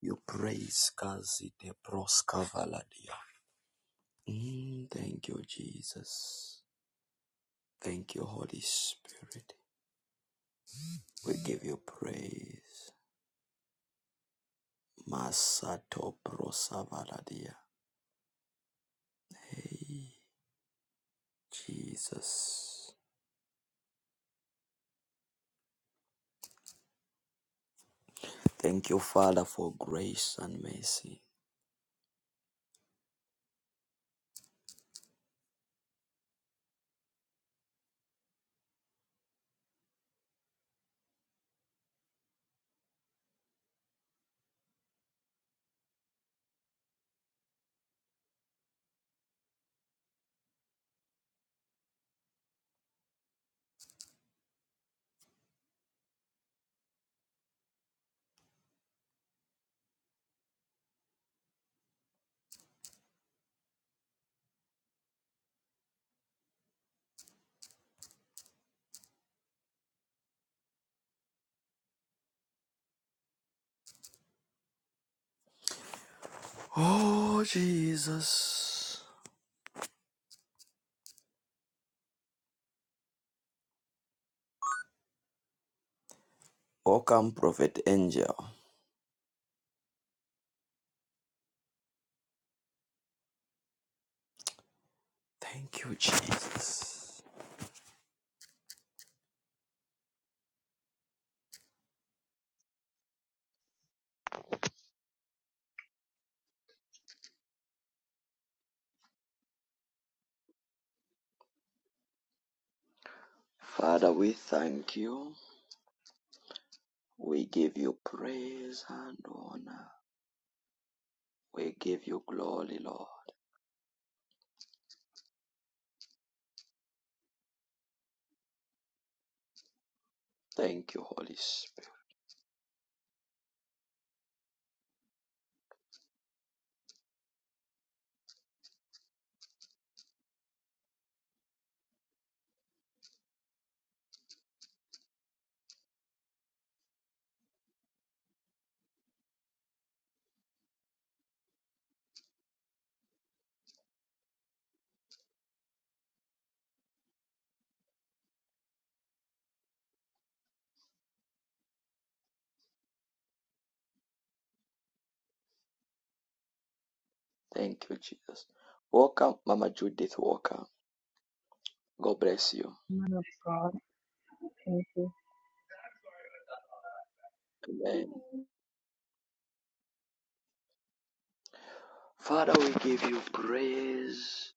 You praise Kazi de Proskavaladia. Mm, thank you, Jesus. Thank you, Holy Spirit. We give you praise. Masato Prosavaladia. Hey, Jesus. Thank you, Father, for grace and mercy. Oh, Jesus. Welcome, Prophet Angel. Thank you, Jesus. Father, we thank you. We give you praise and honor. We give you glory, Lord. Thank you, Holy Spirit. Thank you, Jesus. Welcome, Mama Judith Walker. God bless you. Man of God, thank you. Amen. Glory Father, we give you praise.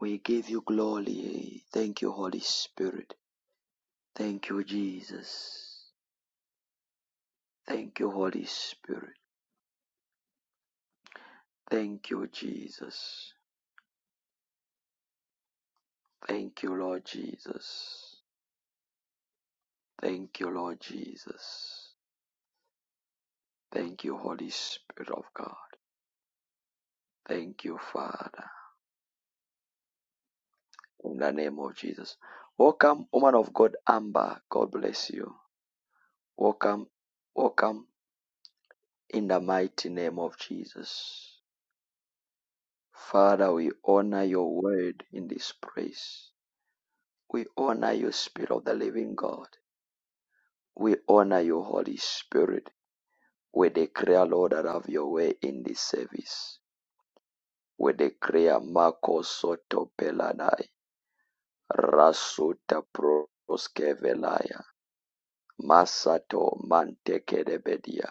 We give you glory. Thank you, Holy Spirit. Thank you, Jesus. Thank you, Holy Spirit. Thank you, Jesus. Thank you, Lord Jesus. Thank you, Lord Jesus. Thank you, Holy Spirit of God. Thank you, Father. in the name of Jesus. Welcome, woman of God, Amber. God bless you. Welcome, welcome in the mighty name of Jesus. Father, we honor your word in this place. We honor you, Spirit of the living God. We honor you, Holy Spirit. We declare, Lord, that have your way in this service. We declare Marco Soto Pelanai, Rasuta Proskevelaya, Masato Mantekedebedia.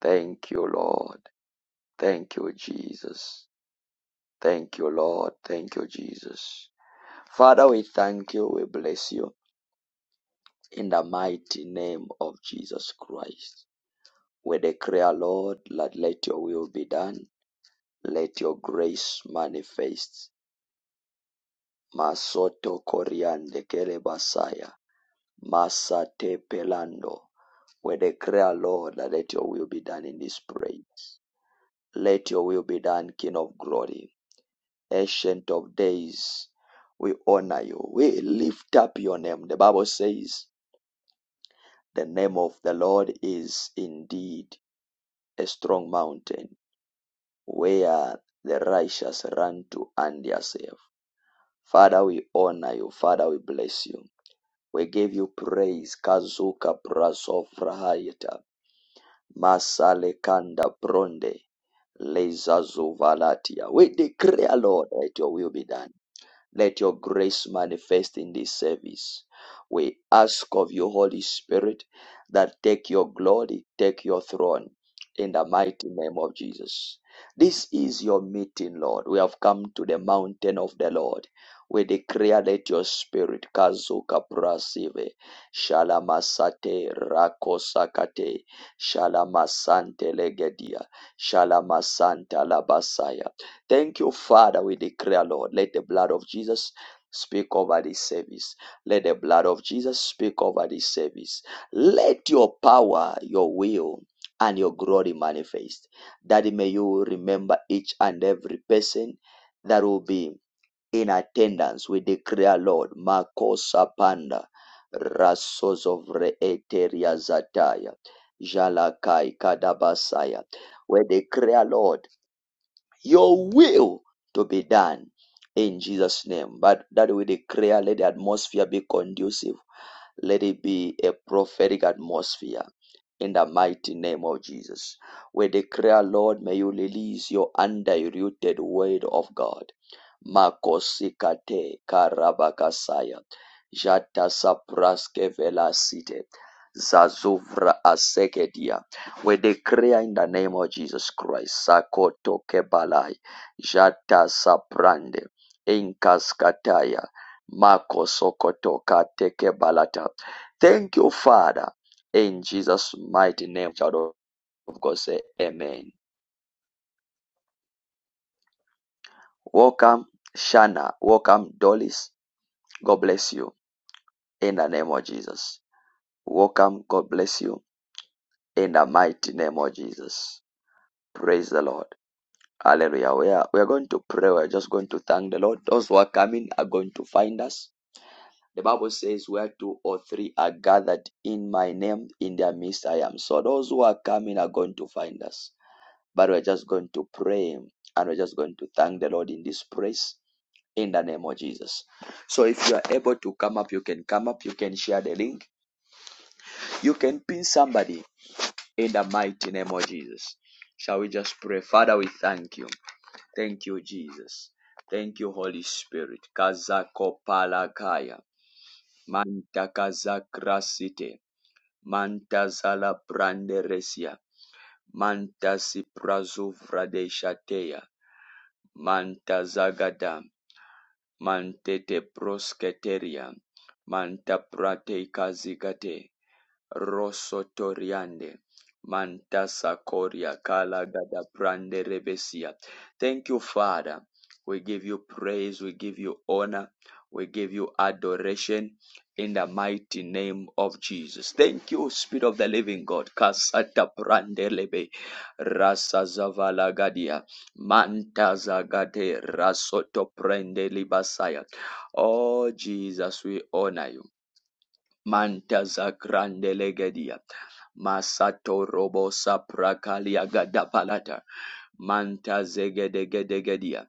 Thank you, Lord. Thank you, Jesus. Thank you, Lord. Thank you, Jesus. Father, we thank you. We bless you in the mighty name of Jesus Christ. We declare, Lord, that let your will be done. Let your grace manifest. Masoto Koriande Kerebasaya. Masate Pelando. We declare, Lord, that let your will be done in this praise. Let your will be done, King of glory. Ancient of Days, we honor you. We lift up your name. The Bible says, The name of the Lord is indeed a strong mountain where the righteous run to and they are safe. Father, we honor you. Father, we bless you. We give you praise. Kazuka prasofra hayata. Masale kanda bronde. Leza zuvalatia. We declare, Lord, that your will be done. Let your grace manifest in this service. We ask of you, Holy Spirit, that take your glory, take your throne in the mighty name of Jesus. This is your meeting, Lord. We have come to the mountain of the Lord. We declare let your spirit, Kazuka Prasive, Shalamasate, Rakosakate, Shalamasante Legedia, Shalamasanta Labasaya. Thank you, Father. We declare, Lord, let the blood of Jesus speak over this service. Let the blood of Jesus speak over this service. Let your power, your will, and your glory manifest. That may you remember each and every person that will be in attendance. We declare, Lord, Makosa Panda, Rasos Eteria Zataya, Jalakai Kadabasaya. We declare, Lord your will to be done in Jesus' name. But that we declare, let the atmosphere be conducive. Let it be a prophetic atmosphere in the mighty name of Jesus. We declare, Lord, may you release your undiluted word of God makosikate karabakasaya jatasapraskevelasite zazuvra asekedia we declare in the name of jesus christ sakoto sakotokebalai jatasaprande inkaskataya makosokotokatekebalata thank you father in jesus mighty name child of god say amen welcome shana welcome dolis god bless you in the name of Jesus. Welcome. God bless you in the mighty name of Jesus. Praise the Lord. Hallelujah. We are, we are going to pray. We're just going to thank the Lord. Those who are coming are going to find us. The Bible says, Where two or three are gathered in my name, in their midst I am. So those who are coming are going to find us. But we're just going to pray and we're just going to thank the Lord in this praise in the name of Jesus. So if you are able to come up, you can come up. You can share the link. You can pin somebody in the mighty name of Jesus. Shall we just pray? Father, we thank you. Thank you, Jesus. Thank you, Holy Spirit. Kazako palakaya. Manta kazakrasite. Manta zala branderesia. Manta siprazu vradeshateya. Manta zagadam. Mantete prosketeria. Manta prate kazigate. Rosotoriande. Mantasa Koria Kala Gada brande Rebesia. Thank you, Father. We give you praise, we give you honor, we give you adoration in the mighty name of Jesus. Thank you, Spirit of the Living God. Kasata Prande Lebe Rasa Zavala Gadia Mantaza Gade Rasoto Prende Libasaya. Oh Jesus, we honor you. Mantaza grande legedia. Masato robo saprakalia gadapalata. Manta zegedegedegedia.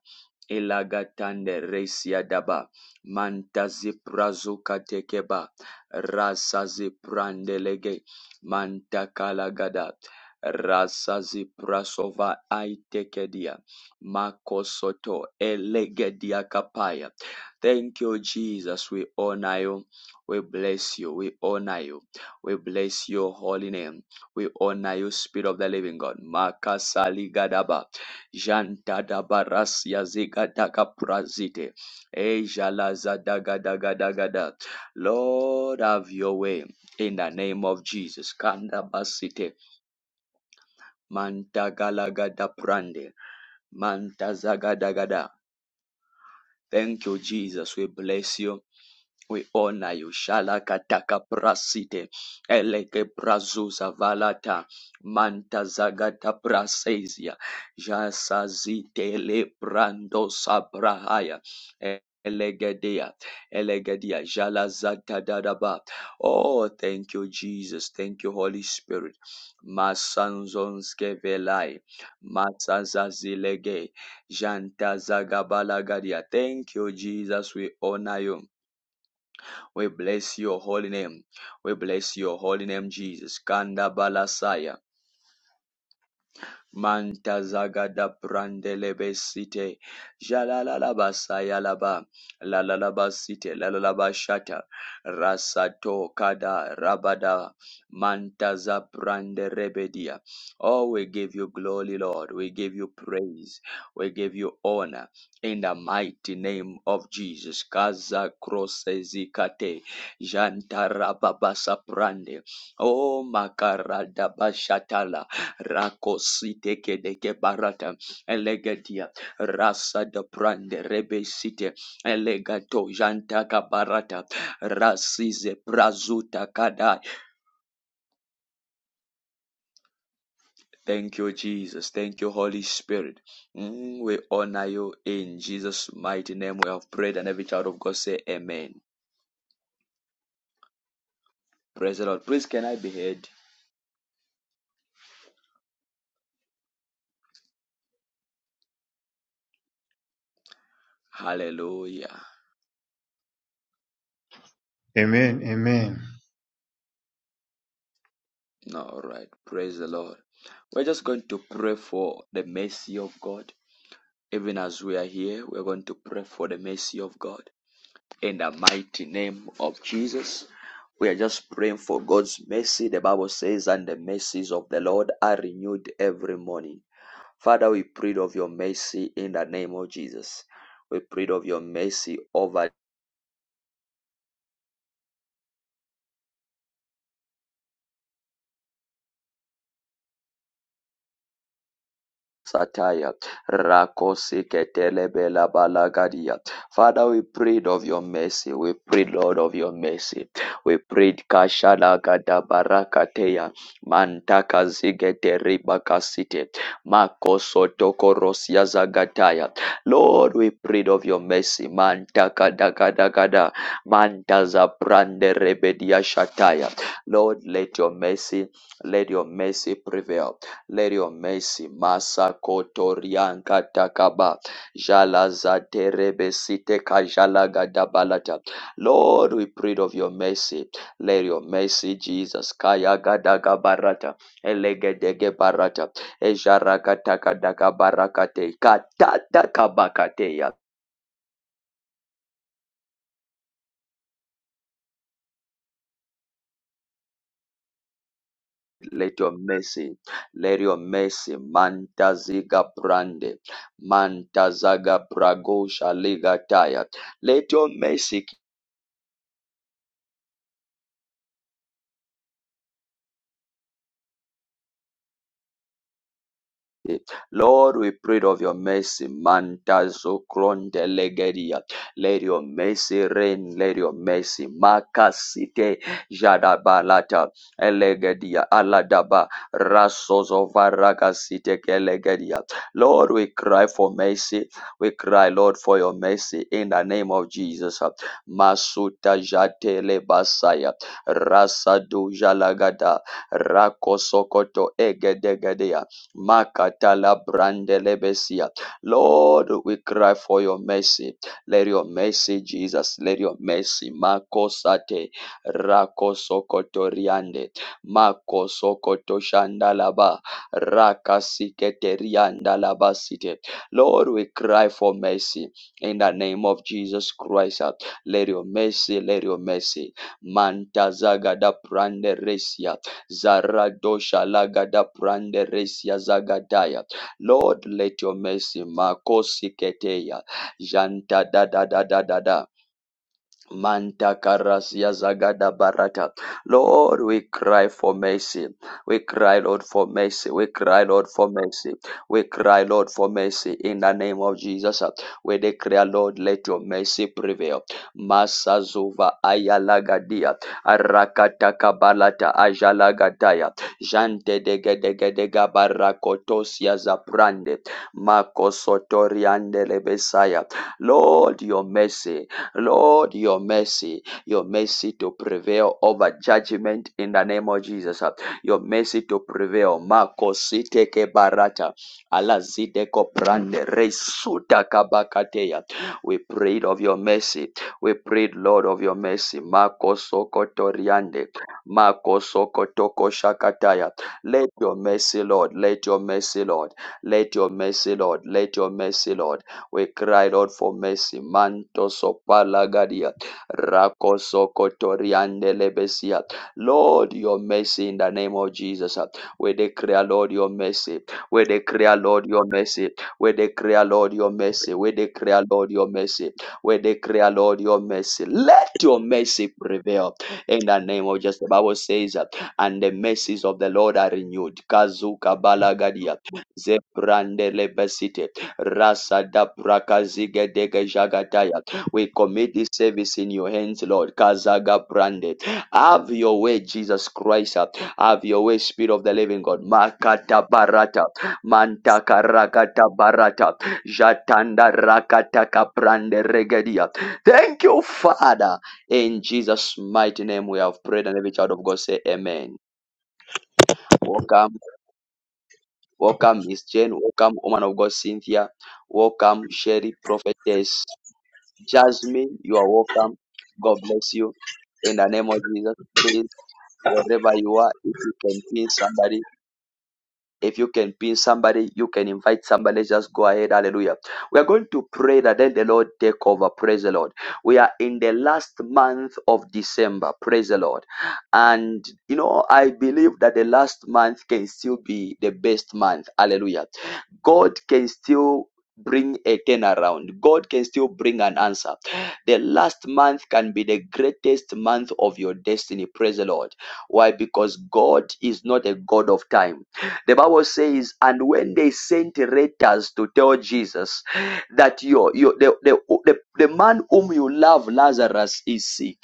Ilagatande resia daba. Manta ziprazuka tekeba. Rasa ziprandelege. Manta kalagada. Rasa ziprasova aitekedia. Makosoto elegedia kapaya. Thank you, Jesus. We honor you. We bless you. We honor you. We bless your holy name. We honor you, Spirit of the Living God. Makasali gadaba, janta dabaras yaziga daga prazite, ejalaza daga daga daga da. Lord, have your way in the name of Jesus. Kanda basite, manta galaga da prande, manta zaga daga da. Thank you, Jesus. We bless you. We honor you. Shalakataka prasite. Eleke prazuza valata. Manta zagata prasesia. Jasazite le prando sabrahaya. Elegedia, Elegedia, Jalazata Dadaba. Oh, thank you, Jesus. Thank you, Holy Spirit. Masanzonske velai. Masazazilege. Janta zagabalagadia. Thank you, Jesus. We honor you. We bless your holy name. We bless your holy name, Jesus. Kanda balasaya. Manta zagada brandelebe site. Jalalaba sayalaba. Lalalaba site. Lalalaba shata. Rasato kada rabada. Manta za brande rebedia. Oh, we give you glory, Lord. We give you praise. We give you honor. In the mighty name of Jesus. Kaza krosezikate. Janta rababasa brande. Oh, makarada bashatala. Rakosite kedeke barata elegadia rasa de prande rebesite elegato janta kabarata rasize prazuta kadai. Thank you, Jesus. Thank you, Holy Spirit. Mm, we honor you in Jesus' mighty name. We have prayed, and every child of God say, Amen. Praise the Lord. Please, can I be heard? Hallelujah. Amen. Amen. All right. Praise the Lord. We're just going to pray for the mercy of God. Even as we are here, we're going to pray for the mercy of God. In the mighty name of Jesus, we are just praying for God's mercy. The Bible says, and the mercies of the Lord are renewed every morning. Father, we pray of your mercy in the name of Jesus. We pray of your mercy over Sataya rakosi Rakosikatelebela Balagadia. Father, we prayed of your mercy. We prayed, Lord, of your mercy. We prayed Kashalagada Barakateya Mantaka Zigete Ribakasite Makosotoko Rosia Zagataya. Lord, we prayed of your mercy. Mantaka Dagadagada Mantaza Brande Rebedia Shataya. Lord, let your mercy, let your mercy prevail. Let your mercy, Masa Kotorian Katakaba, Jala Zaterebe Site Kajala Gadabalata. Lord, we prayed of your mercy. Let your mercy, Jesus, Kaya Gadaga Barata, Elegedege Barata, Ejarakataka Dagabarakate, Katatakabakateya. Let your mercy, let your mercy, Mantaziga Brande, Mantazaga Bragosha Ligataya. Let your mercy Lord, we prayed of your mercy. Manta zokronde legeria. Let your mercy reign. Let your mercy. Makasite jadabalata elegedia aladaba rasozovaragasite kelegedia. Lord, we cry for mercy. We cry, Lord, for your mercy in the name of Jesus. Masuta jatele basaya rasadu jalagada rakosokoto egedegedea. Makatala brandelebesia. Lord, we cry for your mercy. Let your mercy, Jesus, let your mercy. Makosate rakosokotoriande. Makosokotoshandalaba rakasiketariandalabasite. Lord, we cry for mercy in the name of Jesus Christ. Let your mercy, let your mercy. Mantazaga da prande resia. Zaradosha lagada prande resia zagadaya. Lord, let your mercy makosi keteya. Janta da da da da da da. Manta karasia zagada barata. Lord, we cry for mercy. We cry, Lord, for mercy. We cry, Lord, for mercy. We cry, Lord, for mercy. In the name of Jesus, uh, we declare, Lord, let your mercy prevail. Masazuva ayalagadia. Arakataka balata ajalagataya. Jante degedegedega barakotosia zaprande. Makosotoriande lebesaya. Lord, your mercy. Lord, your mercy, your mercy to prevail over judgment in the name of Jesus. Your mercy to prevail. Makosite ke barata. Alazide ko brande resuta kabakateya. We prayed of your mercy. We prayed, Lord, of your mercy. Makosokotoriande. Makosokotokoshakataya. Let your mercy, Lord. Let your mercy, Lord. Let your mercy, Lord. Let your mercy, Lord. We cry, Lord, for mercy. Manto sopalagadia. Rako sokotoriande lebesia. Lord, your mercy in the name of Jesus. We declare, Lord, your mercy. We declare, Lord, your mercy. We declare, Lord, your mercy. We declare, Lord, your mercy. We declare, Lord, your mercy. Let your mercy prevail in the name of Jesus. The Bible says, uh, and the mercies of the Lord are renewed. Kazuka balagadia. Zebrande lebesite. Rasa da prakazige dege jagataya. We commit this service in your hands, Lord. Kazaga brande. Have your way, Jesus Christ. Have your way, Spirit of the Living God. Makata barata. Mantaka rakata barata. Jatanda rakata kaprande regedia. Thank you, Father. In Jesus' mighty name we have prayed and every child of God say amen. Welcome. Welcome, Miss Jane. Welcome, woman of God, Cynthia. Welcome, Sherry, prophetess Jasmine. You are welcome. God bless you. In the name of Jesus, please, wherever you are, if you can pin somebody if you can pin somebody, you can invite somebody. Just go ahead. Hallelujah. We are going to pray that then the Lord take over. Praise the Lord. We are in the last month of December. Praise the Lord. And you know, I believe that the last month can still be the best month. Hallelujah. God can still bring a turnaround. God can still bring an answer. The last month can be the greatest month of your destiny. Praise the Lord. Why? Because God is not a God of time. The Bible says, and when they sent letters to tell Jesus that your, your the, the, the, the man whom you love, Lazarus, is sick,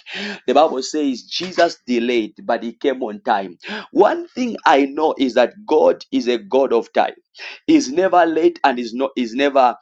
the Bible says Jesus delayed, but he came on time. One thing I know is that God is a God of time. He's never late and is not is never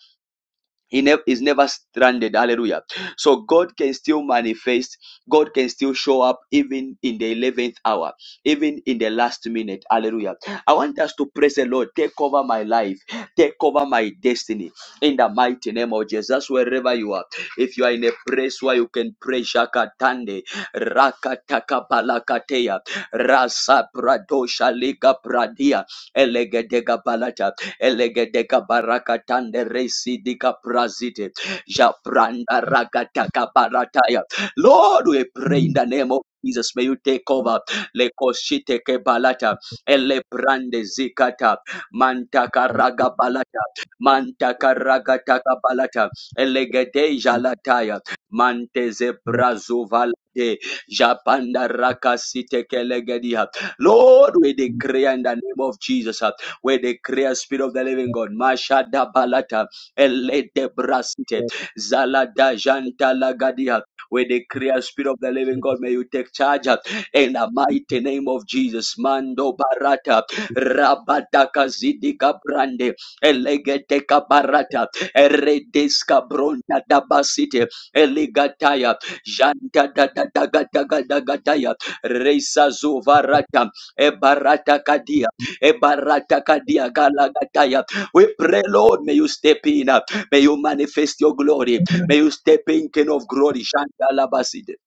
he never is never stranded. Hallelujah. So God can still manifest. God can still show up even in the eleventh hour, even in the last minute. Hallelujah. I want us to praise the Lord. Take over my life. Take over my destiny. In the mighty name of Jesus, wherever you are. If you are in a place where you can pray, Shakatande, Rakataka Balakatea, Rasa Pradosha Liga Pradia, Elegedega Balata elegedeka barakatande resi prazite japranda rakataka barataya lord we pray in the name of jesus may you take over lekoshiteke balata elebrande zikata mantaka raga balata mantaka raga taka balata elegedeja lataya manteze brazuvalade japanda rakasitekelegediha lord we decree in the name of jesus uh, we declare, Spirit of the Living God, Mashada Balata, Elede Brasite, Zalada Janta Lagadia. We declare, Spirit of the Living God, may you take charge uh, in the mighty name of Jesus. Mando Barata, Rabadaka Zidika Brande, Elegeteka Barata, Eredeska Bronta Dabasite, Elegataya, Janta Dadadagadagadataya, Reisa Zuvarata, Ebarata Kadia. Ebaratakadiagalagataya. We pray, Lord, may you step in. uh, May you manifest your glory. May you step in, King of glory. Shandalabaside.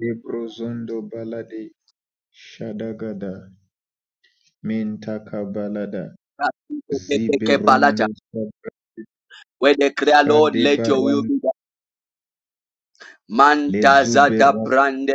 Ebrozondo balade shadagada mentaka balada Rakidekebalata. ziberondo We declare, Lord, let your will shadebaran be done. Mantazada lezuberat prande.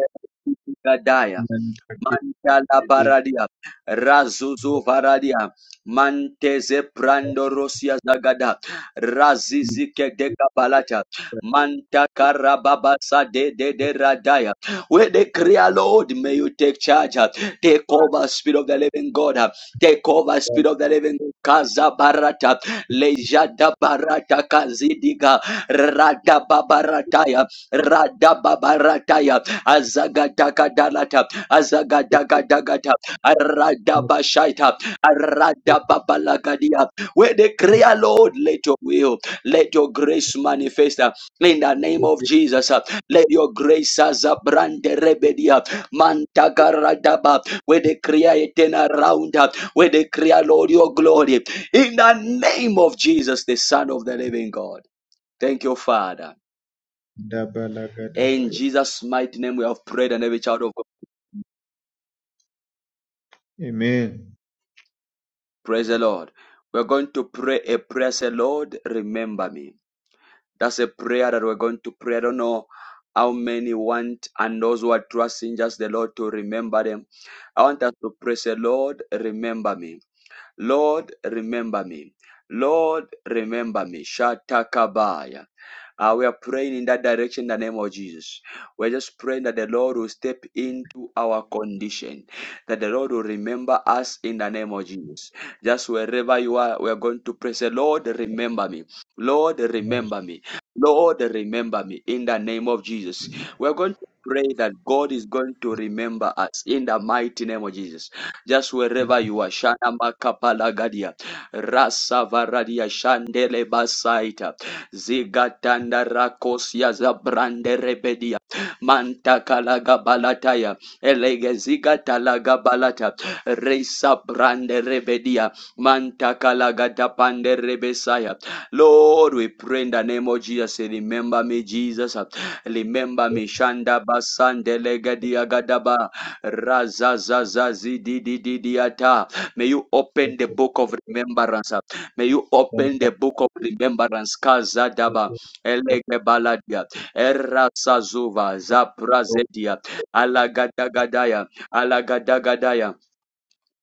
Gadaya. mantakebe Mandala baradia, razuzu varadia, manteze prando rosia zagada, razizike deka balata, manta karababasa de de de radaya. We declare, Lord, may you take charge, uh, take over, Spirit of the Living God, uh, take over, Spirit of the Living God. Kaza barata, lejada barata kazidiga, rada babarataya, rada babarataya, azagata kadalata. Azagadagadagadha. Aradabashaita. Aradababalagadia. We declare, Lord, let your will, let your grace manifest uh, in the name of Jesus. uh, Let your grace as a brand rebedia. Mantagaradaba. Where declare a turn around. uh, We declare, Lord, your glory in the name of Jesus, the Son of the living God. Thank you, Father. dabalagada In baya. Jesus' mighty name, we have prayed and every child of God. Amen. Praise the Lord. We're going to pray a prayer. Say, Lord, remember me. That's a prayer that we're going to pray. I don't know how many want and those who are trusting just the Lord to remember them. I want us to pray. Say, Lord, remember me. Lord, remember me. Lord, remember me. Shatakabaya. Uh, we are praying in that direction in the name of Jesus. We're just praying that the Lord will step into our condition, that the Lord will remember us in the name of Jesus. Just wherever you are, we are going to pray. Say, Lord, remember me. Lord, remember me. Lord, remember me in the name of Jesus. We're going to pray that God is going to remember us in the mighty name of Jesus just wherever you are. Shana makapalagadia. Rasa varadia shandele basaita. Zigatanda rakosia zabrande rebedia. Manta kalaga balataya. Elege zigatalaga balata. Reisa brande rebedia. Manta kalaga tapande rebesaya. Lord, we pray in the name of Jesus. Remember me, Jesus. Remember me, Shanda basande legadia gadaba. Razazazazidididiata. May you open the book of remembrance. uh, May you open the book of remembrance. Kazadaba elegebaladia erasazuva zaprazedia alagadagadaya alagadagadaya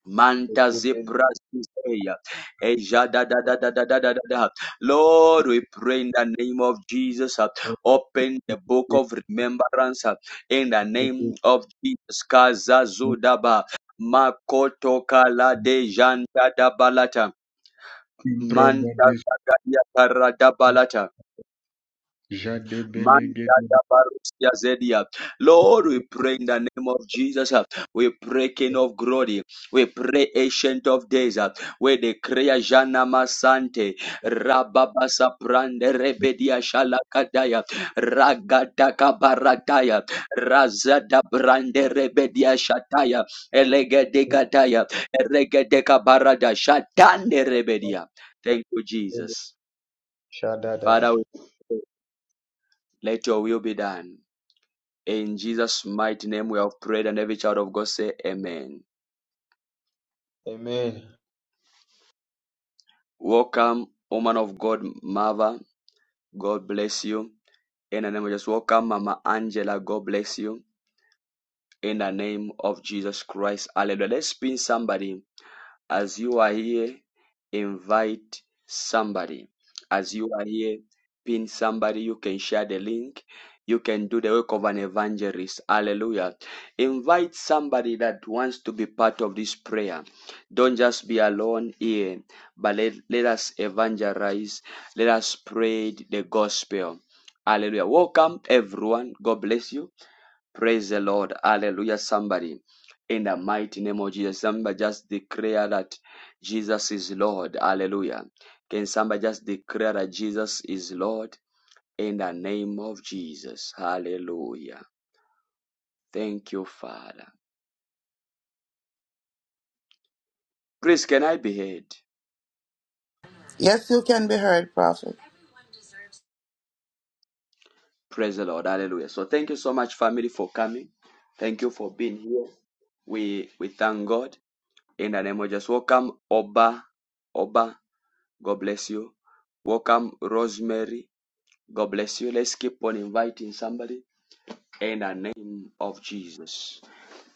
Manta zipra zizea. Eja da da da da da da da da da. Lord, we pray in the name of Jesus. uh, Open the book of remembrance uh, in the name of Jesus. Kazazudaba. Makoto kala de janda da balata. Manta zagaria kara da balata. Man yada barus ya zedia. Lord, we pray in the name of Jesus. uh, We pray, King of Glory. We pray, Ancient of Days. uh, We declare Jana Masante, Rababa prande Rebedia Shalakadaya, Ragadaka Barataya, Razada Brande, Rebedia Shataya, Elegedegataya, Eregedeka Barada, Shatande Rebedia. Thank you, Jesus. Father, we pray, let your will be done. In Jesus' mighty name we have prayed and every child of God say amen. Amen. Welcome, woman of God, mother. God bless you. In the name of Jesus, welcome, Mama Angela. God bless you. In the name of Jesus Christ. Hallelujah. Let's pin somebody As you are here, invite somebody. As you are here, pin somebody. You can share the link. You can do the work of an evangelist. Hallelujah. Invite somebody that wants to be part of this prayer. Don't just be alone here, but let, let us evangelize. Let us spread the gospel. Hallelujah. Welcome, everyone. God bless you. Praise the Lord. Hallelujah. Somebody in the mighty name of Jesus. Somebody just declare that Jesus is Lord. Hallelujah. Can somebody just declare that Jesus is Lord in the name of Jesus? Hallelujah. Thank you, Father. Please, can I be heard? Yes, you can be heard, prophet. Praise the Lord. Hallelujah. So thank you so much, family, for coming. Thank you for being here. We we thank God in the name of Jesus. Welcome, Oba. Oba. God bless you. Welcome, Rosemary. God bless you. Let's keep on inviting somebody in the name of Jesus.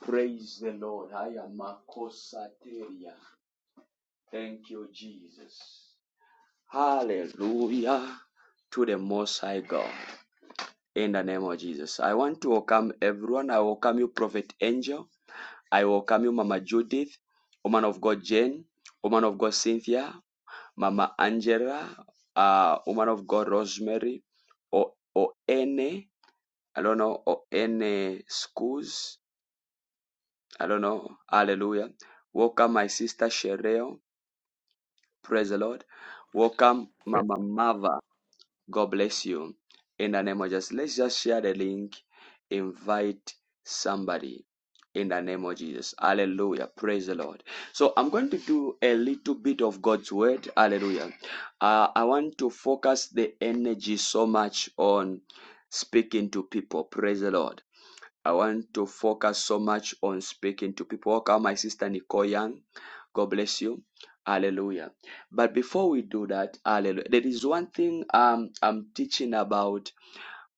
Praise the Lord. I am Makosateria. Thank you, Jesus. Hallelujah to the Most High God. In the name of Jesus. I want to welcome everyone. I welcome you, Prophet Angel. I welcome you, Mama Judith, woman of God Jane, woman of God Cynthia, Mama Angela, uh, woman of God Rosemary, or, Ene I don't know, or any schools. I don't know. Hallelujah. Welcome, my sister Sherelle. Praise the Lord. Welcome, Mama Mava. God bless you. In the name of Jesus. Let's just share the link. Invite somebody. In the name of Jesus. Hallelujah. Praise the Lord. So I'm going to do a little bit of God's word. Hallelujah. Uh, I want to focus the energy so much on speaking to people. Praise the Lord. I want to focus so much on speaking to people. Welcome, my sister Nicole Young. God bless you. Hallelujah. But before we do that, hallelujah. There is one thing um, I'm teaching about.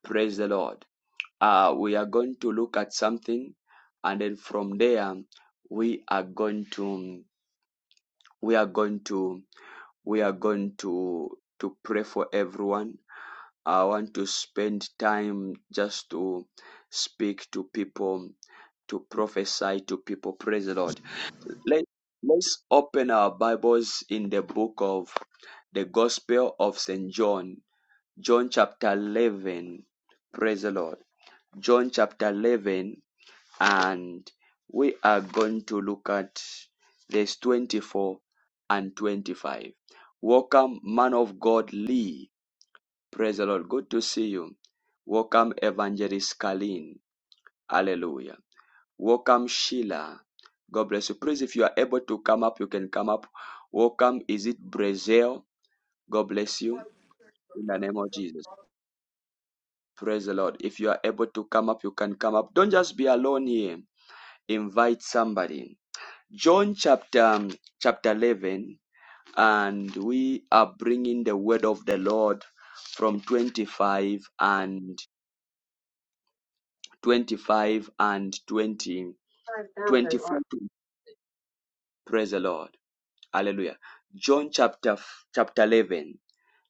Praise the Lord. Uh, we are going to look at something, and then from there, we are going to, we are going to, we are going to to pray for everyone. I want to spend time just to speak to people to prophesy to people. Praise the Lord. Let, let's open our Bibles in the book of the Gospel of St. John, John chapter 11. Praise the Lord. John chapter 11, and we are going to look at verse 24 and 25. Welcome, man of God Lee. Praise the Lord. Good to see you. Welcome, Evangelist Kalin. Hallelujah. Welcome, Sheila. God bless you. Please, if you are able to come up, you can come up. Welcome. Is it Brazil? God bless you. In the name of Jesus. Praise the Lord. If you are able to come up, you can come up. Don't just be alone here. Invite somebody. John chapter um, chapter 11, and we are bringing the word of the Lord from 25 and 25 and 20 twenty 5,000 four. or Praise the Lord. Hallelujah. John chapter chapter 11.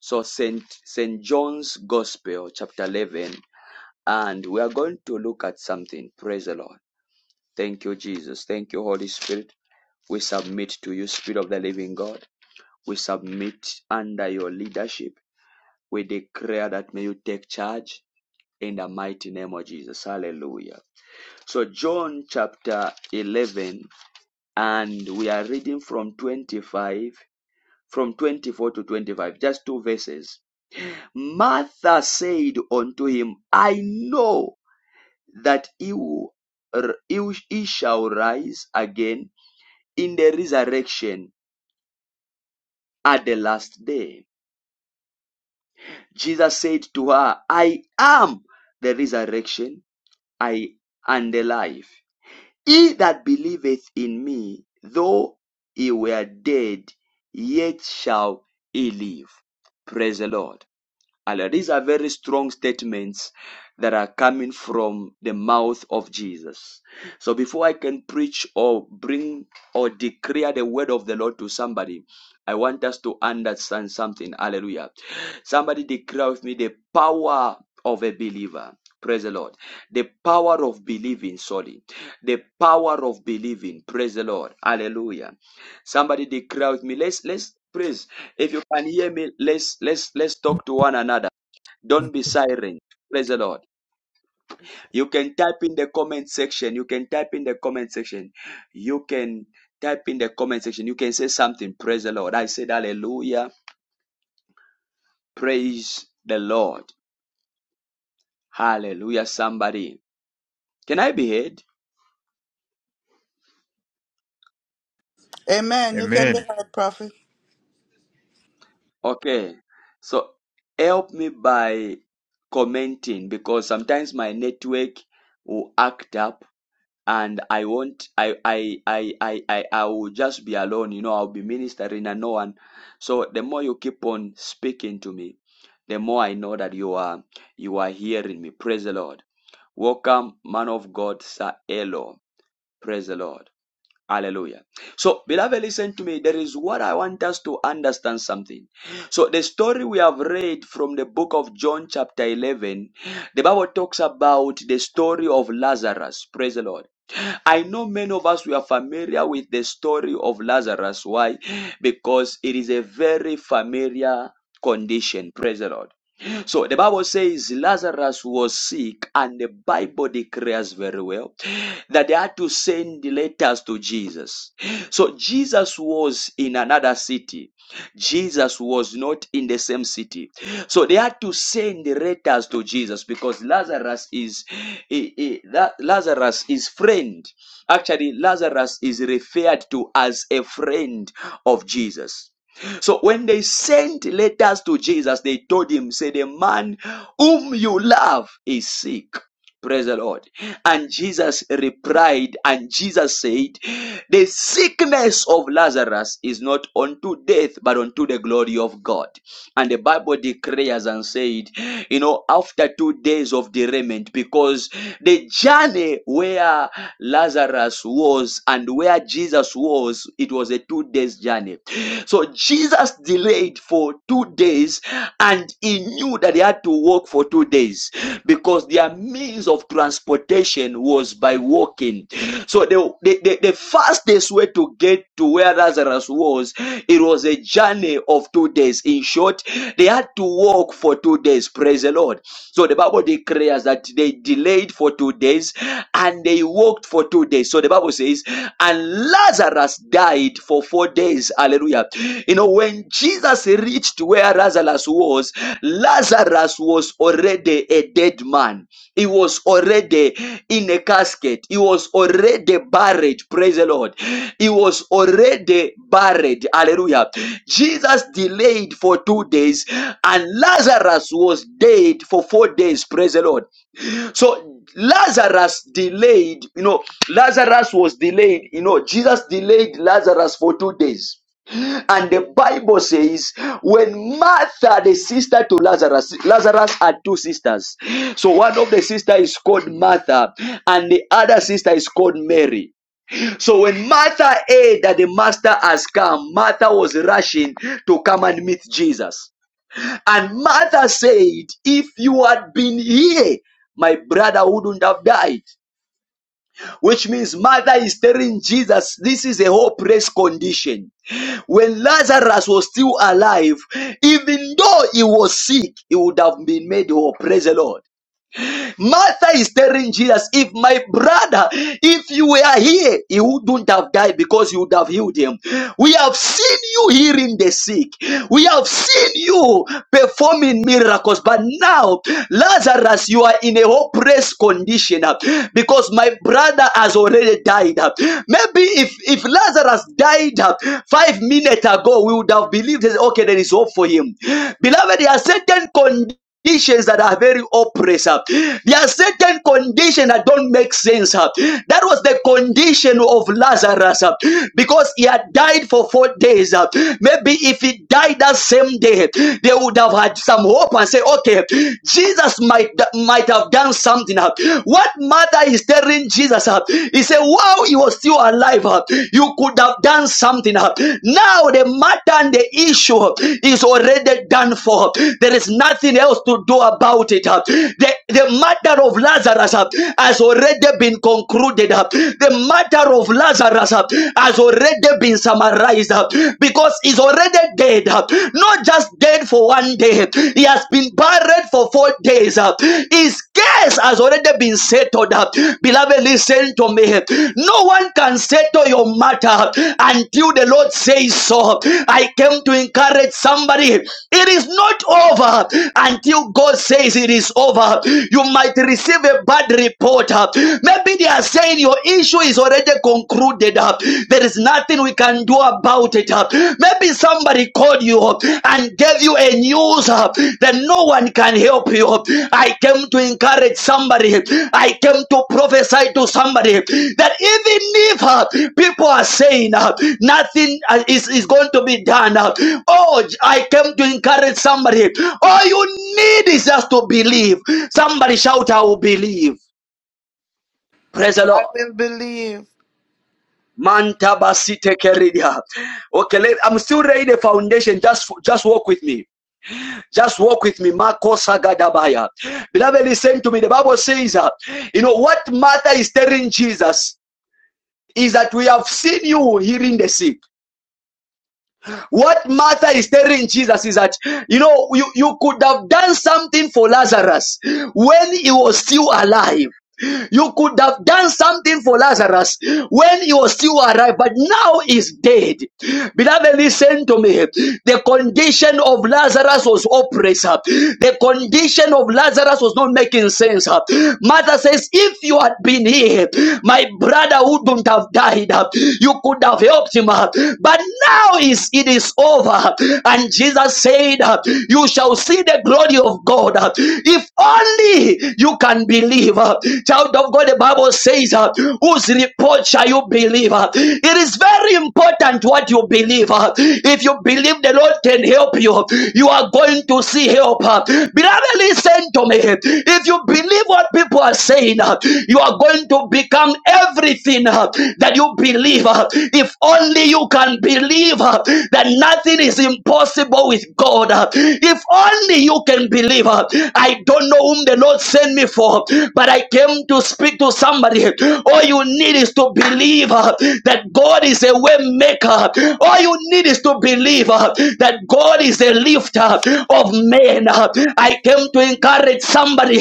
So Saint Saint John's Gospel chapter 11 and we are going to look at something. Praise the Lord. Thank you Jesus. Thank you Holy Spirit. We submit to you Spirit of the living God. We submit under your leadership. We declare that may you take charge in the mighty name of Jesus. Hallelujah. So John chapter 11 and we are reading from 25 from 24 to 25, just two verses. Martha said unto him, I know that you, r- you shall rise again in the resurrection at the last day. Jesus said to her, I am the resurrection, I and the life. He that believeth in me, though he were dead, yet shall he live. Praise the Lord. Hallelujah. These are very strong statements that are coming from the mouth of Jesus. So before I can preach or bring or declare the word of the Lord to somebody, I want us to understand something. Hallelujah. Somebody declare with me the power of a believer. Praise the Lord. The power of believing, sorry. The power of believing. Praise the Lord. Hallelujah. Somebody declare with me. Let's let's praise. If you can hear me, let's let's let's talk to one another. Don't be silent. Praise the Lord. You can type in the comment section. You can type in the comment section. You can type in the comment section. You can say something. Praise the Lord. I said hallelujah. Praise the Lord. Hallelujah. Somebody. Can I be heard? Amen. You can be Amen. heard, prophet. Okay. So help me by commenting because sometimes my network will act up and I won't. I I I I I, I will just be alone, you know, I'll be ministering and no one. So the more you keep on speaking to me, the more I know that you are you are hearing me. Praise the Lord. Welcome, man of God, Sir Elo. Praise the Lord. Hallelujah. So, beloved, listen to me. There is what I want us to understand something. So, the story we have read from the book of John, chapter 11, the Bible talks about the story of Lazarus. Praise the Lord. I know many of us we are familiar with the story of Lazarus. Why? Because it is a very familiar condition. Praise the Lord. So the Bible says Lazarus was sick, and the Bible declares very well that they had to send letters to Jesus. So Jesus was in another city. Jesus was not in the same city. So they had to send the letters to Jesus because Lazarus is he- he- La- Lazarus is friend. Actually, Lazarus is referred to as a friend of Jesus. So when they sent letters to Jesus, they told him, "Say the man whom you love is sick." Praise the Lord. And Jesus replied, and Jesus said, The sickness of Lazarus is not unto death, but unto the glory of God. And the Bible declares and said, You know, after two days of derailment, because the journey where Lazarus was and where Jesus was, it was a two two days journey. So Jesus delayed for two days and he knew that he had to walk for two days because their means of transportation was by walking. So the, the, the, the fastest way to get to where Lazarus was, it was a journey of two days. In short, they had to walk for two days. Praise the Lord. So the Bible declares that they delayed for two days and they walked for two days. So the Bible says, and Lazarus died for four days. Hallelujah. You know, when Jesus reached where Lazarus was, Lazarus was already a dead man. He was already in a casket. He was already buried. Praise the Lord. He was already buried. Hallelujah. Jesus delayed for two days and Lazarus was dead for four days. Praise the Lord. So Lazarus delayed, you know, Lazarus was delayed, you know, Jesus delayed Lazarus for two days. And the Bible says, when Martha, the sister to Lazarus, Lazarus had two sisters. So one of the sister is called Martha, and the other sister is called Mary. So when Martha heard that the master has come, Martha was rushing to come and meet Jesus. And Martha said, If you had been here, my brother wouldn't have died. Which means Martha is telling Jesus, this is a hopeless condition. When Lazarus was still alive, even though he was sick, he would have been made whole. Praise the Lord. Martha is telling Jesus, if my brother, if you were here, he wouldn't have died because you would have healed him. We have seen you healing the sick. We have seen you performing miracles. But now, Lazarus, you are in a hopeless condition uh, because my brother has already died. uh. Maybe if, if Lazarus died uh, five minutes ago, we would have believed, okay, there is hope for him. Beloved, there are certain conditions conditions that are very oppressive. There are certain conditions that don't make sense. uh. That was the condition of Lazarus uh, because he had died for four days. uh. Maybe if he died that same day, they would have had some hope and say, okay, Jesus might might have done something. uh. What Martha is telling Jesus, uh, he said, wow, he was still alive. uh, You could would have done something. Now the matter and the issue is already done for. There is nothing else to do about it. The, the matter of Lazarus has already been concluded. The matter of Lazarus has already been summarized because he's already dead. Not just dead for one day, he has been buried for four days. His Yes, has already been settled. Beloved, listen to me. No one can settle your matter until the Lord says so. I came to encourage somebody. It is not over until God says it is over. You might receive a bad report. Maybe they are saying your issue is already concluded. There is nothing we can do about it. Maybe somebody called you and gave you a news uh, that no one can help you. I came to encourage somebody. I came to prophesy to somebody that even if uh, people are saying uh, nothing uh, is, is going to be done, uh, oh, I came to encourage somebody. All you need is just to believe. Somebody shout, I will believe. Praise the I Lord. will believe. Manta basite keridia. Okay, let, I'm still laying the foundation. Just just walk with me. Just walk with me. Marco Sagadabaya. Beloved, listen to me. The Bible says, uh, you know, what Martha is telling Jesus is that we have seen you healing the sick. What Martha is telling Jesus is that, you know, you, you could have done something for Lazarus when he was still alive. You could have done something for Lazarus when he was still alive, but now he's dead. Beloved, listen to me. The condition of Lazarus was oppressive. The condition of Lazarus was not making sense. Martha says, If you had been here, me, my brother wouldn't have died. You could have helped him. But now is it is over. And Jesus said, You shall see the glory of God. If only you can believe. Child of God, the Bible says, Whose report shall you believe? It is very important what you believe. If you believe the Lord can help you, you are going to you see help. uh, Beloved, listen to me. If you believe what people are saying, uh, you are going to become everything uh, that you believe. uh, If only you can believe uh, that nothing is impossible with God. uh, If only you can believe. uh, I don't know whom the Lord sent me for, but I came to speak to somebody. All you need is to believe uh, that God. God is a way maker. All you need is to believe uh, that God is a lifter of men. uh. I came to encourage somebody.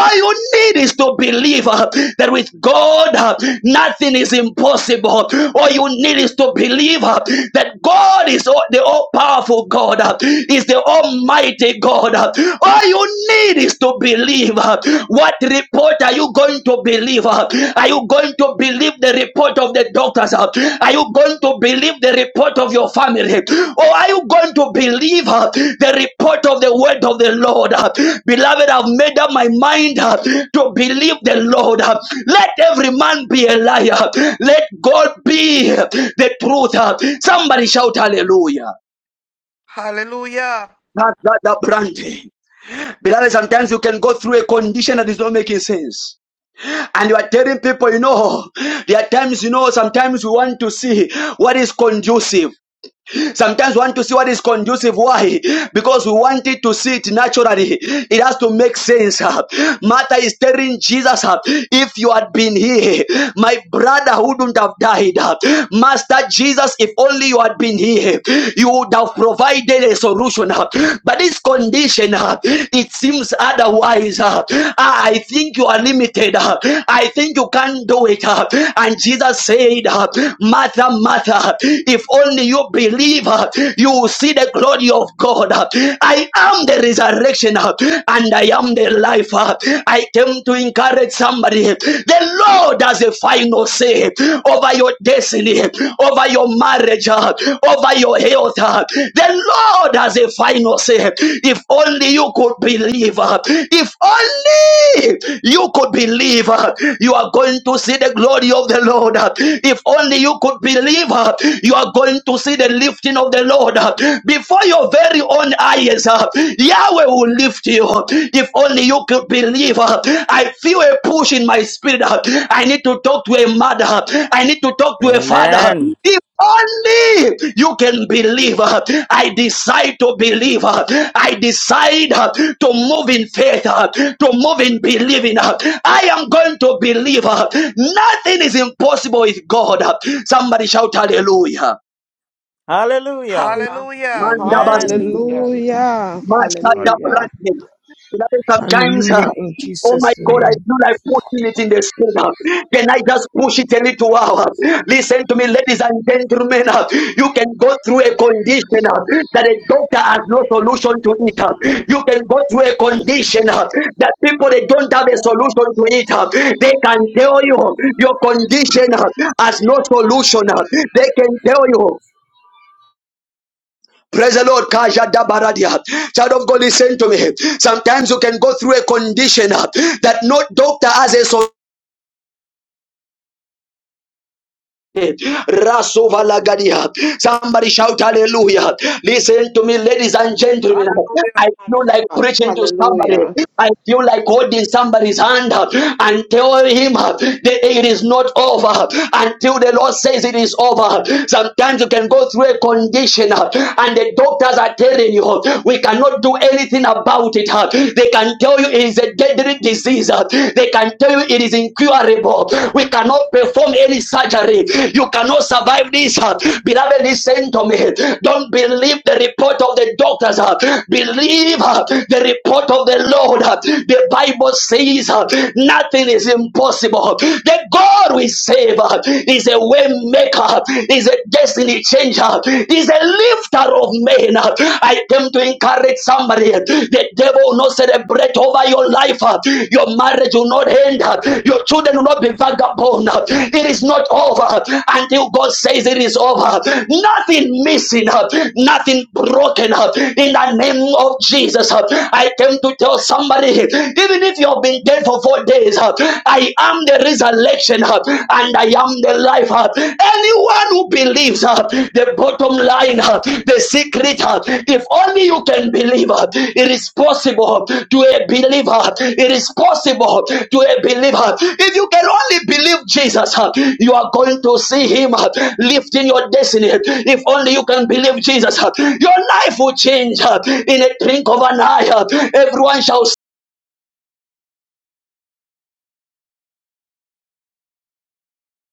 All you need is to believe uh, that with God uh, nothing is impossible. All you need is to believe uh, that God is all, the all powerful God, uh, is the almighty God. uh. All you need is to believe. uh, what report are you going to believe? uh? Are you going to believe the report of the doctors? uh? Are you going to believe the report of your family? Or are you going to believe uh, the report of the word of the Lord? uh? Beloved, I've made up my mind uh, to believe the Lord. uh. Let every man be a liar. Let God be the truth. uh. Somebody shout hallelujah. Hallelujah. That, that, that brand. Beloved, sometimes you can go through a condition that is not making sense. And you are telling people, you know, there are times, you know, sometimes we want to see what is conducive. Sometimes we want to see what is conducive. Why? Because we wanted to see it naturally. It has to make sense. Martha is telling Jesus, if you had been here, my brother wouldn't have died. Master Jesus, if only you had been here, you would have provided a solution. But this condition, it seems otherwise. "Ah, I think you are limited. I think you can't do it. And Jesus said, Martha, Martha, if only you believer, you will see the glory of God. I am the resurrection and I am the life. I came to encourage somebody. The Lord has a final say over your destiny, over your marriage, over your health. The Lord has a final say. If only you could believe, if only you could believe, you are going to see the glory of the Lord. If only you could believe, you are going to see the lifting of the Lord uh, before your very own eyes. uh, Yahweh will lift you. If only you could believe. uh, I feel a push in my spirit. uh, I need to talk to a mother. uh, I need to talk to a father. Amen. If only you can believe. uh, I decide to believe. uh, I decide uh, to move in faith, uh, to move in believing. uh, I am going to believe. uh, Nothing is impossible with God. uh, Somebody shout hallelujah. Hallelujah. Hallelujah. Hallelujah. Amen. Mandabasidi, Hallelujah. Hallelujah. Hallelujah. Masadabrande. Beloved, Sometimes, uh, Hallelujah in oh my Jesus' God, I name. feel like pushing it in the spirit. uh. Can I just push it a little while? uh? Listen to me, ladies and gentlemen. uh, You can go through a condition uh, that a doctor has no solution to it. uh. You can go through a condition uh, that people they don't have a solution to it. uh. They can tell you your condition uh, has no solution. uh. They can tell you Praise the Lord. Child of God, listen to me. Sometimes you can go through a condition uh, that no doctor has a solution Rasovalagadia. Somebody shout hallelujah. Listen to me, ladies and gentlemen. Hallelujah. I feel like preaching to somebody. Hallelujah. I feel like holding somebody's hand and telling him that it is not over until the Lord says it is over. Sometimes you can go through a condition uh, and the doctors are telling you we cannot do anything about it. uh. They can tell you it is a deadly pediatric disease, uh, they can tell you it is incurable. We cannot perform any surgery. You cannot survive this. uh. Beloved, listen to me. Don't believe the report of the doctors. uh. Believe uh, the report of the Lord. uh. The Bible says uh, nothing is impossible. The God we save uh, is a way maker, is a destiny changer, is a lifter of men. I came to encourage somebody. The devil will not celebrate over your life. Your marriage will not end. Your children will not be vagabond. It is not over until God says it is over. Nothing missing, nothing broken. In the name of Jesus, I came to tell somebody, even if you have been dead for four days, I am the resurrection and I am the life. uh, Anyone who believes uh, the bottom line, uh, the secret, uh, if only you can believe, uh, it is possible to a believer. It is possible to a believer. If you can only believe Jesus, uh, you are going to see Him uh, lifting your destiny. If only you can believe Jesus, uh, your life will change uh, in a blink of an eye. uh, Everyone shall see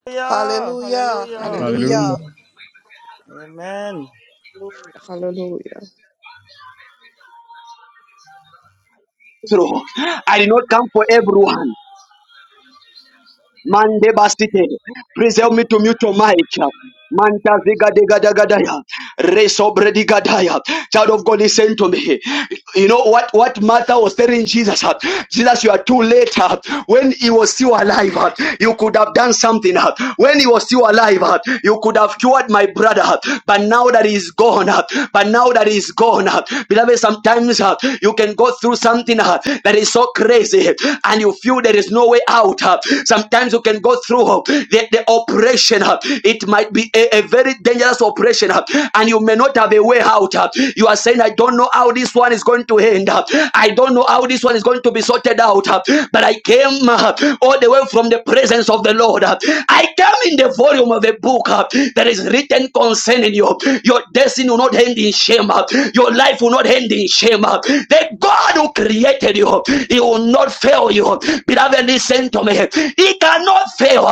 Hallelujah. Hallelujah. Hallelujah. Hallelujah. Hallelujah. Hallelujah. Amen. Hallelujah. Hallelujah. through. I did not come for everyone. Mande basite. Preserve me to mute your mic. Manta ziga diga daga daya. Resobredigadaya. Child of God, listen to me. You know what, what Martha was telling Jesus? uh, Jesus, you are too late. uh, When he was still alive, uh, you could have done something. uh, When he was still alive, uh, you could have cured my brother. uh, But now that he's gone, uh, but now that he's gone, uh, beloved, sometimes uh, you can go through something uh, that is so crazy and you feel there is no way out. uh, Sometimes you can go through uh, the, the oppression. It might be a, a very dangerous operation, uh, and you may not have a way out. uh. You are saying, I don't know how this one is going to end. uh. I don't know how this one is going to be sorted out. uh, But I came uh, all the way from the presence of the Lord. uh. I came in the volume of a book uh, that is written concerning you. Your destiny will not end in shame. uh. Your life will not end in shame. uh. The God who created you, He will not fail you. Beloved, listen to me. He can cannot fail.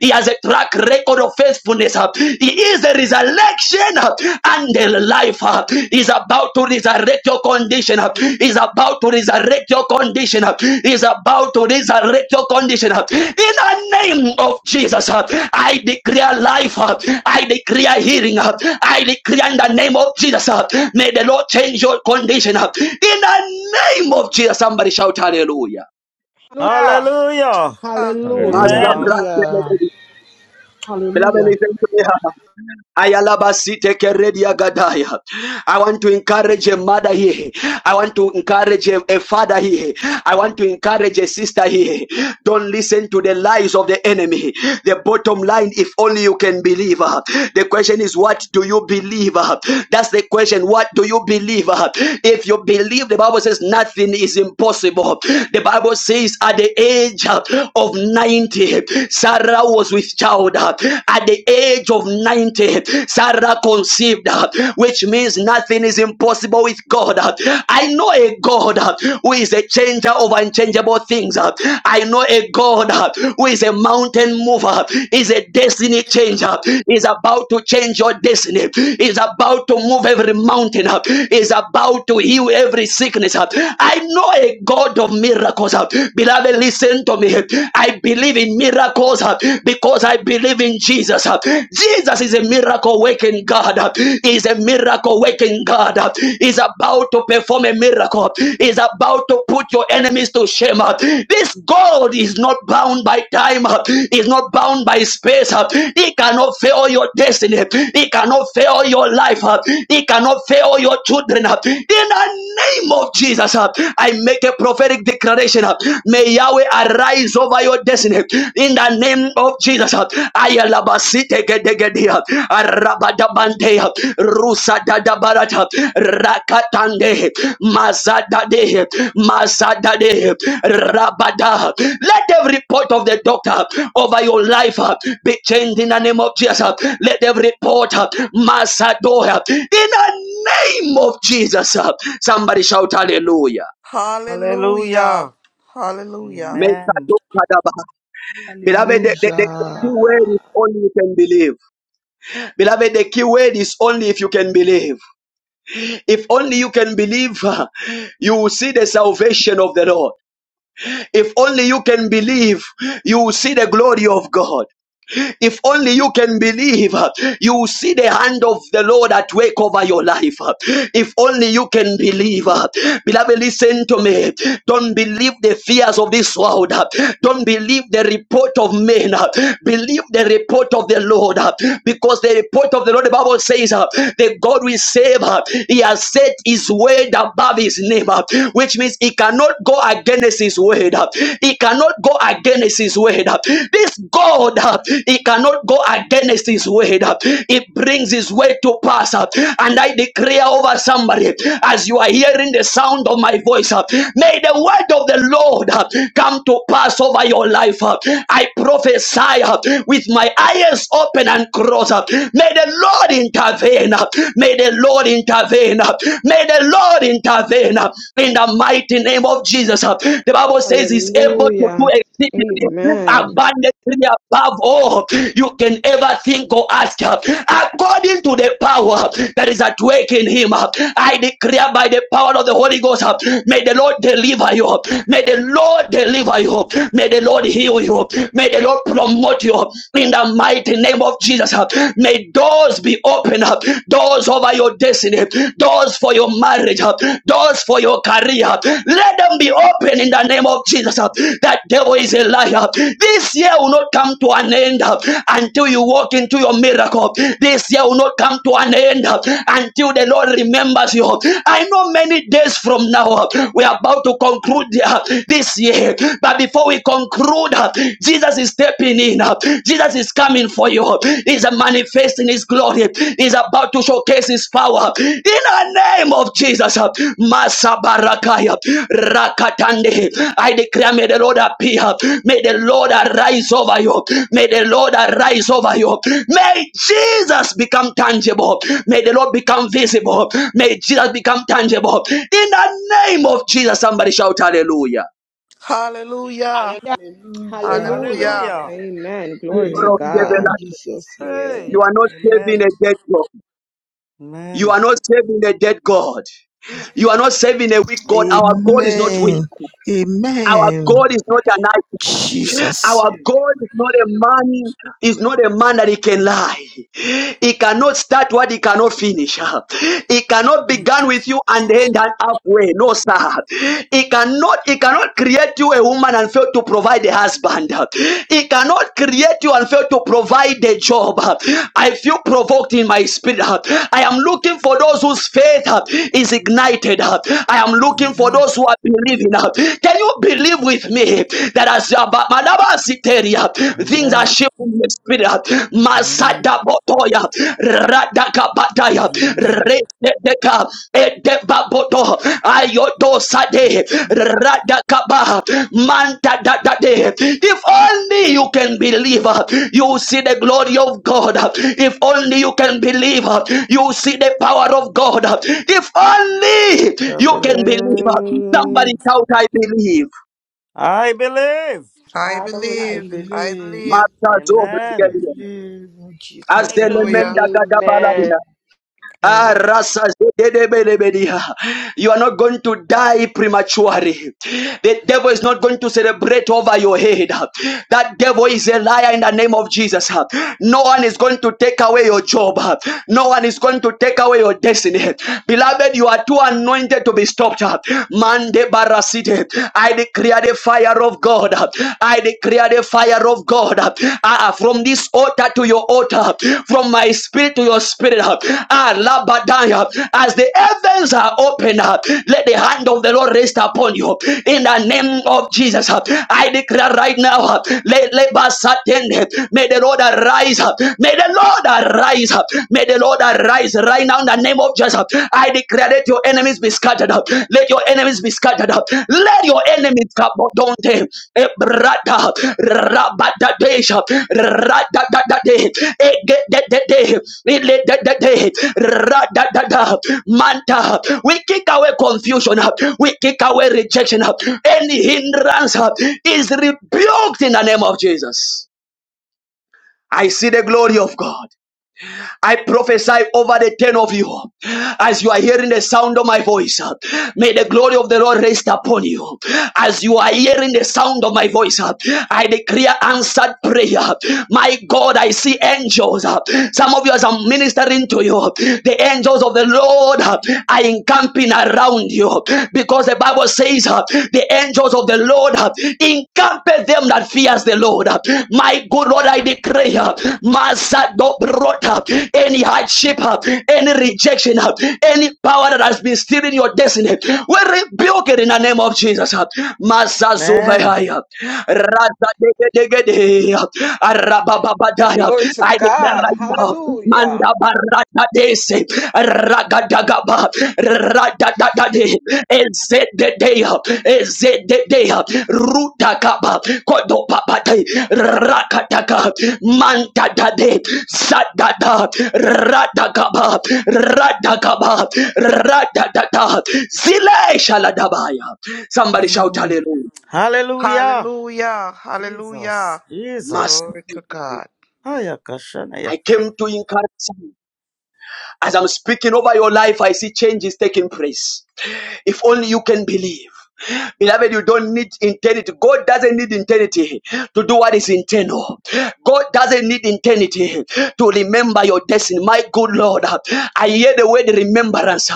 He has a track record of faithfulness. He is the resurrection and the life. He's about to resurrect your condition. He's about to resurrect your condition. He's about to resurrect your condition. In the name of Jesus, I declare life. I declare healing. I declare in the name of Jesus. May the Lord change your condition. In the name of Jesus, somebody shout hallelujah. Hallelujah. Ah, Hallelujah. Master, Amen. Hallelujah. Hallelujah. Hallelujah. Beloved, Hallelujah. listen to me. Ayalabasite keredia gadaya. I want to encourage a mother here. I want to encourage a, a father here. I want to encourage a sister here. Don't listen to the lies of the enemy. The bottom line, if only you can believe. uh, The question is, what do you believe? uh? That's the question. What do you believe? uh? If you believe, the Bible says nothing is impossible. The Bible says at the age uh, of 90, Sarah was with child at the age of 90 sarah conceived which means nothing is impossible with god i know a god who is a changer of unchangeable things i know a god who is a mountain mover is a destiny changer is about to change your destiny is about to move every mountain is about to heal every sickness i know a god of miracles beloved listen to me i believe believe in miracles uh, because I believe in Jesus. uh. Jesus is a miracle working God. uh, Is a miracle working God. uh, Is about to perform a miracle. uh, Is about to put your enemies to shame. uh. This God is not bound by time. uh, Is not bound by space. uh. He cannot fail your destiny. He cannot fail your life. uh. He cannot fail your children. uh. In the name of Jesus, uh, I make a prophetic declaration. uh, May Yahweh arise over your destiny in the name of Jesus. Ayalabasite gedegedia, arabadabantea, rusadadabarata, rakatande, mazadade, mazadade, rabada. Let every report of the doctor over your life uh, be changed in the name of Jesus. Let every report, uh, Masado, uh, in the name of Jesus. uh, Somebody shout hallelujah. Hallelujah. Hallelujah. Hallelujah. Amen. Beloved, the, the, the key Hallelujah. word is only you can believe. Beloved, the key word is only if you can believe. If only you can believe, you will see the salvation of the Lord. If only you can believe, you will see the glory of God. If only you can believe, uh, you will see the hand of the Lord at work over your life. uh, If only you can believe. uh. Beloved, listen to me. Don't believe the fears of this world. uh. Don't believe the report of men. uh. Believe the report of the Lord. uh, Because the report of the Lord, the Bible says, uh, the God will save. uh, He has set his word above his name, uh, which means he cannot go against his word. uh. He cannot go against his word. uh. This God, uh, he cannot go against his word. It brings his word to pass. And I declare over somebody as you are hearing the sound of my voice, may the word of the Lord come to pass over your life. I prophesy with my eyes open and crossed. May the Lord intervene. May the Lord intervene. May the Lord intervene in the mighty name of Jesus. The Hallelujah. Bible says he's able to do Hallelujah. exceedingly Amen. abundantly above all you can ever think or ask, according to the power that is at work in him. I declare by the power of the Holy Ghost, may the Lord deliver you. May the Lord deliver you. May the Lord heal you. May the Lord promote you in the mighty name of Jesus. May doors be opened up, doors over your destiny, doors for your marriage, doors for your career. Let them be open in the name of Jesus. That devil is a liar. This year will not come to to an end uh, until you walk into your miracle. This year will not come to an end uh, until the Lord remembers you. I know many days from now uh, we are about to conclude uh, this year, but before we conclude, uh, Jesus is stepping in. uh, Jesus is coming for you. He's manifesting His glory. He's about to showcase His power in the name of Jesus. uh, Masabarakaya Rakatande. I declare, may the Lord appear. May the Lord arise over you. May the Lord arise over you. May Jesus become tangible. May the Lord become visible. May Jesus become tangible. In the name of Jesus, somebody shout hallelujah. Hallelujah. Hallelujah. Hallelujah. Hallelujah. Hallelujah. Hallelujah. Amen. You Glory to Hallelujah God. in Jesus' Hey. are name. not saving Amen. a dead God. You Amen. are not saving a dead God. You are not saving a weak God. Our God is not weak. Amen. Our Amen. God is not an idol. Jesus. Our God is not a man, is not a man that he can lie. He cannot start what he cannot finish. He cannot begin with you and end and halfway. No, sir. He cannot, he cannot create you a woman and fail to provide a husband. He cannot create you and fail to provide a job. I feel provoked in my spirit. I am looking for those whose faith is ignited. I am looking for Amen. those who are believing. Can you believe with me? that as Madabasiteria, things are Amen. shifting in the spirit. Amen. Masada Botoya, Radaka Bataya, Redeka, Edebaboto, Ayodo Sade, radaka ba Manta Dadade. If only you can believe, uh, you will see the glory of God. If only you can believe, uh, you will see the power of God. If only Amen. I you can believe, uh, somebody believe. shout, I believe. I believe. I I I believe. believe. I believe. believe. Matazo I Amen. Brigadier. believe in As I the Jesus' believe. name. Hallelujah. Lemenda Amen. Gadabalabina. Ah, Glory. Rasa Zedebelebedia. You are not going to die prematurely. The devil is not going to celebrate over your head. That devil is a liar in the name of Jesus. No one is going to take away your job. No one is going to take away your destiny. Beloved, you are too anointed to be stopped. Mande barasite. I declare the fire of God. I declare the fire of God uh, ah, from this altar to your altar, from my spirit to your spirit. uh, Ah, Labadaya, as the heavens are open, up, uh, let the hand of the Lord rest upon you in the name of Jesus. uh, I declare right now, uh, let, let Basatende, may the Lord arise, uh, may the Lord arise, uh, may the Lord arise right now in the name of Jesus. uh, I declare, let your enemies be scattered. up. Let your enemies be scattered. up. Let your enemies kabodonte ebrata rabadadesha radadadade egededede ilededede radadada manta. We kick away confusion. We kick away rejection. Any hindrance is rebuked in the name of Jesus. I see the glory of God. I prophesy over the 10 of you as you are hearing the sound of my voice. May the glory of the Lord rest upon you as you are hearing the sound of my voice. I declare answered prayer. My God, I see angels. Some of you, as I'm ministering to you, the angels of the Lord are encamping around you because the Bible says the angels of the Lord Encampeth them that fears the Lord. My good Lord, I declare, Massa don't Masa up any hardship, any rejection, any power that has been stealing your destiny, we rebuke it in the name of Jesus. Masa Zuvaya, Glory to I declare God. right now, Hallelujah. Manda Barata Desi, Ragadagaba, Radadadade, Ezededeya, Ezededeya, Rutakaba, Kodopapate, Rakataka, Mantadade, Sadada, Radakaba, Radakaba, Radadada, Zile Shaladabaya. Somebody shout Amen. hallelujah. Hallelujah. Hallelujah. Jesus. Hallelujah. Mas- Jesus. Glory to God. Hiya, Kashanaya. I came to encourage you. As I'm speaking over your life, I see changes taking place. If only you can believe. Beloved, you don't need eternity. God doesn't need eternity to do what is internal. God doesn't need eternity to remember your destiny. My good Lord, I hear the word remembrance.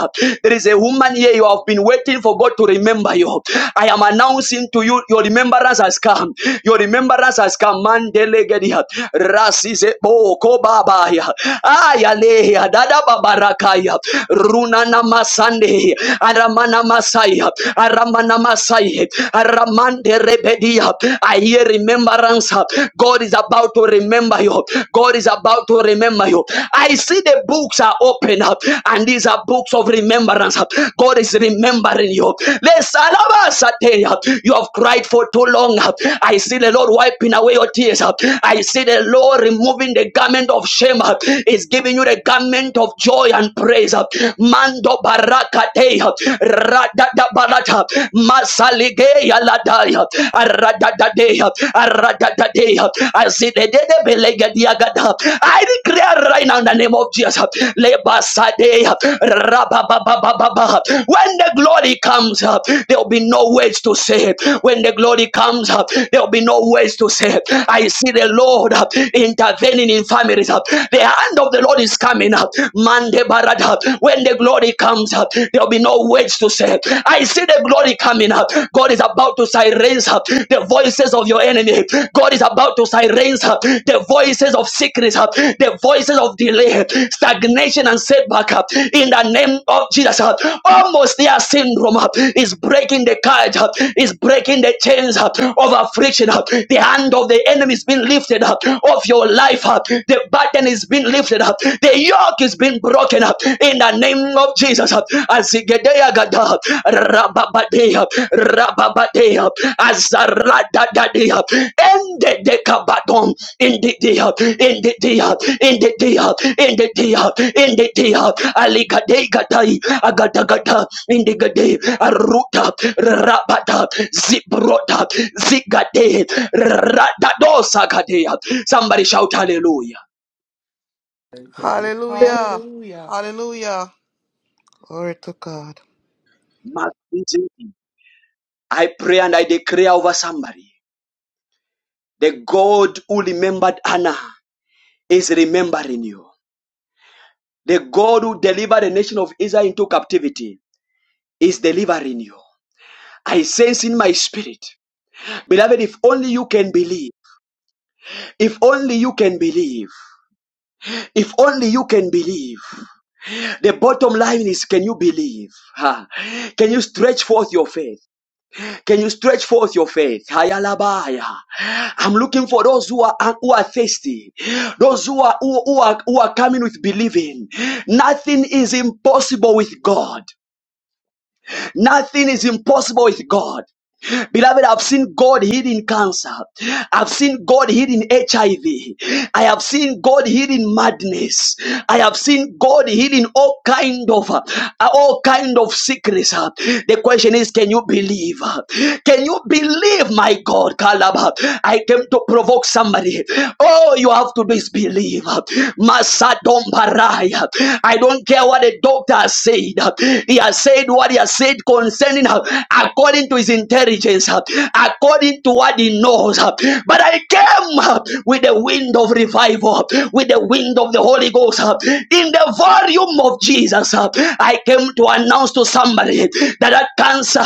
There is a woman here, you have been waiting for God to remember you. I am announcing to you, your remembrance has come. Your remembrance has come. Mandele gedia. Rasize boko babaya. Ayaleya. Dada babarakaya. Runana masande. And Aramana Masaya, Aramana Masaya, Aramande Rebedia. I hear remembrance. God is about to remember you. God is about to remember you. I see the books are open up, and these are books of remembrance. God is remembering you. The Salabasate, you have cried for too long. I see the Lord wiping away your tears. I see the Lord removing the garment of shame. Is giving you the garment of joy and praise. Mando barakateya radada barata masaligeya ladaya aradadadeya aradadadeya azidedede belegediagada I see the Belegadiagada. I declare right now in the name of Jesus lebasadeya rabababababa when the glory comes up there will be no words to say when the glory comes up there will be no words to say I see the Lord uh, intervening in families. uh, The hand of the Lord is coming up. Mande Parada. When the glory comes up, there'll be no words to say. I see the glory coming up. God is about to silence up the voices of your enemy. God is about to silence up the voices of sickness, up the voices of delay, stagnation, and setback up in the name of Jesus. up. Almost their syndrome up is breaking the cage up, is breaking the chains up of affliction up. The hand of the enemy is being lifted up of your life up. The burden is being lifted up. The yoke is being broken up in the name of Jesus. Azigedea gada, rababadea, rababadea, azaradadadea, and the dekabadon, in the dia, in the dia, in the dia, in the dia, in the dia, aligadei gadai, agadagada, in the gade, aruta, rabata, zibrota, zigade, radadosakadea. Somebody shout hallelujah. Hallelujah. Hallelujah. Hallelujah. Hallelujah. Glory to God. I pray and I declare over somebody. The God who remembered Anna is remembering you. The God who delivered the nation of Israel into captivity is delivering you. I sense in my spirit, beloved, if only No. you can believe, if only you can believe, if only you can believe. The bottom line is, can you believe? Ha. Can you stretch forth your faith? Can you stretch forth your faith? Hayalabaya. I'm looking for those who are who are thirsty, those who are who, who are who are coming with believing. Nothing is impossible with God. Nothing is impossible with God. Beloved, I've seen God healing cancer. I've seen God healing HIV. I V. I have seen God healing madness. I have seen God healing all kind of uh, all kind of sickness. uh. The question is, can you believe? uh? Can you believe, my God, Kalaba? I came to provoke somebody. All you have to do is believe. Masa Dombaraya. I don't care what the doctor said said. He has said what he has said concerning her according to his intelligence, according to what he knows. But I came with the wind of revival, with the wind of the Holy Ghost, in the volume of Jesus. I came to announce to somebody that that cancer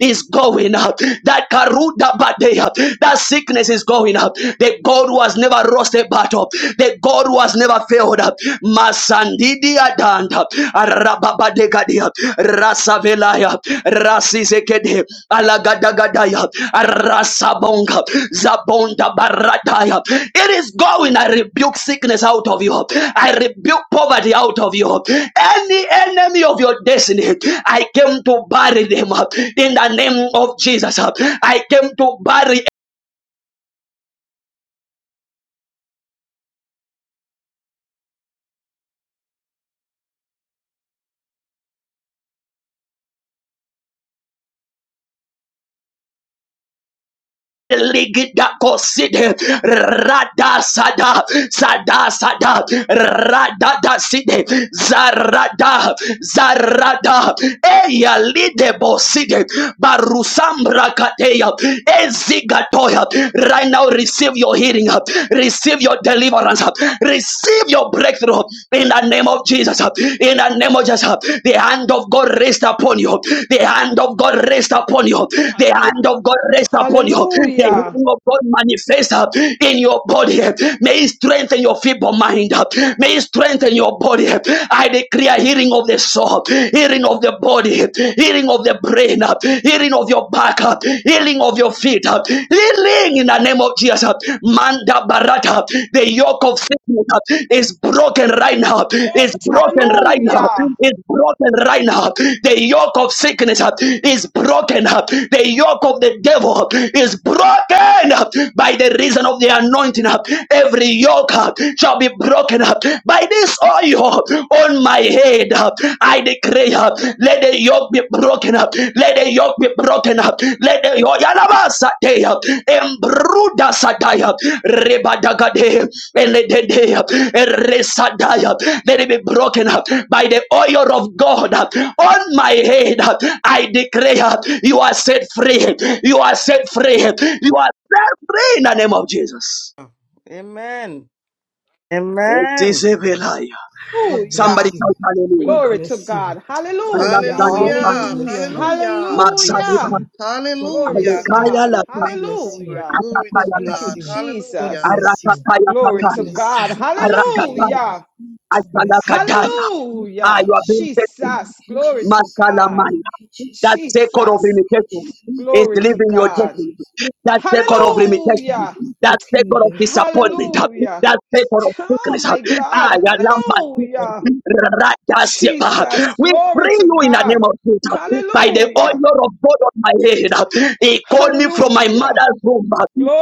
is going up, that karuda badea, that sickness is going up. The God who has never lost a battle, the God God who has never failed. Masandidia danda, arababadegadia, rasavelaya, rasizekede, alagadagadaya, rasabonga, zabonda baradaya. It is going. I rebuke sickness out of you. I rebuke poverty out of you. Any enemy of your destiny, I came to bury them in the name of Jesus. I came to bury Ligida Ligidakoside, rada Sada, Sada, sada rada da Radadaside, Zarada, Zarada, Eya Lideboside, Barusambra Kateya, Ezigatoya. Right now, receive your healing, receive your deliverance, receive your breakthrough in the name of Jesus, in the name name of Jesus, the hand of God rest upon you. The hand of God rest upon you. The Hallelujah. hand of God rest upon you. The Hallelujah. hand of God manifest uh, in your body. May it strengthen your feeble mind. May it strengthen your body. I declare healing of the soul, healing of the body, healing of the brain, uh, healing of your back, uh, healing of your feet, uh, healing in the name of name of Jesus. uh, Manda Barata, the yoke of sickness uh, is broken right now. Is broken right now. Hallelujah. Is broken right now. The yoke of sickness uh, is broken. uh, The yoke of the devil uh, is broken uh, by the reason of the anointing. uh, Every yoke uh, shall be broken by this oil on my head. uh, I declare up. Let the yoke be broken up. Let the yoke be broken up. Let the yoke Yalabasate up. Embruda Sataya Rebadagade Eledede up. Eresadaya. Let it be broken up by the oil of God on my head. I declare you are set free. You are set free. You are set free in the name of Jesus. Amen. It is Amen. a God Somebody bless Hallelujah. shout you. hallelujah. God Glory to bless you. God. God bless Hallelujah. Understand you. God Hallelujah. bless Hallelujah. you. Hallelujah. God bless your Hallelujah. you. God Glory to Hallelujah. bless you. Alekaya God. Glory. lapa, God Thank you, bless you. Lord. Hallelujah. Glory God to atakaya Thank you, kata, bless God. you. God Hallelujah. Jesus. bless you. arakataya God Glory Thank to kataya, you, bless you. God. Jesus. Thank you, arakataya, Jesus. Hallelujah. God bless you. asalakataya. Thank you, I Hallelujah. have Jesus. been tested. Thank Jesus. you, Glory to Jesus. God. Thank Masalamaya. you, That Jesus. secret of Jesus. Thank you, limitation Jesus. is Glory to leaving Thank you, your God. destiny. Jesus. That It's secret of broken. limitation. Hallelujah. It's That broken in secret of the disappointment. Hallelujah. That secret of Oh sickness. my Ah, God. ya lamba sika. Hallelujah. Rada sepa. Jesus. We Glory bring to you in the God. name of Jesus. By the Hallelujah. honor of God on my head. He called me from my Hallelujah. mother's womb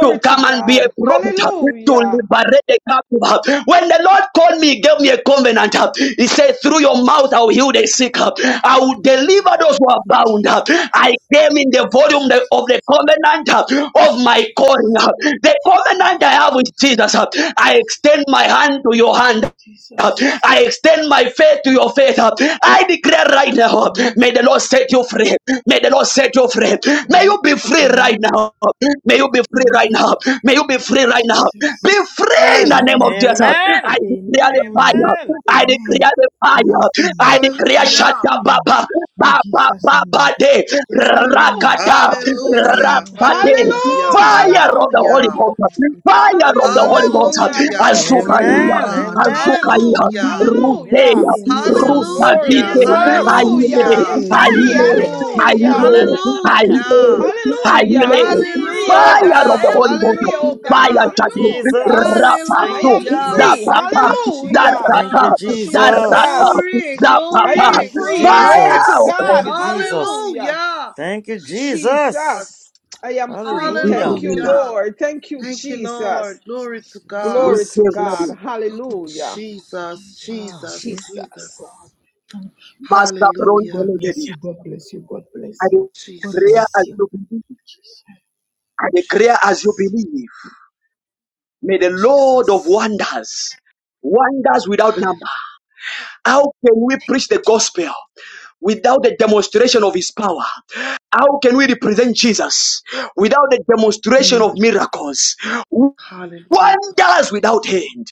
to to come and be a God. prophet to Hallelujah. liberate the captive. When the Lord called me, he gave me a covenant. He said, Through your mouth, I will heal the sick. I will deliver those who are bound. I came in the volume of the covenant of my calling. Jesus. The covenant I have with Jesus, I extend my hand to your hand. Jesus. I extend my faith to your faith. I declare right now, may the Lord set you free. May the Lord set you free. May Amen. you be free right Amen. now. May you be free Amen. right now. May you be free right now. Be Jesus. free in the Amen. name of Amen. Jesus. I Amen. declare the Amen. fire. Amen. I Amen. declare the We are fire. I free. declare We are Hallelujah. Shata free. Baba. Ba In ba Jesus' ba ba name. de Amen. rakata Hallelujah. Hallelujah. Amen. rapade We are Hallelujah. free. fire Hallelujah. of the We are Holy Hallelujah. Ghost free. fire In the of the name of Holy Ghost Hallelujah. Jesus. Hallelujah. Glory to Glory to azukaya Amen. God. God. Amen. Amen. azukaya Hallelujah. Amen. ruteya Hallelujah. Yes, Amen. Jesus. Hallelujah. Glory. rutadide Jesus. Amen. Hallelujah. ayile I Hallelujah. am free. ayile Hiya, Amen. Glory. Hallelujah. Amen. ayile Kashanakataya. Hallelujah. ayile Thank Hallelujah. I you, am ayile free, oh fire God. of I the Hallelujah. Jesus. am Holy Ghost free, oh God. Thank fire Hallelujah. you, judgment Hallelujah. Jesus. I Thank you, rapato am Hallelujah. free. Jesus. Thank zapapa you, Hallelujah. Thank zarata you, Jesus. Jesus. Jesus. zarata Glory, I zapapa am glory, Thank you, free. Glory glory. to Fire! Jesus. Thank God. you, Jesus. Hallelujah. Hallelujah. Thank you, Jesus. Jesus. Jesus, I am free. Thank Hallelujah. you, Hallelujah. Lord. Thank you, Thank you, Lord. Jesus. Glory to God. Glory to Jesus. God. Oh, Hallelujah. Jesus, Jesus. Oh, Jesus, Jesus. Glory to Jesus. God. Jesus. Thank Master you. Thank Brown you. Hallelujah. God bless Elegedia. you. God bless you. God I bless you. God declare Jesus, bless as you. you believe. I declare as you Jesus, believe. May the Lord of Jesus. wonders, wonders without number. Hallelujah, How can we preach the gospel without the demonstration Jesus. of his power? How can we represent Jesus without the demonstration Mm. of miracles? Hallelujah. Wonders without end.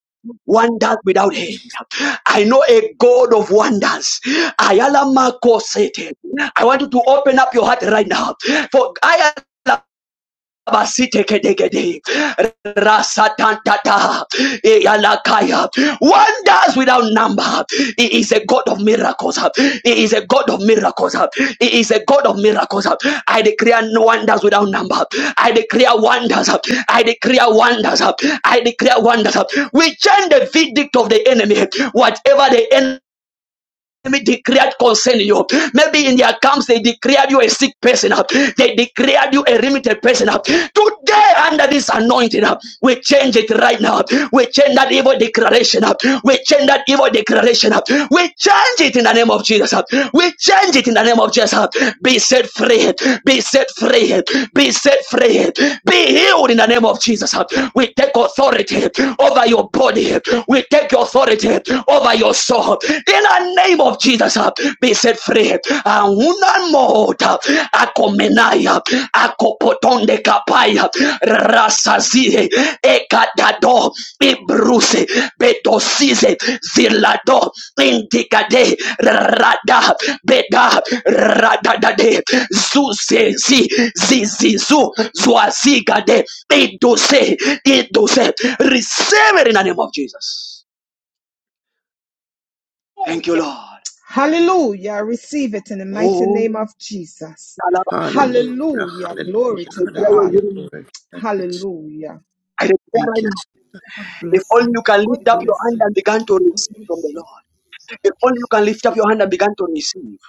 Wonders without end. I know a God of wonders. Ayala Mako Satan. I want you to open up your heart right now. For I Abasitekede. Rasatantata. Eyalakaya. Wonders without number. He is a God of miracles. He is a God of miracles. He is a God of miracles. I declare no wonders without number. I declare wonders. I declare wonders. I declare wonders. We change the verdict of the enemy. Whatever the enemy enemy declared concerning you. Maybe in their camps they declared you a sick person. uh, They declared you a limited person. uh. Today, under this anointing, uh, we change it right now. We change that evil declaration. uh. We change that evil declaration. uh. We change it in the name of Jesus. uh. We change it in the name of Jesus. uh. Be set free. Be set free. Be set free. Be healed in the name of Jesus. uh. We take authority over your body. We take authority authority over your soul. In the name of Jesus, uh, be set free. Auna mota akomenaya akopotonde kapaya rasazie ekadado ibruse betosize zilado indikade rada beda radadade zuzezi zizizu zuazigade idose idose receive it in the name of Jesus. Oh Thank you, yeah. Lord. Hallelujah. Receive it in the mighty Oh, name of Jesus. Hallelujah, Hallelujah. Glory I hallelujah, to declare God. hallelujah, Lord. Thank you, Je- Hallelujah. I declare thank right you. now, Je- if only you can lift up your Yes, hand and begin to receive from the Lord. If only you can lift up your hand and begin to receive.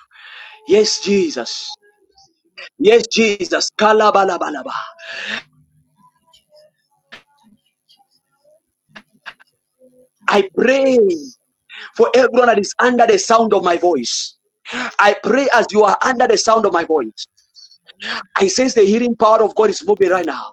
Yes, Jesus. Yes, Jesus. Kalabalabalaba. I pray for everyone that is under the sound of my voice. I pray as you are under the sound of my voice. I sense the healing power of God is moving right now.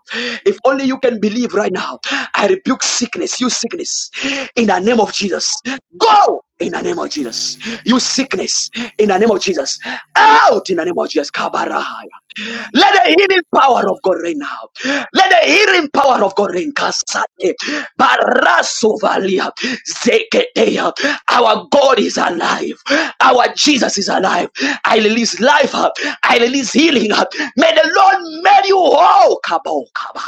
If only you can believe right now. I rebuke sickness, you sickness, in the name of Jesus. Go in the name of Jesus. You sickness, in the name of Jesus. Out in the name of Jesus. Kabara. Let the healing power of God reign now. Let the healing power of God reign. Kasate, barasovalia, zeketeya. Our God is alive. Our Jesus is alive. I release life. uh, I release healing. uh. May the Lord make you whole. Kabo kaba,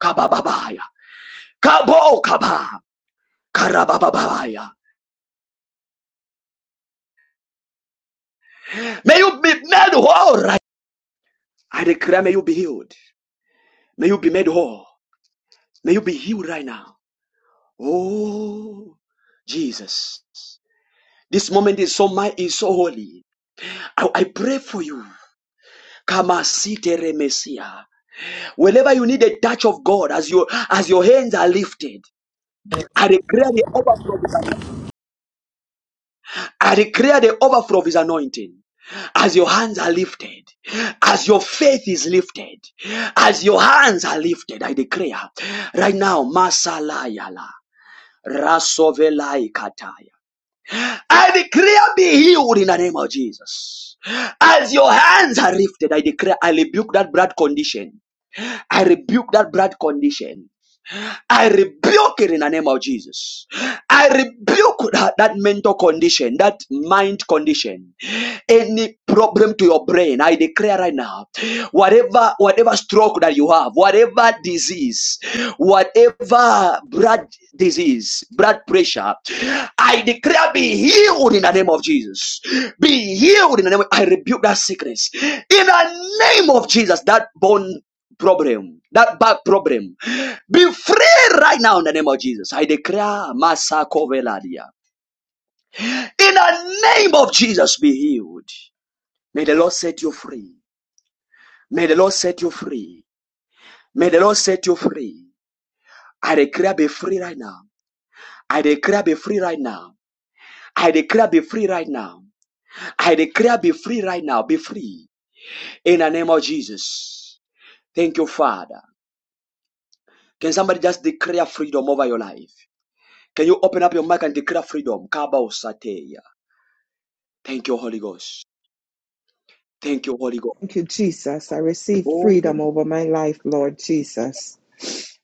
kabababaya, kabo kaba, karabababaya. May you be made whole right. I declare, may you be healed. May you be made whole. May you be healed right now. Oh, Jesus. This moment is so my is so holy. I, I pray for you. Kamasite remesia. Whenever you need a touch of God as your as your hands are lifted, I declare the overflow of his anointing. I declare the overflow of his anointing. As your hands are lifted, as your faith is lifted, as your hands are lifted, I declare right now, Masalayala, Rasovelai Katai. I declare be healed in the name of Jesus. As your hands are lifted, I declare, I rebuke that blood condition. I rebuke that blood condition. I rebuke it in the name of Jesus. I rebuke that, that mental condition, that mind condition, any problem to your brain. I declare right now, whatever whatever stroke that you have, whatever disease, whatever blood disease, blood pressure, I declare be healed in the name of Jesus. Be healed in the name. Of, I rebuke that sickness in the name of Jesus. That bone problem, that back problem. Be free right now in the name of Jesus. I declare Masako Veladia. In the name of Jesus, be healed. May the Lord set you free. May the Lord set you free. May the Lord set you free. I declare be free right now. I declare be free right now. I declare be free right now. I declare be free right now. Be free. In the name of Jesus. Thank you, Father. Can somebody just declare freedom over your life? Can you open up your mic and declare freedom? Kabao Sateya. Thank you, Holy Ghost. Thank you, Holy God. Thank you, Jesus. I receive Oh, freedom over my life, Lord Jesus.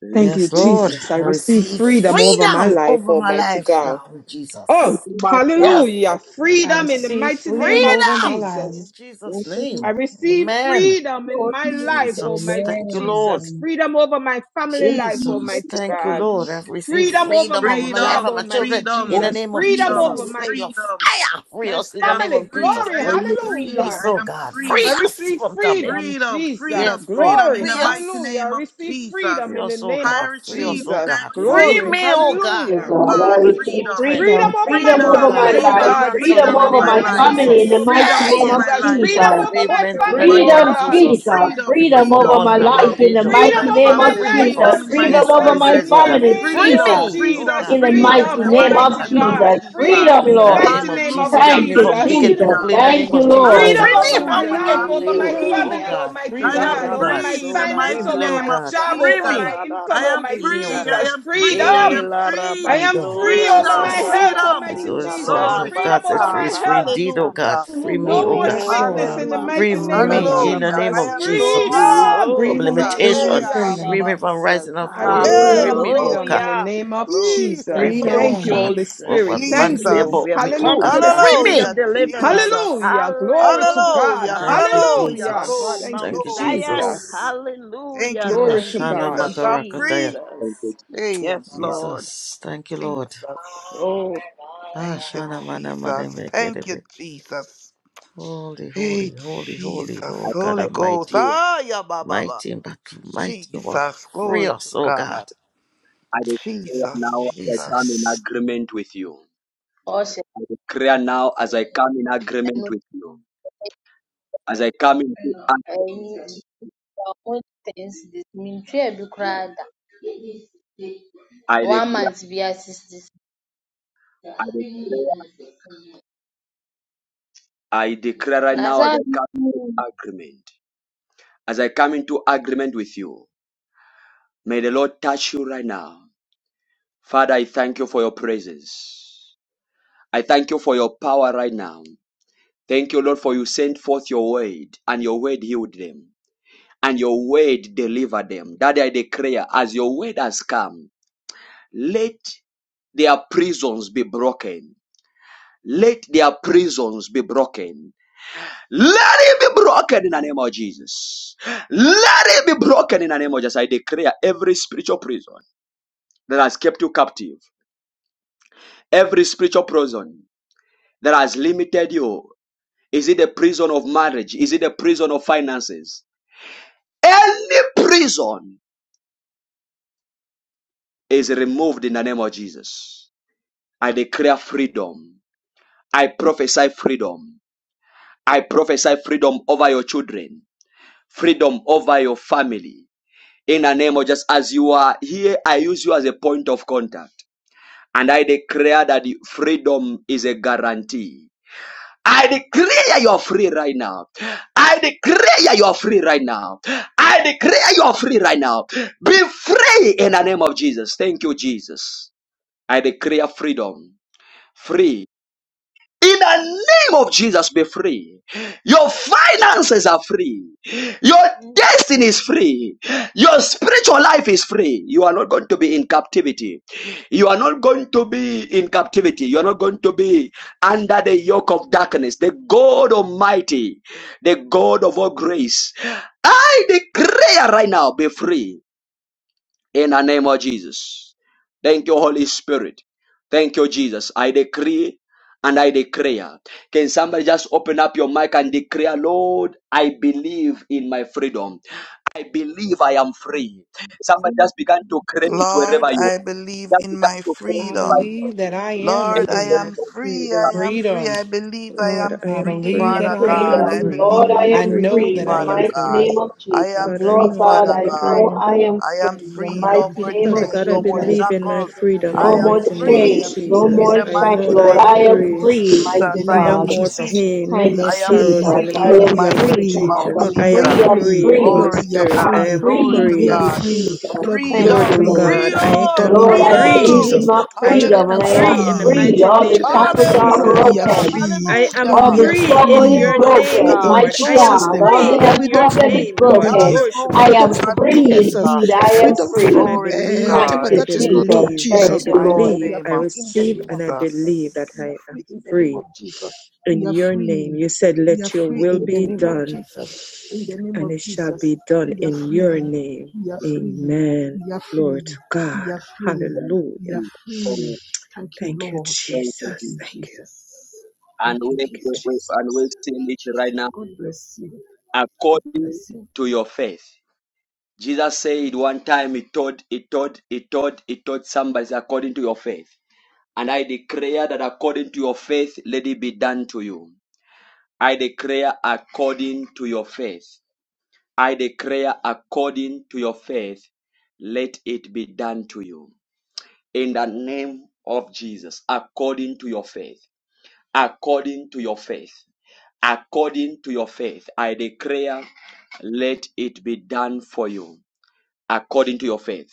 let Thank you, Yes, me Lord. Jesus. I I receive receive freedom over my freedom life, over my Almighty life God. now in Jesus. give Oh, my God, Yes, hallelujah. I Freedom in the receive mighty name freedom of over my freedom in life. Jesus. oh Jesus' I name. receive Amen. freedom in Lord, my life, Jesus, Almighty thank you, Lord. Jesus. Amen. Freedom over my family life, Jesus, Almighty thank you, God. Lord. I've received Freedom over freedom my over my life job, and my Freedom, Almighty children in oh, the freedom, Jesus. name of Freedom freedom, over Jesus. Let my, your freedom. fire free my us in I the am name family. of free, Jesus. Glory, I am Free free, us, hallelujah. I oh am God. I Free free. us receive from coming. freedom, Freedom, Jesus. freedom, Yes, Lord. freedom Glory, in the Free mighty hallelujah. us. I name of receive Jesus. freedom Free in the us, oh name of I God. Free us, receive oh it. I Jesus. God. receive Free Glory, me, freedom. oh God. To hallelujah. Oh God, I Free God, my receive freedom. children, Freedom freedom, over my freedom oh over Freedom, my family, God. Free oh my life, freedom, God. grandson Freedom freedom in freedom the in over over my name my of my life. family in family, the oh Jesus. mighty mighty Freedom over name Hey! of my Jesus. life. From Freedom Jesus. Freedom over over my enslavement in the family, everybody name oh of Freedom, around God. me. Jesus. Jesus, Freedom, Free me freedom from freedom, over all my harm life and freedom in the danger, oh in Freedom my mighty God. over name of my family. Free me life, from Jesus. Freedom oh in my Freedom sickness and over Jesus. my In disease, children. oh your God. family, name, Free Lord Freedom, Jesus, me, oh freedom, Jesus. in God. the Free my freedom in mighty Freedom, the mind, name oh of mighty almighty God. name of God. Jesus. Jesus. Freedom, Freedom in In the the Lord. mighty name of name of Jesus. Free Hallelujah, me Thank you, from Jesus. wicked Jesus. Freedom, people hallelujah, Great in the is Thank name you, thy of Jesus. Freedom Lord. Free over me faithfulness. my from hallelujah. life, wicked I'm over people, my free. oh family, Hallelujah. freedom, God. Almighty Free I freedom, me, am God, oh Ora over freedom. God. my free in the basora Free finance, la mighty me, over oh name my of God. job, Free over rabasanda Jesus. my me. I income, am Free Almighty me, oh rabahira. free. I God. Jesus. am Free me, oh free. I God. E Freedom. am la free. I am Freedom, free rabasora over la my Freedom. Jesus. health, Freedom. His Almighty own rabasira son Jesus. Glory of to Freedom God said, over my Free God. is free health. indeed, oh rababarapata. God. Hallelujah. Free me, No oh more God. Yes, Oh, sickness in Lord. the Free Hallelujah. mighty name rabasora of me la Freedom, in the Hallelujah. name I Jesus. of am rabasira. Lord. Jesus. Ah, Freedom! From Oh, freedom, Jesus. thank Hey, freedom, you, limitation. Hallelujah. Abba, Free freedom, me from glory. Jesus. rising and I falling. Hey, receive Free a me, oh freedom in God. Hallelujah. the Hallelujah. name of Glory. Ee, Free Jesus. Thank me, you, oh Hallelujah. Thank you, freedom. God. Holy Jesus. For Spirit. what man Thank say you. Jesus. We about have me, oh come to God. the Hallelujah. Free city me, of Hallelujah. deliverance. Jesus. Jesus. Hallelujah. Glory to God. Hallelujah. Hallelujah. Thank you, Hallelujah. Hallelujah. Glory, Upon Jesus. Thank you, Thank Mount you, glory, Zion. Jesus. glory. Jesus. Thank Hallelujah. you, Ah, Glory Thank to Shana you, God. Jesus. I'm Makarakataya. free. thank you, Jesus. Jesus. Hey, ba, Yes, ba, ba. Lord. Jesus. Thank you, Lord. Jesus. Oh, Ah, Thank you, Shana Mana Mana Jesus. Thank you, Megerebe. Jesus. Holy, holy, Hey, holy, holy Jesus. Lord God Holy Ghost. Almighty. Ah, yeah, ba, ba, ba. Mighty in battle, mighty in war. Jesus. Free Glory to us, oh God. God. I declare I declare Jesus, now as I come in Jesus. Jesus. agreement with you. Ɔhyɛ I declare now as I come in ɛno agreement with you. As I come into agreement, ɛyi wɔn things this mentuaa bi koraa da. I declare, One month biara sixty six. I declare, I declare right Na now as saa I come into agreement. As I come into agreement with you, may the Lord touch you right now. Father, I thank you for your presence. I thank you for your power right now. Thank you, Lord, for you sent forth your word, and your word healed them, and your word delivered them. Daddy, I declare, as your word has come, let their prisons be broken. Let their prisons be broken. Let it be broken in the name of Jesus. Let it be broken in the name of Jesus. I declare every spiritual prison that has kept you captive, every spiritual prison that has limited you. Is it the prison of marriage? Is it the prison of finances? Any prison is removed in the name of Jesus. I declare freedom. I prophesy freedom. I prophesy freedom over your children, freedom over your family. In the name of Jesus. as you are here, I use you as a point of contact. And I declare that the freedom is a guarantee. I declare you are free right now. I declare you are free right now. I declare you are free right now. Be free in the name of Jesus. Thank you, Jesus. I declare freedom. Free. In the name of Jesus, be free. Your finances are free. Your destiny is free. Your spiritual life is free. You are not going to be in captivity. You are not going to be in captivity. You are not going to be under the yoke of darkness. The God Almighty, the God of all grace. I declare right now, be free in the name of Jesus. Thank you, Holy Spirit. Thank you, Jesus. I decree and I declare. Can somebody just open up your mic and declare, Lord, I believe in my freedom. I believe I am free. he Somebody just began to claim it Lord, wherever you I are. believe Just in began my to claim I it by freedom. faith. believe that I am Lord, I in my free. am free. freedom. I am free. Freedom. I believe I Lord, am I I am free, believe in my believe free. that Father I I God. am I freedom. believe free. in Lord, believe I my in I am know freedom, free freedom, in that I the Lord. am Father mighty free. God. name of I Jesus. am God, I Lord free, know that God, Father I'm I know God. free. I am I am free I in the believe free. I No am mighty more name of Father free. chain, God, I no I more am Jesus. believe free. in My my shackles. children are freedom in I the No free. am more mighty name Lord, of we free are chains, free no in in the Jesus. more the name I of shackles. know mighty that Lord, Jesus. I'm I name am of We free. are free, free in Jesus. the mighty I name No am of God. more Jesus. free. pain, no We Thank are you, more I am Jesus. sorrows free. in the I free in mighty the Lord, am we name are mighty of free, name free. of God. Jesus. Lord, I'm I we are am Jesus. free, I'm free. free. free. Lord, Holy Glory we are to Spirit, I'm I God. free. am Glory Lord, free to we free. are indeed, God. free. Jesus. Lord, we are Thank Glory Freedom, you, to free. Lord. God. I freedom, Freedom am in Lord, the I name of free. freedom. believe in Jesus. my My I children am freedom and are I am free in Hallelujah. the free. free. mighty My All the name children of are shackles free. are Lord, Jesus. we are Hallelujah. broken. free. I am Lord, All Hallelujah. we the are free struggle in is free. your Glory to name, Free broken, in God. Lord. mighty I am Glory Jesus' God. to name. All free the God. health in your Freedom problem from is name, Lord. broken. bondages. Glory to I God. Freedom Hallelujah. am from free curses Hallelujah. indeed. I I am freedom receive and free. I from Glory to uh, believe, Thank whatever God. I you, that is not Jesus. of believe, I Thank Jesus. you, Mighty But Lord. we believe, are name I of free in the receive name and of I Jesus. believe that Jesus. We are I free am in the name of free Jesus. We in are your name. free. You said, We are Let your free will in the be name of done, Jesus. In the name and of it shall Jesus. be done We are in free. your name. We are free. Amen. We are Glory to free. We God. are free. We are Hallelujah. free. Thank you, Thank you, Lord. Thank Jesus. you, Thank you. Jesus. Thank and we, you, Thank you, we, we, Jesus. Jesus. and we sing it Jesus. right now God bless you. God according bless you. to your faith. Jesus said one time he told, he told, he told, he told somebody according to your faith. And I declare that according to your faith, let it be done to you. I declare according to your faith. I declare according to your faith, let it be done to you. In the name of Jesus, according to your faith, according to your faith, according to your faith, I declare, let it be done for you according to your faith.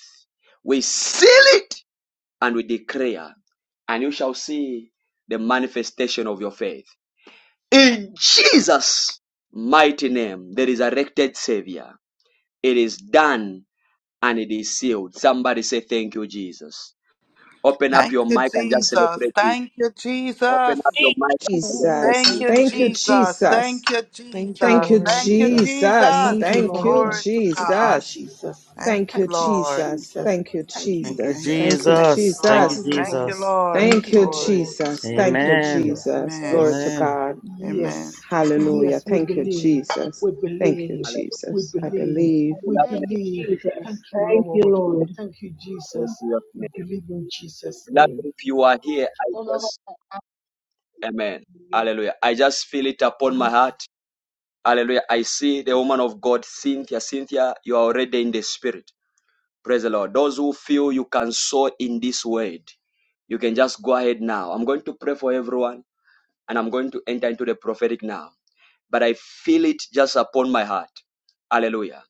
We seal it and we declare, and you shall see the manifestation of your faith. In Jesus' mighty name, the resurrected Savior, it is done and it is sealed. Somebody say, Thank you, Jesus. Open up Thank your you, mic and just Jesus. celebrate it. Thank you, Open Jesus. up your Thank you, mic and Lord. celebrate Jesus. Thank it. Thank you, you, Thank you, Jesus. Jesus. Jesus. Thank you, Thank you, Thank Jesus. you, you, Lord. Thank you, Jesus. Jesus. Jesus. Thank Thank you, you, Thank Lord. you, Father. Glory to Thank you, God. Jesus. Jesus. Thank Thank you, you, Thank you, Lord. Jesus. Jesus. Thank you, Thank you, Thank you, Jesus. Thank you. Thank you, Jesus. Thank Jesus. you, Thank Thank you, Lord. you, Jesus. Thank Lord. you, Jesus. Lord. Thank Thank you, you, Glory. Lord. Jesus. Thank Thank you, you, Amen. Jesus. Jesus. that Glory Amen. he to Yes, Amen. God. Amen. yes, Hallelujah. yes, we Thank you, believe. Jesus. We Thank you, believe. Hallelujah. We Jesus. I believe. believe. We Thank you, believe. Thank Jesus. you, Thank you, Lord. Lord. Thank you, Jesus. In Jesus' We name. believe in Jesus' Beloved, name. if you are here, I just, wobɛkɔfa Amen. ahomegye. Hallelujah. I just feel it upon my heart Hallelujah. I see the woman of God, Cynthia. Cynthia, you are already in the spirit. Praise the Lord. Those who feel you can sow in this word, you can just go ahead now. I'm going to pray for everyone and I'm going to enter into the prophetic now. But I feel it just upon my heart. Hallelujah.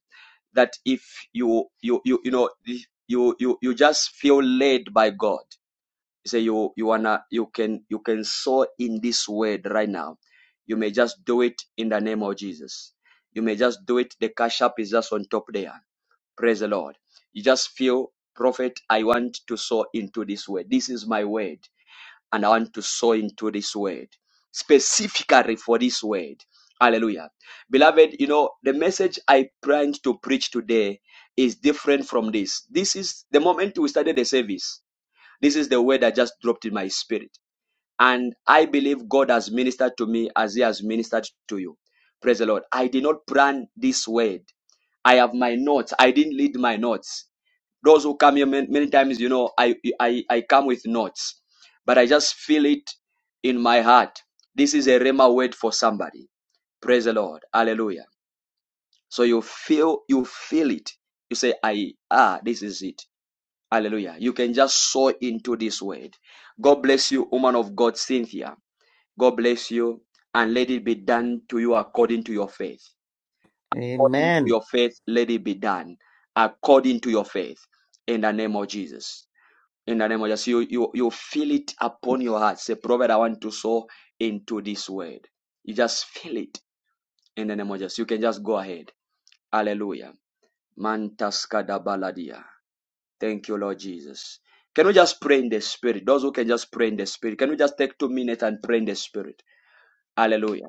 That if you you you you know you you you just feel led by God say you you wanna you can you can sow in this word right now you may just do it in the name of jesus you may just do it the cash app is just on top there praise the lord you just feel prophet i want to sow into this word this is my word and i want to sow into this word specifically for this word hallelujah beloved you know the message i planned to preach today is different from this this is the moment we started the service this is the word I just dropped in my spirit. And I believe God has ministered to me as He has ministered to you. Praise the Lord. I did not plan this word. I have my notes. I didn't lead my notes. Those who come here many, many times, you know, I, I I come with notes, but I just feel it in my heart. This is a rhema word for somebody. Praise the Lord. Hallelujah. So you feel you feel it. You say, I ah, this is it. Hallelujah. You can just sow into this word. God bless you, woman of God, Cynthia. God bless you, and let it be done to you according to your faith. According to Amen. your faith, let it be done according to your faith. In the name of Jesus. In the name of Jesus. You, you, you feel it upon your heart. Say, Prophet, I want to sow into this word. You just feel it in the name of Jesus. You can just go ahead. Hallelujah. Mantaska da baladia. Thank you, Lord Jesus. Can we just pray in the spirit? Those who can just pray in the spirit, can we just take two minutes and pray in the spirit? Hallelujah.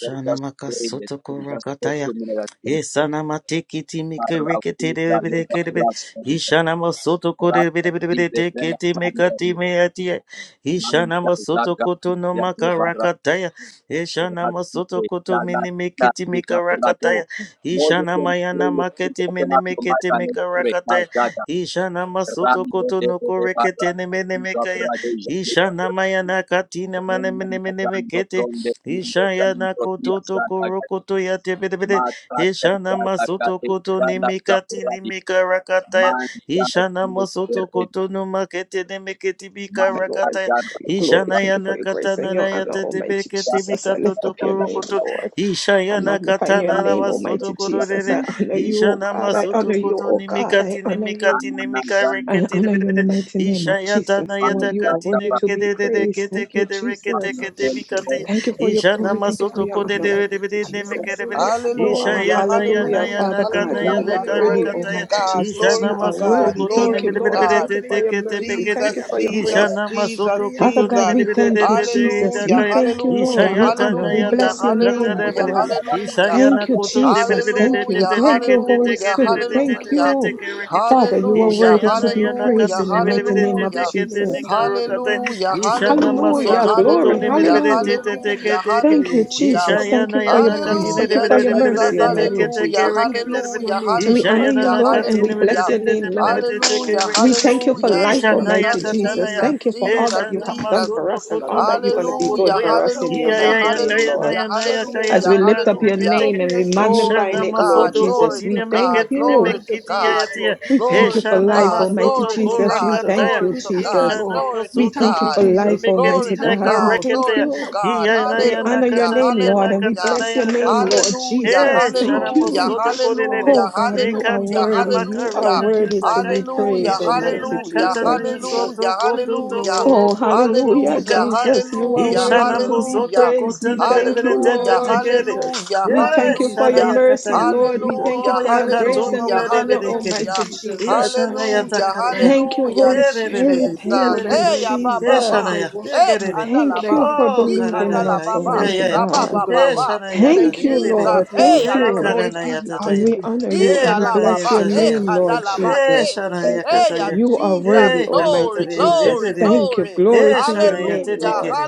Can we Just pray in the Sotoko spirit. Just take Rakataya. two minutes and pray. Yesanamatiki Timika Rikiti Bidikidibid. Ishanama Sotoko Bidibidikiti Mikati Meatia. Ishanama Sotoko to no Maka Rakataya. Ishanama Sotoko to Minimikiti Mika Rakataya. Moses can pray Ishanamayana in the spirit, Maketi open up your mic Minimikiti and let's Mika pray. Rakataya. Kazaga, Ishanama Rami, Sotoko to Rede, no Rede, Korikiti Barra, Minimikaya. Rade, Rade, Rade, Ishanamayana Katina Mando Manimikiti. zonde kunde Ishaya na zanto kia koto to zaka korokoto ya tebedebede. mata Ishana kaka kaka masoto te koto kanda nimikati zakuradi nimika rakataya. man kanda Ishana kile masoto kere koto no makete nemeketi bika man Thank you, Lord, rakataya. thank kanda you for your glory. kaka Ishana Thank ya you for na your grace and katana na your ya honor, Almighty tetebeketi kaka Jesus. I mikato lift to up your name, korokoto. Lord. I Ishaya na magnify your katana na name, masoto Almighty Jesus. kororere. I honor you, O Ishana God. I masoto honor you, koto O God. I nimikati honor you. nimikati anana nimika zan I reketi honor you in the debedebede. mighty name of Ishaya tana Jesus. ya pan Lord, you are takati kaka worthy to pahan be nemikete kete praised. kete Thank you, kete rekete Jesus. Lord, kete we kenti pray ko in mikate. the Thank name you of for your Isha Jesus. glory. Why Thank you for namasoto your kote honor, Kandoria? de de de Almighty de de Malayam Jesus. Doria and Oh, Isha ah, Hallelujah, ya Duki. na ya na hallelujah, ya hallelujah, Malayam na Father ka God. na Doria, ya You are na hallelujah. ka Malayam worthy, Glory Doria, rakata to ya. Almighty Malayam God, Isha Jesus. glory You Doria. to are namasoto God, worthy. koto ne Thank glory Malayam me you, de to de de Lord. Doria, de God. Thank you de for de Malayam your kete Doria, mercy. pekete. Thank you Jesus, Malayam for your Isha Jesus, Doria. grace. Jesus, namasoto Father koto ne God, me Jesus. de we Malayandoria, de de de thank you, de de Malayanduki, Jesus. ita ka Hallelujah, We ya. thank you, Malayandoria, Lord. hallelujah, We honor. Ishana We hallelujah, bless your Malayandoria, name, hallelujah, Lord. Malayandoria, hallelujah. Thank you, Malayandoria, Jesus. Thank you. Hallelujah, Thank Malayandoria, you, Holy hallelujah, Spirit. Malayandoria, Thank hallelujah. you. Malayandoria. Father, Lord, you are we Hallelujah, pray worthy in to the be name of praised hallelujah, in the Jesus. mighty name Lord, of hallelujah. have mercy. Jesus. Lord, we Hallelujah, thank you for your hallelujah, Hallelujah. mercy. Glory. Lord, we hallelujah, thank you Hallelujah. for giving us hallelujah, the Thank you, grace. hallelujah. Jesus. Lord, we Thank you for bless your your grace. name. Thank you Hallelujah, for Lord, your we Jesus, bless mercy, your Almighty name. hallelujah, Lord, Jesus. we bless your hallelujah, name. We honor Lord, you, we hallelujah, Lord, and bless we your name. bless hallelujah. your In name, the Lord. mighty Hallelujah, name We of thank you for Jesus. hallelujah, life, Lord, we Almighty Jesus, bless your Jesus. name. Jesus, Thank you for Lord, Hey, all Jesus, we that you Shana bless have your done Jesus, name. for Masoto us and Lord, Koto all we that you're Nuku going to bless be your doing name. Hallelujah, Rokotoya. for us Lord, in we your are Iya hallelujah, so ya mighty ya name, kaya na grateful. Lord. hallelujah, ya na Lord, ya we are kaya As so hallelujah, we na lift kati up ya grateful. your hallelujah. kete Lord, ke name and we are we so Glory magnify ishana to grateful. it, Lord God, Lord, we masoto are so glory Jesus, koti ne to we grateful for thank God, meketi ne giving you. glory us the to mekiti ya ya God, grace, tia Lord. We We thank glory you for thank to you, ishana life, Lord. God, We Almighty masoto glory thank to you, kora Jesus. We God, Jesus. thank kataya glory you, We to thank you, God, Jesus. Lord. ishana glory We to We masoto thank thank you you, God, for koti ne life, Jesus. We Almighty glory meketi na to thank God. you, We God, Lord. thank karekete glory ya We you. to thank you, God, iya na Jesus. We ya na honor We your hallelujah, kata thank na name, you, ya Lord, na and Lord. we kata hallelujah, We na bless your thank ya you, name, kata na Lord. Lord We hallelujah, thank Eh, Jesus. you, Lord. shana Thank hallelujah, you. We thank you, re Lord. re. hallelujah, Oh God, We ne you thank are you, hallelujah, katina worthy. Jesus. You are Thank hallelujah, you, makarina ya worthy to Jesus. takaya, be Thank you, hallelujah, praised, iya ya Almighty Jesus. na hallelujah, Thank kata Jesus. you, na ya Jesus. soto hallelujah, Thank koto you, to hallelujah. Lord. Oh, koro Thank koto you, hallelujah, koti Hallelujah, Jesus. katia, Jesus. You Thank are you, hallelujah, worthy Jesus. to Ishanambo be soto hallelujah, Thank you, praised. We kotene bere thank Jesus. you, bere te te Thank hallelujah, you, te Lord. kere. Jesus. hallelujah, We Thank you, thank you Yes, for shana your Jesus. hallelujah, mercy, yakataya. Thank you, Lord. We Jesus. thank hallelujah, you O for your Thank you, grace and yakatono hallelujah, your Jesus. bere honor, bere Thank you, kere. Almighty hallelujah, Jesus. Jesus. Ishana Thank you, hallelujah, Jesus. yatakataya. Thank you, Thank hallelujah, you, Holy Tere re re Jesus. Spirit. re Jesus. Lord, kere Thank I re you, re. Hey, bless Abba, you. Lord, Yeshana Jesus. Baba. I ya te worship Hey, kere you. re. Lord, Thank I Kandalaba. you give for you O all the He believing karana in glory. ya us, Lord, Kandalababa. I ide Almighty ya give ya. you Rabba, all the God. Baba, glory. Baba. Yeshana ya Lord, I ta Thank give re you, you re all re. the Lord. Jesus. glory. Hey, Thank He Lord, you. Alalabo I karana give ya you ta all ta And the ya. we glory. honor He you Ee, and we rana ya bless your ta alababa, Thank hey, ya. name, Lord kandalaba, He hey, Jesus. shana ya kenti hey, ki ah, kataya. You are Jesus, worthy, He Almighty katata glory, re you, re re glory, Jesus. re Jesus. re. Thank you. glory, Glory He to your shana ya name, te te hallelujah, Lord. kere.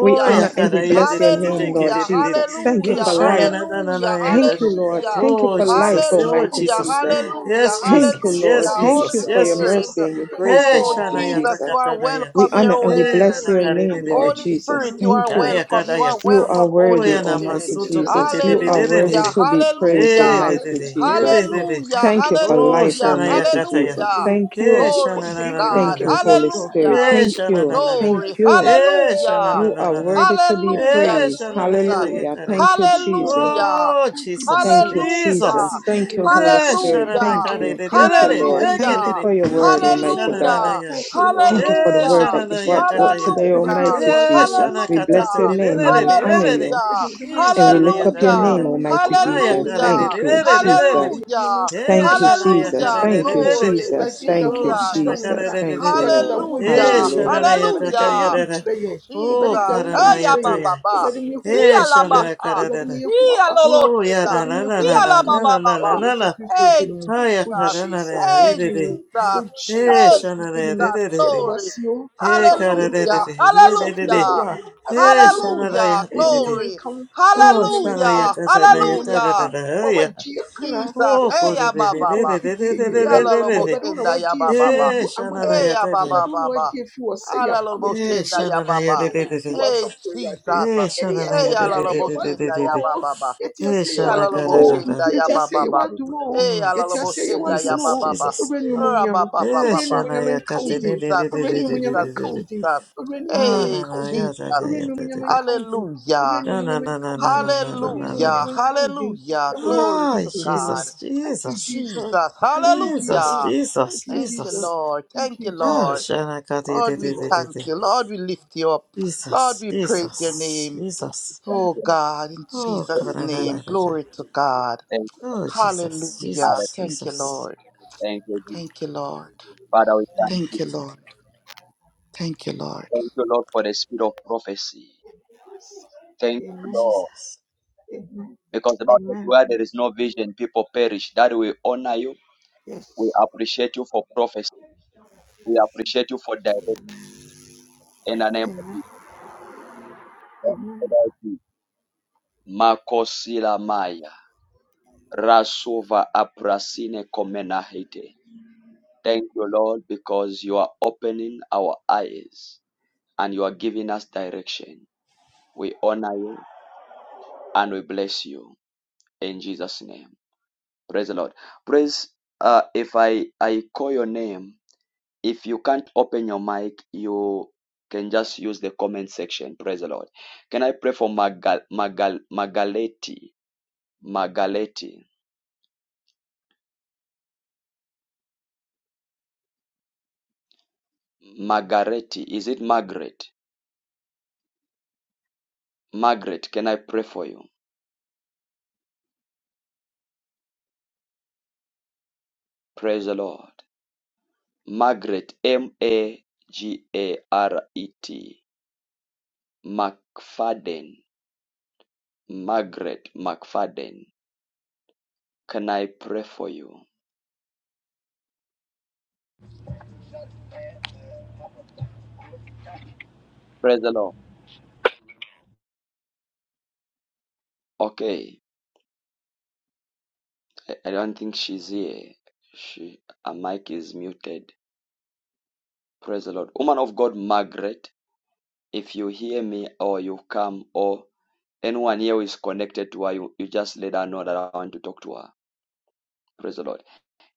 We honor Thank and we you, bless Jesus. your Yes, name, Lord hallelujah, yakarayadidididikidididid. Jesus. Thank you hallelujah, for life. hallelujah, Lord, Thank you, Hishayanananayadadi. mercy, Lord. hallelujah, Thank you Oh, for oh. life, Jesus. Yeshua Oh, Almighty hallelujah, Jesus. Jesus. hallelujah, Yes, HaMashiach. Thank you, Jesus. Yeshua Lord. Yes, hallelujah, Thank Holy Jesus. you for Yes, your Jesus. HaMashiach. Spirit, mercy and your Thank you, grace, Hey, oh, Almighty Lord. Jesus, you Jesus. are Thank you, Shanayatakatanaya. We welcome here, honor and we Holy Hey, bless Jesus. your Spirit, name, Thank you, Lord Nanakaridididi. Holy Jesus. Jesus. Spirit, you are Thank you. Thank you, welcome, you Ayakaraya. are You are Jesus. welcome, Holy worthy, Thank Oyana you for Spirit, Almighty giving Masuto us the Jesus. You grace, are Lord. worthy hallelujah, Kotididididididi. to be Thank you for praised, Hey, hallelujah, giving us Almighty the dididi. Hey, Jesus. grace, Lord. dididi. Hallelujah, Thank Thank you you for for Oh, life, giving hallelujah, us the Almighty Shanayakataya. grace, Jesus. hallelujah. Lord. Thank Thank Hey, you. you Glory for to giving us God. Thank the Shananananana. you, grace, Holy Lord. Spirit. Hallelujah. Thank Thank Yes, you na for na you. na giving na. Thank us Glory. the you. grace. Yes, na na Hallelujah. na You na are na. worthy to Thank be you, Hallelujah, Yes, praised. na na na Jesus. Jesus. Hallelujah. na. Thank you, Thank you, Jesus. Jesus. Hallelujah. Oh, Thank you, Jesus, Thank Jesus. you, Thank Hallelujah. Jesus. Jesus. you, Thank Jesus. you, Holy Yes, Thank na Spirit. you, na na Thank Hallelujah. na Jesus. you. Thank na you, Thank you, Lord. Thank Jesus. you na. Hallelujah. for your Thank word, you, Yes, na Almighty na Jesus. na na God. Hallelujah. na. Thank you, Lord. Thank you for the Yes, word Thank Hallelujah. na na na na that you, you brought forth Jesus. na. today, Hallelujah. Everybody of the Almighty world Yes, na say, na Jesus. We na na na na. bless Hallelujah. your Yes, na Thank name and you, we Lord. honor Say, you. in Hallelujah. the name And we come, na lift na up your in na the na Hallelujah. name, na. name Almighty come, Ay, in the Jesus. na na na name Hallelujah. Thank you, na come, do, na na. in Jesus. the name Hallelujah. come, Thank do. Yes, you, na na It's in Jesus. your na Hallelujah. Thank you, name. na na na. Glory Jesus. Everybody that Thank way you, Oh, the Jesus. na na children will na Jesus. die. na Thank na you, na. Everybody that Lord. way the Eh, children. Hallelujah. yeah." Hallelujah. Everybody Shananayata that way Hallelujah. the Kayadada. children. yeah." Oh, Everybody that Jesus. way the Aya children. yeah." baba Karanayataya. ba. Everybody me who will Eh, Ia curse la you. yeah." Shanana baba. Awurade ma Karadada. yɛhu Ia lo w'abasa. lo Oh, Yana kenda. Awurade ma na yɛhu na wo na Ia la na tumi na baba na ɛwɔ na baba. na Yesu na. Kristo din Hey mu. Haya Wo Jesus. Jesus Karanaya. wo Hey din mu. Dididi. Wo Jesus. Eh, Hey Jesus wo din Shananaya. mu. Jesus. Yɛda Dididi. wo Glory. ase o. Eh, Asafo Yehowa. Hallelujah. Karadidi. Asafo Yididi. Hallelujah. Yehowa. Asafo Eh, Yehowa. Hallelujah. Shananaya. Ɛnyɛ onyame Dididi. Glory. nka wo. Ɛnyɛ Oh, onyame nka wo. Shanaya Hallelujah. Ɛnyɛ onyame Kazanayata, da nka da wo. Hallelujah. Wo a Haya. wagye yɛ kra Jesus. Oh, ɛfiri Hey, ya ba Korudidi. ofirisumfo ba ba. mfidie nyere Ya mu. la lo bo Awurade wo na shenda ya wagye yɛ ba fi ba wɔ ba. Eh, wu amane mu. Hey, Shananaya. ya ba Dididi. ba Awurade wo na ba wagye ba. yɛ fi wɔ sɛ Ya la lo yɛapam bo Eh, shenda adwiretuo ya ba Shananaya. ba. biara mfiri Dididi. Hey, w'asafo Awurade Jesus. Eh, ɛne shana na yɛte Hey, ya ya de ase la de lo de "You bo de want de de shenda w'adom de ya de. ba o ba ba. yɛte Eh, ase "You Ya want shana la lo w'adom ka bo o da da o di da. shenda ya kika yɛte ba ase ba "You ba. want w'adom o Hey, Oh, ya la yɛte lo bo ase Jesus, "You want shenda ya w'adom ba Jesus, o ba ba. Jesus. owura ne Ra ɔmuonyam ba ba ba Eh, ba owura ne ba. shana ɔmuonyam ya nka ka wo te din de de de Jesus, de owura ne de de de ɔmuonyam Jesus, de nka de wo de. din Jesus. owura ne ɔmuonyam Ah, na Hey, nka wo na din ya da Jesus. da owura ya ne da de ɔmuonyam de. nka wo din owura Hallelujah. ne Na na ɔmuonyam na nka na wo na din na na na owura na ne na Hallelujah. na. ɔmuonyam nka wo din Hallelujah. Glory Ah, to God. Jesus, thank you Jesus, jesus Jesus. thank you Jesus, jesus Hallelujah. thank Jesus, you Thank you, jesus Jesus. Lord. thank Thank you you, Ah, Lord. jesus shana ka de thank Lord, de you we de de lord de thank de. you. Lord, we lift you up. Lord, Jesus, we yes praise your lord Jesus, name. thank you Jesus. Oh, kenti jesus God, in thank you Oh, ka Jesus' da jesus kenti da da name. da da. Glory to God. thank you Oh, Jesus, Hallelujah. Father Jesus, Thank you, Jesus. Lord. thank you Jesus. Thank you, Lord. Father we Amen. thank you Thank you, Lord. Thank you, Lord. thank you Lord for the spirit of prophecy thank you Amen. Lord Jesus. Amen. because the Bible says Amen. where there is no vision people perish that we honor you We Yes. appreciate you for prophecy. We appreciate you for direct in the name of Amen. Jesus. Amen. Makosila Maya. Rasova Aprasine Komenahete. Thank you, Lord, because you are opening our eyes and you are giving us direction. We honor you and we bless you in Jesus' name. Praise the Lord. Praise uh, if I, I call your name If you can't open your mic, you can just use the comment section. Praise the Lord. Can I pray for Magal, Magal, Magaleti? Magaleti. Margareti. Is it Margaret? Margaret, can I pray for you? Praise the Lord. Margaret, M A G A R E T. McFadden. Margaret McFadden. Can I pray for you? Praise the Lord. Okay. I, I don't think she's here. She, her mic is muted. Praise the Lord. Woman of God, Margaret, if you hear me or you come or anyone here who is connected to her, you, you just let her know that I want to talk to her. Praise the Lord.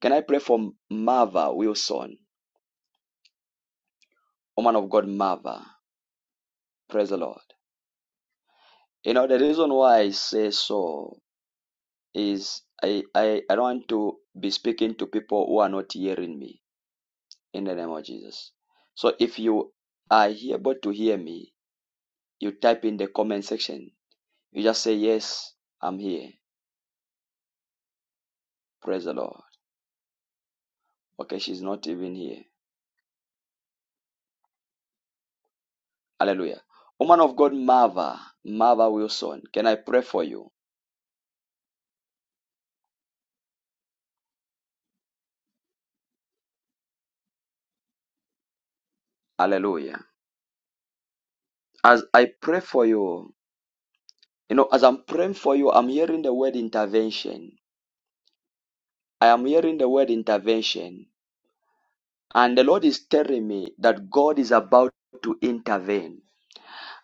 Can I pray for Marva Wilson? Woman of God, Marva. Praise the Lord. You know, the reason why I say so is I, I, I don't want to be speaking to people who are not hearing me in the name of Jesus. So if you are able to hear me, you type in the comment section. You just say, Yes, I'm here Praise the Lord. Okay, she's not even here. Hallelujah. Woman of God, Mava, Mava Wilson, can I pray for you? Hallelujah. As I pray for you, you know, as I'm praying for you, I'm hearing the word intervention. I am hearing the word intervention. And the Lord is telling me that God is about to intervene.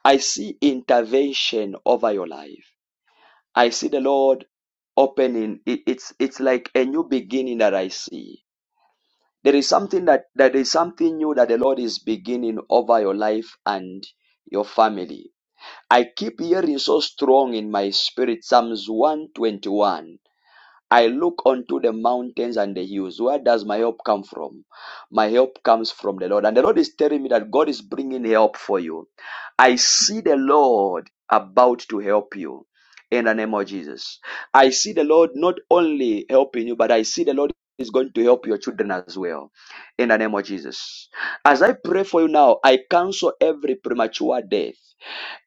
I see intervention over your life. I see the Lord opening. It- It's, it's like a new beginning that I see. There is something that that is something new that the Lord is beginning over your life and your family. I keep hearing so strong in my spirit Psalms 121 I look unto the mountains and the hills. Where does my help come from? My help comes from the Lord. And the Lord is telling me that God is bringing help for you. I see the Lord about to help you in the name of Jesus. I see the Lord not only helping you, but I see the Lord is going to help your children as well in the name of Jesus. As I pray for you now, I cancel every premature death.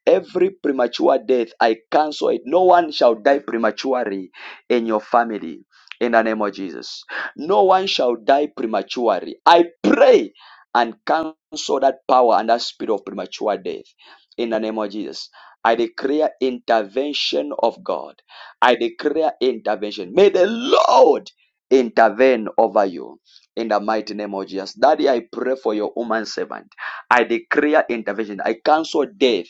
Every premature death, I cancel it. No one shall die prematurely in your family. In the name of Jesus. No one shall die prematurely. I pray and cancel that power and that spirit of premature death. In the name of Jesus. I declare intervention of God. I declare intervention. May the Lord intervene over you. In the mighty name of Jesus. Daddy, I pray for your woman servant. I declare intervention. I cancel death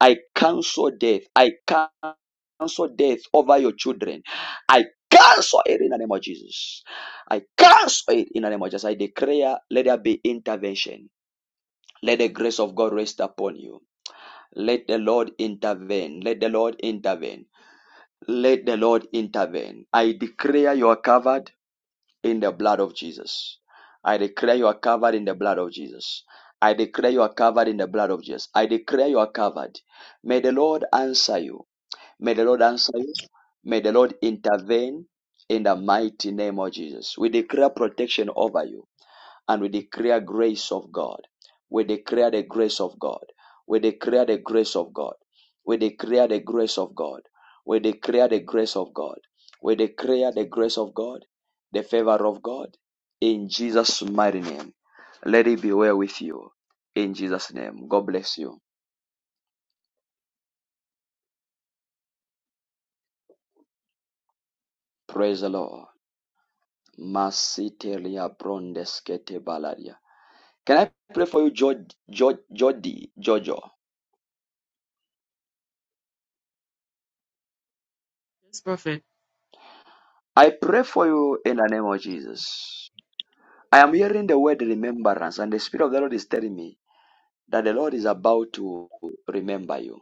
I cancel death. I cancel death over your children. I cancel it in the name of Jesus. I cancel it in the name of Jesus. I declare, let there be intervention. Let the grace of God rest upon you. Let the Lord intervene. Let the Lord intervene. Let the Lord intervene. I declare you are covered in the blood of Jesus. I declare you are covered in the blood of Jesus. I declare you are covered in the blood of Jesus. I declare you are covered. May the Lord answer you. May the Lord answer you. May the Lord intervene in the mighty name of Jesus. We declare protection over you and we declare grace of God. We declare the grace of God. We declare the grace of God. We declare the grace of God. We declare the grace of God. We declare the grace of God, the favor of God in Jesus' mighty name. Let it be well with you in Jesus' name. God bless you. Praise the Lord. Masiteria brondeskete balaria. Can I pray for you, Jod, Jod, Jody, Jojo? Yes, Prophet. I pray for you in the name of Jesus. I am hearing the word remembrance, and the Spirit of the Lord is telling me that the Lord is about to remember you.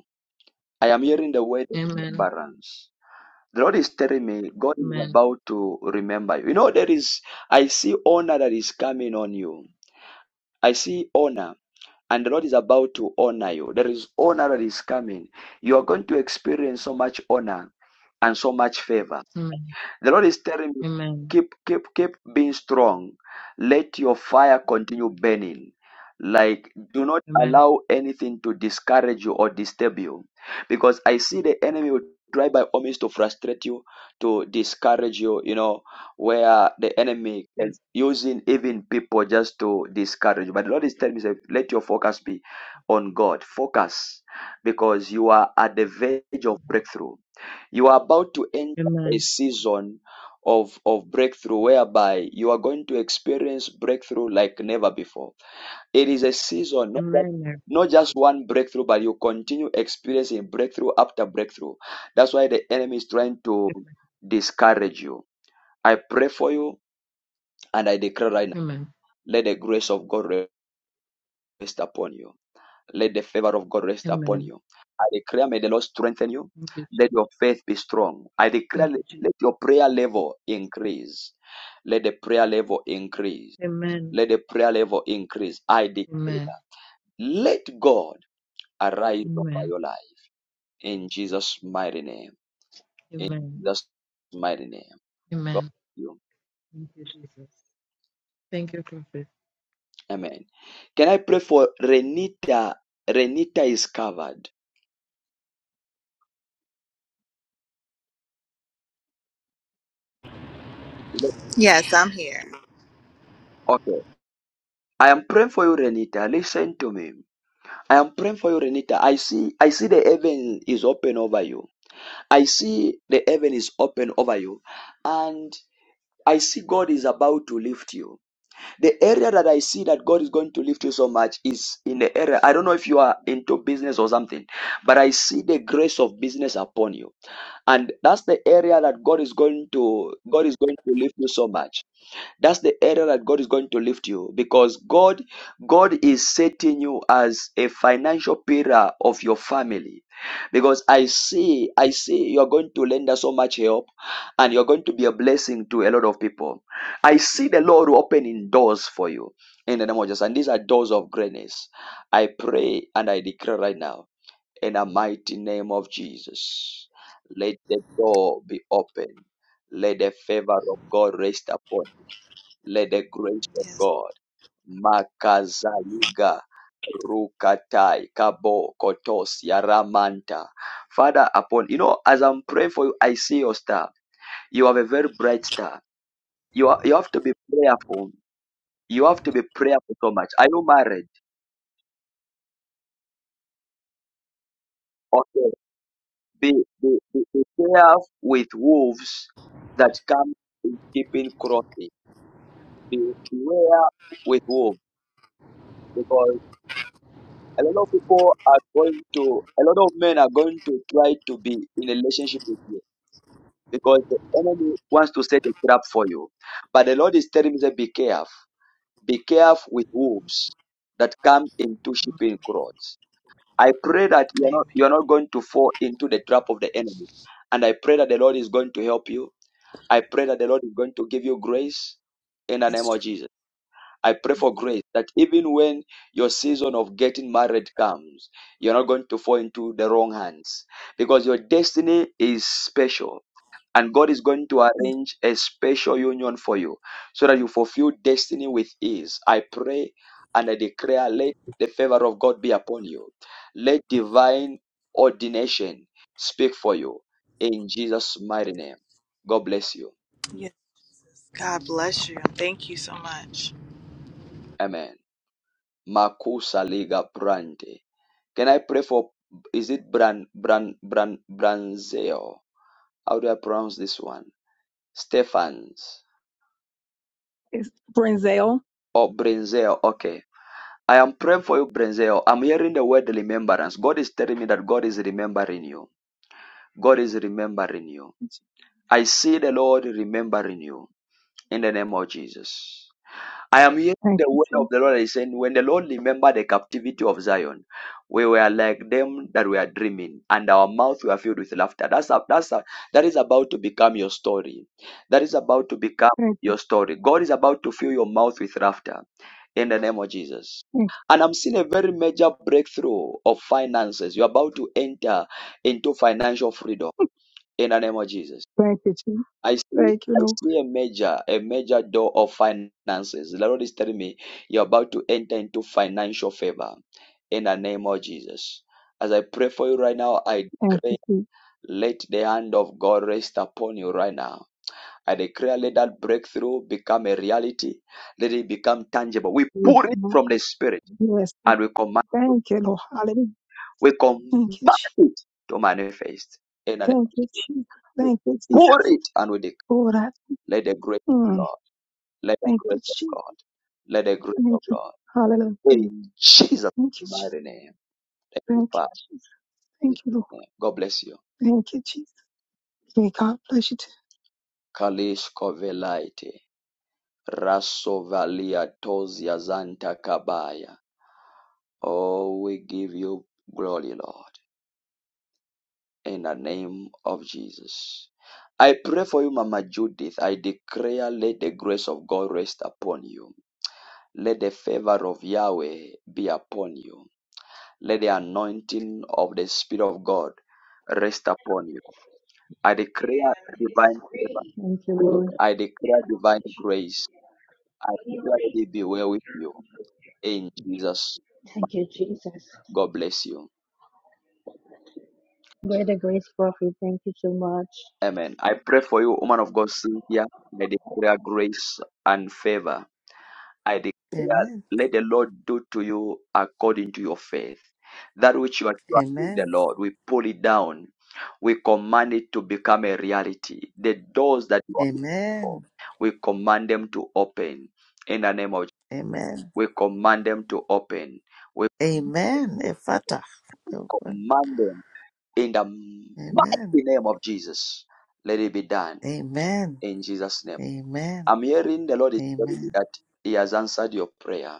I am hearing the word Amen. remembrance. The Lord is telling me God is Amen. about to remember you. You know, there is, I see honor that is coming on you. I see honor. and the Lord is about to honor you. There is honor that is coming. You are going to experience so much honor and so much favor. Amen. The Lord is telling me, Amen. keep, keep, keep being strong. Let your fire continue burning. Like, do not Amen. allow anything to discourage you or disturb you. Because I see the enemy will try by all means to frustrate you, to discourage you, you know, where the enemy can Yes. using even people just to discourage you. But the Lord is telling me, say, let your focus be on God. Focus. Because you are at the verge of breakthrough you are about to enter a Amen. season of, of breakthrough whereby you are going to experience breakthrough like never before. It is a season, not just, Amen. not just one breakthrough, but you continue experiencing breakthrough after breakthrough. That's why the enemy is trying to Amen. discourage you. I pray for you and I declare right now, Amen. let the grace of God rest upon you. Let the favor of God rest upon Amen. you. I declare, may the Lord strengthen you. Thank you, Let Jesus. your faith be strong. I declare, Thank let you, Jesus. your prayer level increase. Let the prayer level increase. Amen. Let the prayer level increase. I Amen. declare, let God arise over Amen. your life in Jesus' mighty name. In Amen. Jesus' mighty name. God Amen. bless you. Thank you, Jesus. Thank you, Prophet. Amen. Can I pray for Renita? Renita is covered. Yes, I'm here. Okay. I am praying for you, Renita. Listen to me. I am praying for you, Renita. I see, I see the heaven is open over you. I see the heaven is open over you, and I see God is about to lift you. The area that I see that God is going to lift you so much is in the area. I don't know if you are into business or something, but I see the grace of business upon you, and that's the area that God is going to God is going to lift you so much. That's the area that God is going to lift you because God, God is setting you as a financial pillar of your family. Because I see, I see you're going to lend us so much help and you're going to be a blessing to a lot of people. I see the Lord opening doors for you in the name of Jesus. And these are doors of greatness. I pray and I declare right now in the mighty name of Jesus. Let the door be open. Let the favor of God rest upon let the grace of Yes. God, Makazaliga, Rukatai, Kabo, Kotos, Yaramanta. Father, upon, you know, as I'm praying for you, I see your star. You have a very bright star. You, are, you have to be prayerful. You have to be prayerful so much. Are you married? Okay. Be, be, be, be careful with wolves that come in keeping crossing. Beware with wolves because. A lot of people are going to, a lot of men are going to try to be in a relationship with you because the enemy wants to set a trap for you. But the Lord is telling me that be careful. Be careful with wolves that come into sheeping clothes. I pray that you're Amen. not, you're not going to fall into the trap of the enemy. And I pray that the Lord is going to help you. I pray that the Lord is going to give you grace in the name Yes. Jesus. of Jesus. I pray Yes. for grace that even when your season of getting married comes, you're not going to fall into the wrong hands because your destiny is special and God is going to Mm. arrange a special union for you so that you fulfill destiny with ease. I pray and I declare let the favor of God be upon you. Let divine ordination speak for you in Jesus' mighty name. God bless you. Yes. God bless you. Thank you so much. Amen. Makusa liga brande. Can I pray for is it Bran Bran Bran Branzel? How do I pronounce this one? Stephans It's Brinzel. or Brinzel. Okay. I am praying for you, Brinzel. I'm hearing the word remembrance. God is telling me that God is remembering you. God is remembering you. I see the Lord remembering you in the name of Jesus. I am hearing Thank the you, word of Jesus. the Lord is saying, when the Lord remembered the captivity of Zion, we were like them that were dreaming, and our mouths were filled with laughter. That's a, that's a, that is about to become your story. That is about to become Thank you, your story. God is about to fill your mouth with laughter in the name of Jesus. thank you, And I'm seeing a very major breakthrough of finances. You're about to enter into financial freedom in the name of Jesus. thank you, Jesus. I see, Thank you, I Lord. see a major, a major door of finances. The Lord is telling me you're about to enter into financial favor in the name of Jesus. As I pray for you right now, I Thank declare, you, Jesus. let the hand of God rest upon you right now. I declare, let that breakthrough become a reality. Let it become tangible. We Yes, pour it Lord. from the Spirit Yes, Jesus. and we command it. thank you, Lord. Hallelujah. We command Thank you, Jesus. it to manifest in the name Thank of you, Jesus. Jesus. Thank you, Jesus. Pour it and we declare, Lord, I, let the grace. mm, Let the thank you, grace of Jesus. God, let the grace of Thank you. God, Hallelujah. Thank in Jesus' you, Jesus. mighty name, thank you, Thank Father. you, Jesus. in Thank you, Lord. Jesus' name. God bless you. Thank you, Jesus. May God bless you. Kalish Kovelaite, Rasovalia Tozia Zanta Kabaya. Oh, we give you glory, Lord, in the name of Jesus. I pray for you, Mama Judith. I declare, let the grace of God rest upon you. Let the favor of Yahweh be upon you. Let the anointing of the Spirit of God rest upon you. I declare Thank divine favor. you, Lord. I declare divine grace. I declare that it be well with you. In Jesus, Thank you, Jesus. God bless you. Brother Grace Prophet, thank you so much. Amen. I pray for you, woman of God, Cynthia. I declare grace and favor. I declare, Amen. let the Lord do to you according to your faith. That which you are trusting the Amen. Lord, we pull it down We command it to become a reality. The doors that you are looking for, Amen. we command them to open in the name of Jesus. Amen. We command them to open. We Amen. Ephata. Open. command them in the Amen. mighty name of Jesus. Let it be done Amen. in Jesus' name. Amen. I'm hearing the Lord is telling me Amen. that He has answered your prayer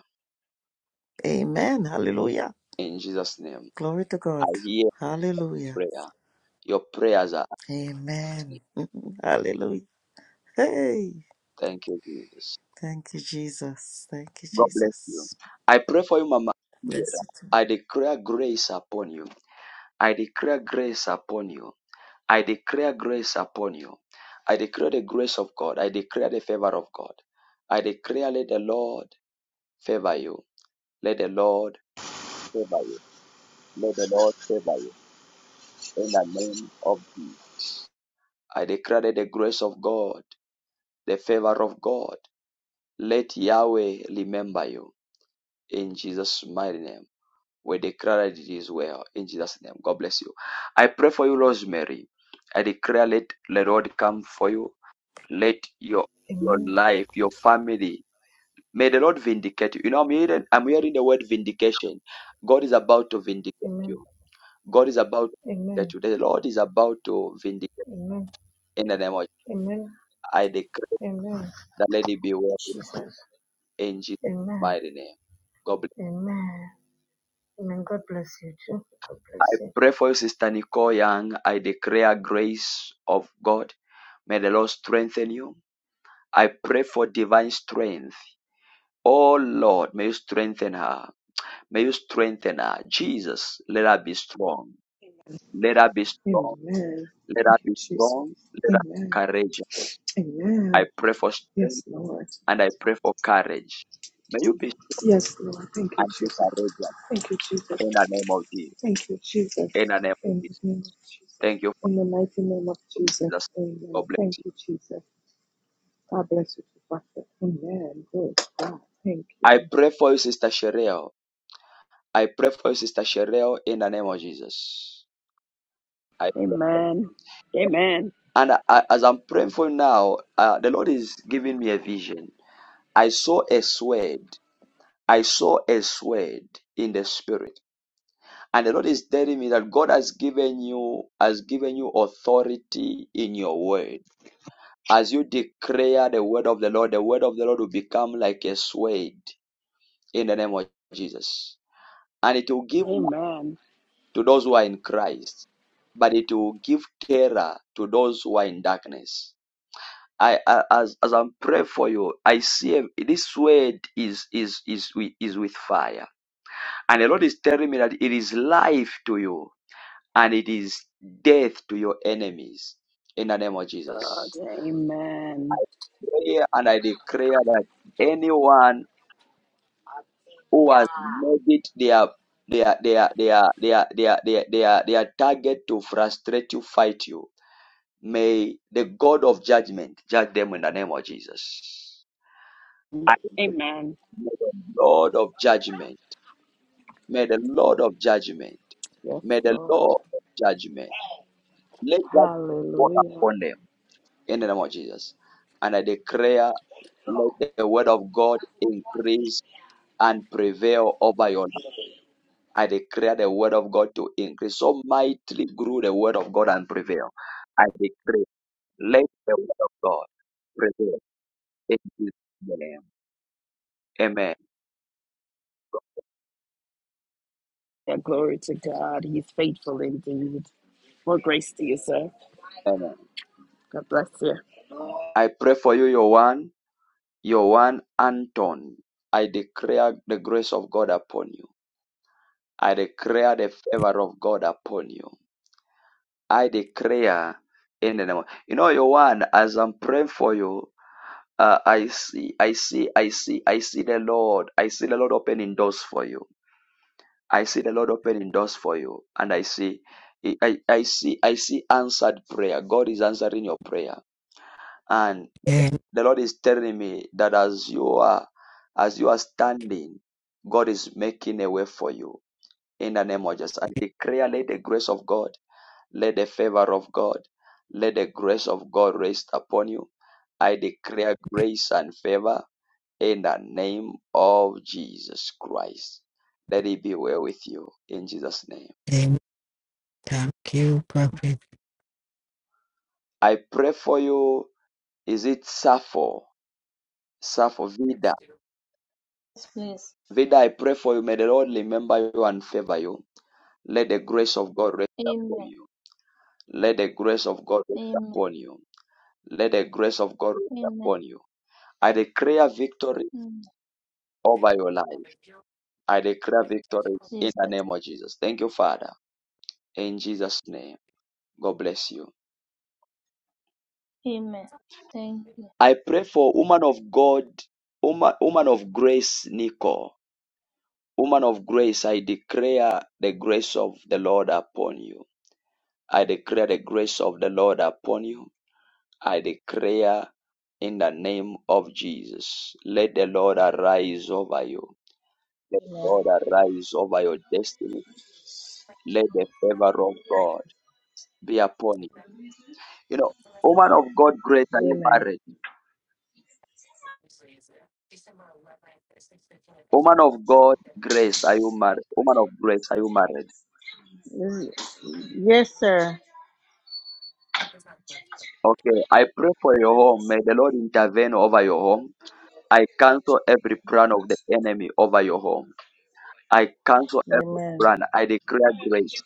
Amen. Hallelujah. in Jesus' name. Glory to I God. hear Hallelujah. prayer. Your prayers are answered. Amen. Hallelujah. Hey. Thank you, Jesus. Thank you, Jesus. Thank you, God bless you. Jesus. I pray for you, Mama. Bless you. I declare grace upon you. I declare grace upon you. I declare grace upon you. I declare the grace of God. I declare the favor of God. I declare, let the Lord favor you. Let the Lord favor you. Let the Lord favor you. In the name of Jesus. I declare that the grace of God, the favor of God. Let Yahweh remember you. In Jesus' mighty name. We declare that it is well. In Jesus' name. God bless you. I pray for you, Rosemary. I declare, let the Lord come for you let your your Amen. life, your family. May the Lord vindicate you. You know, I'm hearing I'm hearing the word vindication. God is about to vindicate Amen. you. God is about to vindicate Amen. you. The Lord is about to vindicate you. Amen. in the name of Amen. I declare Amen. that let it be well with you Jesus. in Jesus' Amen. mighty name. God bless. Amen. Amen. God bless you too. God bless I you. pray for you, Sister Nicole Young. I declare grace of God. May the Lord strengthen you. I pray for divine strength. Oh Lord, may you strengthen her. May you strengthen her. Jesus, let her be strong. Let her be strong. Amen. Let her Thank you, be Jesus. strong. Let her be Amen. courageous. I Amen. pray for Yes, strength Lord. and I pray for courage. May you be strong Yes, Lord. Thank you, and be Jesus. courageous Thank you, Jesus. in the name of Jesus. Thank you, Jesus. In the name of In the Jesus. name of Jesus. Thank you In the mighty name of for Jesus. Jesus. God Amen. bless Thank you. you, Jesus. God bless you, Pastor. Amen. Good God. Thank I you. pray for you, Sister Sherelle. I pray for you, Sister Sherelle, in the name of Jesus. I amen. pray. Amen. and I, I- as I'm praying for you now, uh, the Lord is giving me a vision. I saw a sword. I saw a sword in the spirit. And the Lord is telling me that God has given you has given you authority in your word. As you declare the word of the Lord, the word of the Lord will become like a sword in the name of Jesus. And it will give light Amen. to those who are in Christ, but it will give terror to those who are in darkness. I, I as as I'm praying for you, I see a, this word is is is with, is with fire And the Lord is telling me that it is life to you and it is death to your enemies in the name of God, Jesus. amen. Pray and I declare that anyone who has made it their their their their their their their their, their target to frustrate you, fight you. May the God of judgment judge them in the name of Jesus. I Amen. may the Lord of judgment. May the Lord of judgment. Yes, May the Lord. Lord of judgment. Let that fall Hallelujah. upon them in the name of Jesus. And I declare, let the word of God increase and prevail over your life. I declare the word of God to increase. So mightily grew the word of God and prevail. I declare, let the word of God prevail in Jesus' name. Amen. Yeah, glory to God. He's faithful indeed. More grace to you, sir. Amen. God bless you. I pray for you, your one, your one Anton. I declare the grace of God upon you. I declare the favor of God upon you. I declare in the name. Of, you know, your one. As I'm praying for you, uh, I see, I see, I see, I see the Lord. I see the Lord opening doors for you. I see the Lord opening doors for you, and I see, I, I see, I see answered prayer. God is answering your prayer, and And, the Lord is telling me that as you are, as you are standing, God is making a way for you. In the name of Jesus, I declare, let the grace of God. Let the favor of God, let the grace of God rest upon you. I declare grace and favor in the name of Jesus Christ. Let it be well with you in Jesus' name. then, thank you, Prophet. I pray for you. Is it Sappho? Sappho Vida. Yes, please. Vida, I pray for you. May the Lord remember you and favor you. Let the grace of God rest upon Amen. you. Let the grace of God rest Amen. upon you. Let the grace of God rest Amen. upon you. I declare victory Amen. over your life. I declare victory in the Jesus. name of Jesus. Thank you, Father. In Jesus' name. God bless you. Amen. Thank you. I pray for woman of God, woman, woman of grace, Nico. Woman of grace, I declare the grace of the Lord upon you. I declare the grace of the Lord upon you. I declare in the name of Jesus. Let the Lord arise over you. Let the Amen. Lord arise over your destiny. Let the favor of God be upon you You know, woman of God, grace, are you Amen. married? Woman of God, grace, are you married? Woman of grace, are you married? This- Yes, sir. Okay, I pray for your home. May the Lord intervene over your home. I cancel every plan of the enemy over your home. I cancel every Amen. plan. I declare grace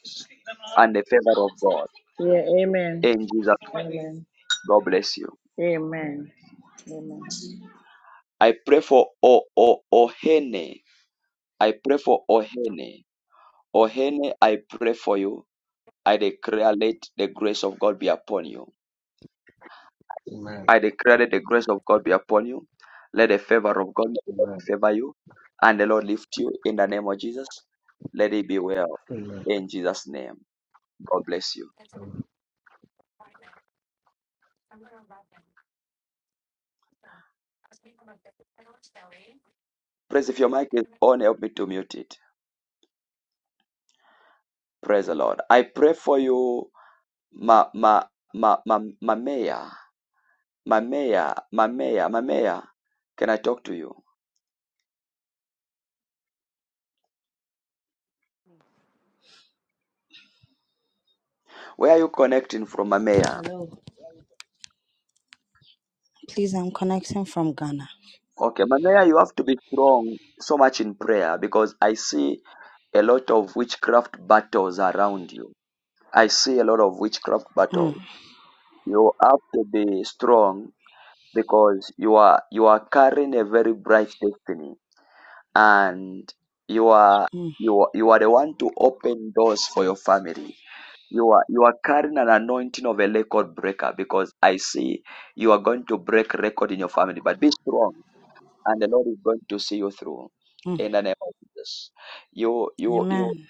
and the favor of God. Yeah, amen. In Jesus, Amen. God bless you. Amen. Amen. I pray for O O Ohene. I pray for Ohene. Ohene, I pray for you. I declare let the grace of God be upon you. Amen. I declare that the grace of God be upon you. Let the favor of God Amen. favor you and the Lord lift you in the name of Jesus. Let it be well Amen. in Jesus' name. God bless you. Amen. Praise if your mic is on, help me to mute it. Praise the Lord. I pray for you, ma ma ma ma Mamea, Mamea, Mamea, Mamea. Can I talk to you? Where are you connecting from, Mamea? Hello. Please, I'm connecting from Ghana. Okay, Mamea, you have to be strong so much in prayer because I see a lot of witchcraft battles around you. I see a lot of witchcraft Mm, battles. You have to be strong because you are you are carrying a very bright destiny and you are mm, you are, you are the one to open doors for your family. You are you are carrying an anointing of a record breaker because I see you are going to break record in your family. But be strong and the Lord is going to see you through mm. in the name of Jesus. You you you Amen.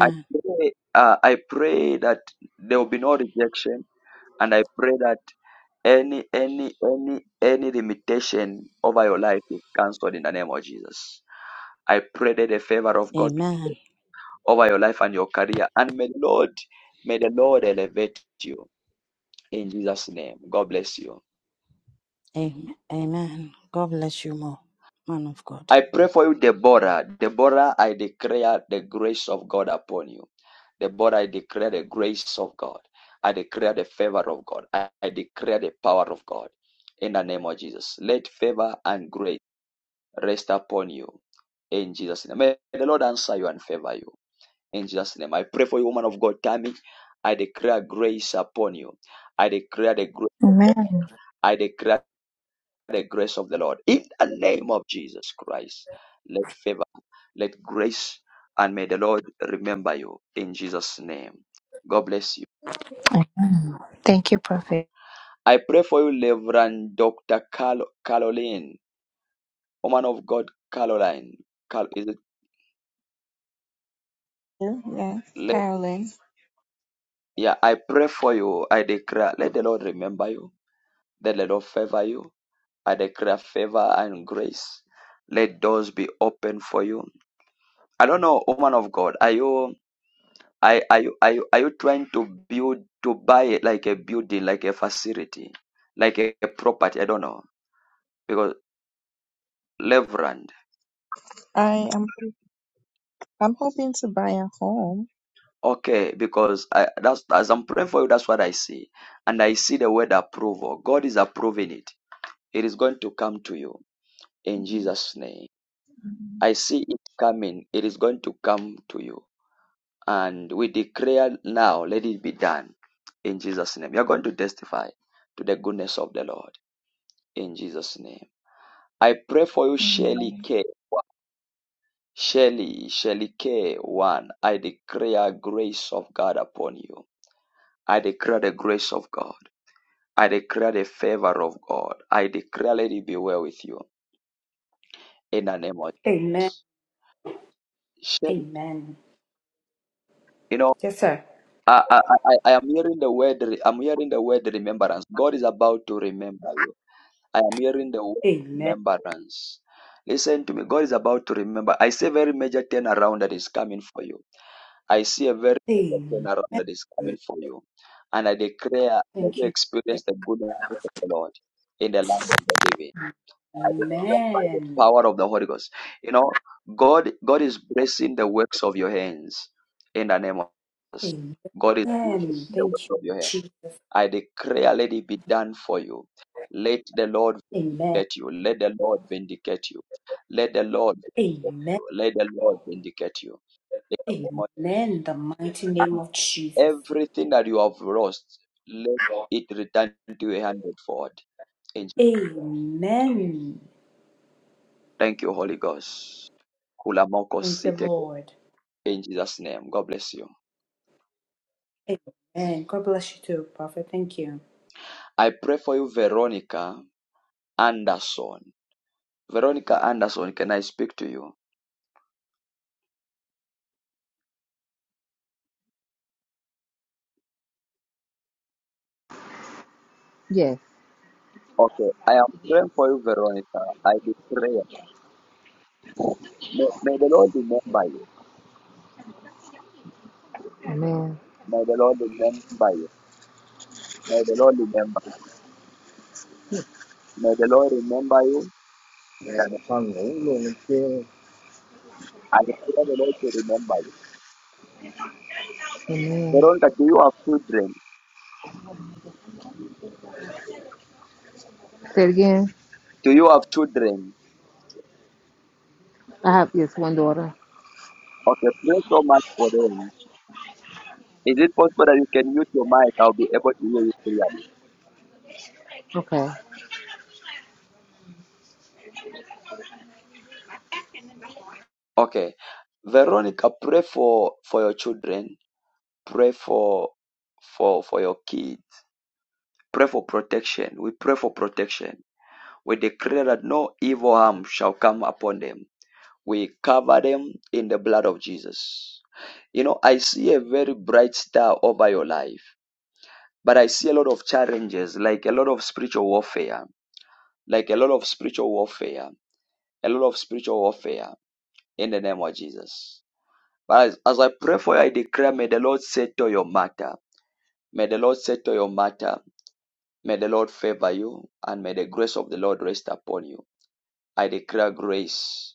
I pray, uh, I pray that there will be no rejection, and I pray that any any any any limitation over your life is cancelled in the name of Jesus. I pray that the favor of God Amen. over your life and your career, and may the Lord may the Lord elevate you in Jesus' name. God bless you. Amen. Amen. God bless you more, man of God. I pray for you, Deborah. Deborah, I declare the grace of God upon you. The Lord, I declare the grace of God. I declare the favor of God. I I declare the power of God. In the name of Jesus, let favor and grace rest upon you. In Jesus' name, may the Lord answer you and favor you. In Jesus' name, I pray for you, woman of God, Tammy. I declare grace upon you. I declare the grace. Amen. I declare the grace of the Lord in the name of Jesus Christ. Let favor, let grace, and may the Lord remember you in Jesus' name. God bless you. Amen. Thank you, Prophet. I pray for you, Reverend Dr. Carol, Caroline, woman of God, Caroline. Cal- is it, Yeah, le- Carolyn. yeah, I pray for you. I declare, let the Lord remember you. Let the Lord favor you. I declare favor and grace. Let doors be open for you. I don't know, woman of God, are you, are, are you, are you, are you trying to build, to buy it like a building, like a facility, like a, a property? I don't know. Because Reverend. I am I'm hoping to buy a home. Okay, because I that's as I'm praying for you, that's what I see. And I see the word approval. God is approving it. It is going to come to you in Jesus' name. I see it coming. It is going to come to you. And we declare now, let it be done in Jesus' name. You're going to testify to the goodness of the Lord in Jesus' name. I pray for you, Mhm. Shirley K. Shirley, Shirley K. One. I declare grace of God upon you. I declare the grace of God. I declare the favor of God. I declare, let it be well with you in the name of Amen. Jesus. Amen. You know, Yes, sir. I, I, I, I am hearing the word. I'm hearing the word remembrance. God is about to remember you. I am hearing the word Amen. remembrance. Listen to me. God is about to remember. I see a very major turnaround that is coming for you. I see a very major Amen. turnaround that is coming for you. And I declare that Thank you you. experience the goodness of the Lord in the land of the living. I will not by the Amen. power of the Holy Ghost. You know, God God is blessing the works of your hands in the name of Jesus. Amen. God is blessing the Thank works you. of your hands. Jesus. I declare, let it be done for you. Let the Lord Amen. vindicate you. Let the Lord vindicate you. Let the Lord vindicate you. Amen. Let the Lord vindicate you. In the name Amen. The mighty of- name and of Jesus. Everything that you have lost, let it return to you a hundredfold. In Jesus- Amen. Thank you, Holy Ghost. Kulamoko Thank you, site Lord. In Jesus' name. God bless you. Amen. God bless you too, Prophet. Thank you. I pray for you, Veronica Anderson. Veronica Anderson, can I speak to you? Yes. Okay. I am praying for you, Veronica. I declare. May, may the Lord remember you. Amen. May the Lord remember you. May the Lord remember you. May the Lord remember you. Man, And I'm trying to move I declare the Lord to remember you. Amen. Veronica, do you have children? Say it again. Do you have children? I have yes, one daughter. Okay, pray so much for them. Is it possible that you can use your mic? I'll be able to hear you clearly. Okay. Okay. Veronica, pray for for your children. Pray for for for your kids. Pray for protection. We pray for protection. We declare that no evil harm shall come upon them. We cover them in the blood of Jesus. You know, I see a very bright star over your life, but I see a lot of challenges, like a lot of spiritual warfare, like a lot of spiritual warfare, a lot of spiritual warfare in the name of Jesus. But as, as I pray for you, I declare, may the Lord settle your matter. May the Lord settle your matter. May the Lord favor you, and may the grace of the Lord rest upon you. I declare grace.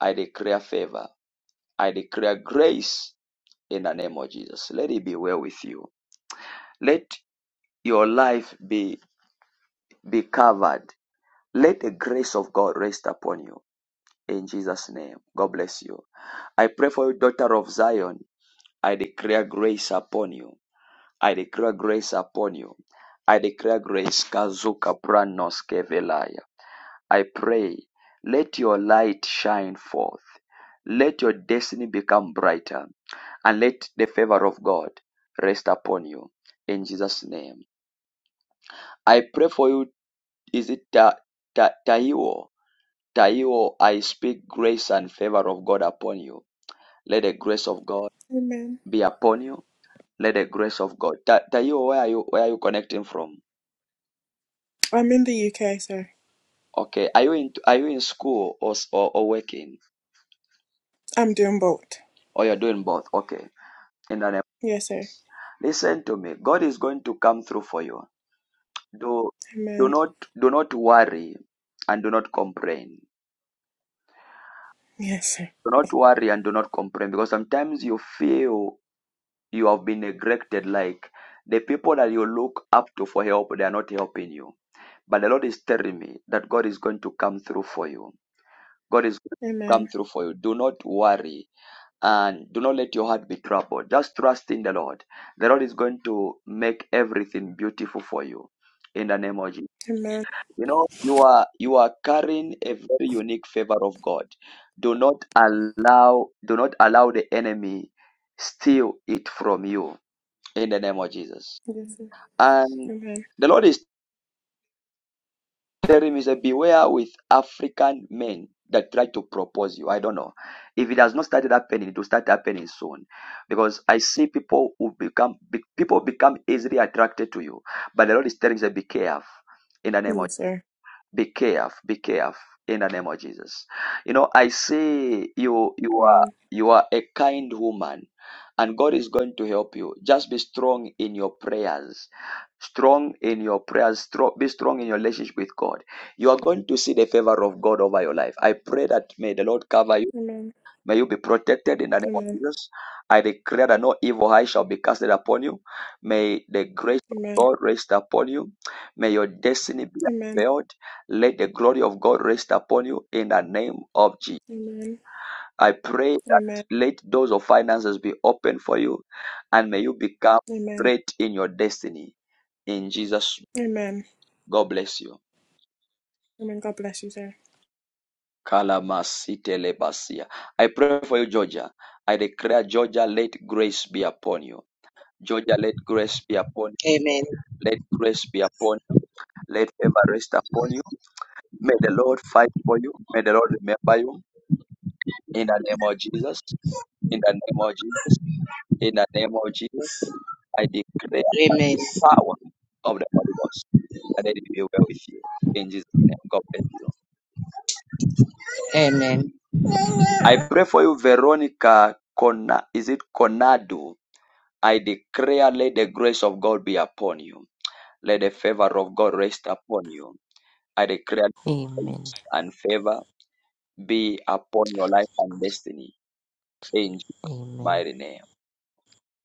I declare favor. I declare grace in the name of Jesus. Let it be well with you. Let your life be, be covered. Let the grace of God rest upon you. In Jesus' name, God bless you. I pray for you, daughter of Zion. I declare grace upon you. I declare grace upon you. I declare grace. Kazuka pranos kevelaya. I pray, let your light shine forth. Let your destiny become brighter. And let the favor of God rest upon you. In Jesus' name. I pray for you. Is it Ta- Ta- Taiwo? Taiwo, I speak grace and favor of God upon you. Let the grace of God Amen. be upon you. Let the grace of God. Ta- Taiwo, where are you? Where are you connecting from? I'm in the UK, sir. Okay. Are you in are you in school or, s- or or working I'm doing both. or you're doing both? Okay. In the name. Yes, sir. Listen to me. God is going to come through for you. Do do Amen. not do not worry and do not complain. Yes, sir. Do not worry and do not complain because sometimes you feel you have been neglected like the people that you look up to for help they are not helping you. But the Lord is telling me that God is going to come through for you. God is going to come Amen. through for you. Do not worry and do not let your heart be troubled. Just trust in the Lord. The Lord is going to make everything beautiful for you in the name of Jesus. Amen. You know, you are you are carrying a very unique favor of God. Do not allow do not allow the enemy steal it from you in the name of Jesus. Yes, sir. And Amen. the Lord is telling me, say, beware with African men that try to propose you. I don't know. If it has not started happening, it will start happening soon. Because I see people who become, be, people become easily attracted to you. But the Lord is telling you, be careful in the name of, Yes, sir. be careful, be careful in the name of Jesus. You know, I see you, you are, Amen. you are a kind woman and God is going to help you. Just be strong in your prayers strong in your prayers strong, be strong in your relationship with god you are going to see the favor of god over your life i pray that may the lord cover you Amen. may you be protected in the name of Amen. jesus i declare that no evil eye shall be casted upon you may the grace of Amen. god rest upon you may your destiny be Amen. unveiled let the glory of god rest upon you in the name of jesus Amen. i pray that Amen. let doors of finances be open for you and may you become Amen. great in your destiny in jesus Amen. God bless you. Amen. God bless you, sir. Kalamasitelebasia. I pray for you, Georgia. I declare, Georgia, let grace be upon you. Georgia, let grace be upon you. Amen. Let grace be upon you. Let favor rest upon you. May the Lord fight for you. May the Lord remember you. In the name of Jesus. In the name of Jesus. In the name of Jesus. I declare by Amen. the power of the Holy Ghost that it will be well with you. In Jesus' name, God bless you. Amen. I pray for you, Veronica Cona, is it Conado? I declare, let the grace of God be upon you. Let the favor of God rest upon you. I declare Amen. grace and favor be upon your life and destiny. In Jesus' Amen. mighty name.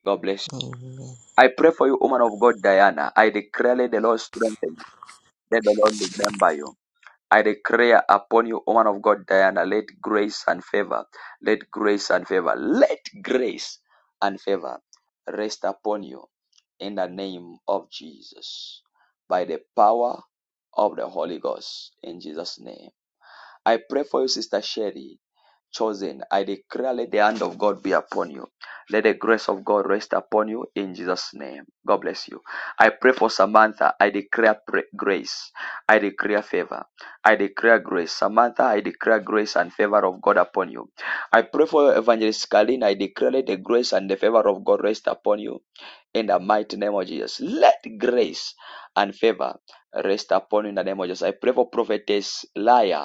God bless you. Amen. I pray for you, woman of God, Diana. I declare, let the Lord strengthen you. Let the Lord remember you. I declare upon you, woman of God, Diana, let grace and favor, let grace and favor, let grace and favor rest upon you in the name of Jesus, by the power of the Holy Ghost, in Jesus' name. I pray for you, Sister Sherry chosen, I declare let the hand of God be upon you. Let the grace of God rest upon you in Jesus' name. God bless you. I pray for Samantha. I declare grace. I declare favor. I declare grace. Samantha, I declare grace and favor of God upon you. I pray for Evangelist Kalin. I declare let the grace and the favor of God rest upon you in the mighty name of Jesus. Let grace and favor rest upon you in the name of Jesus. I pray for prophetess Laya.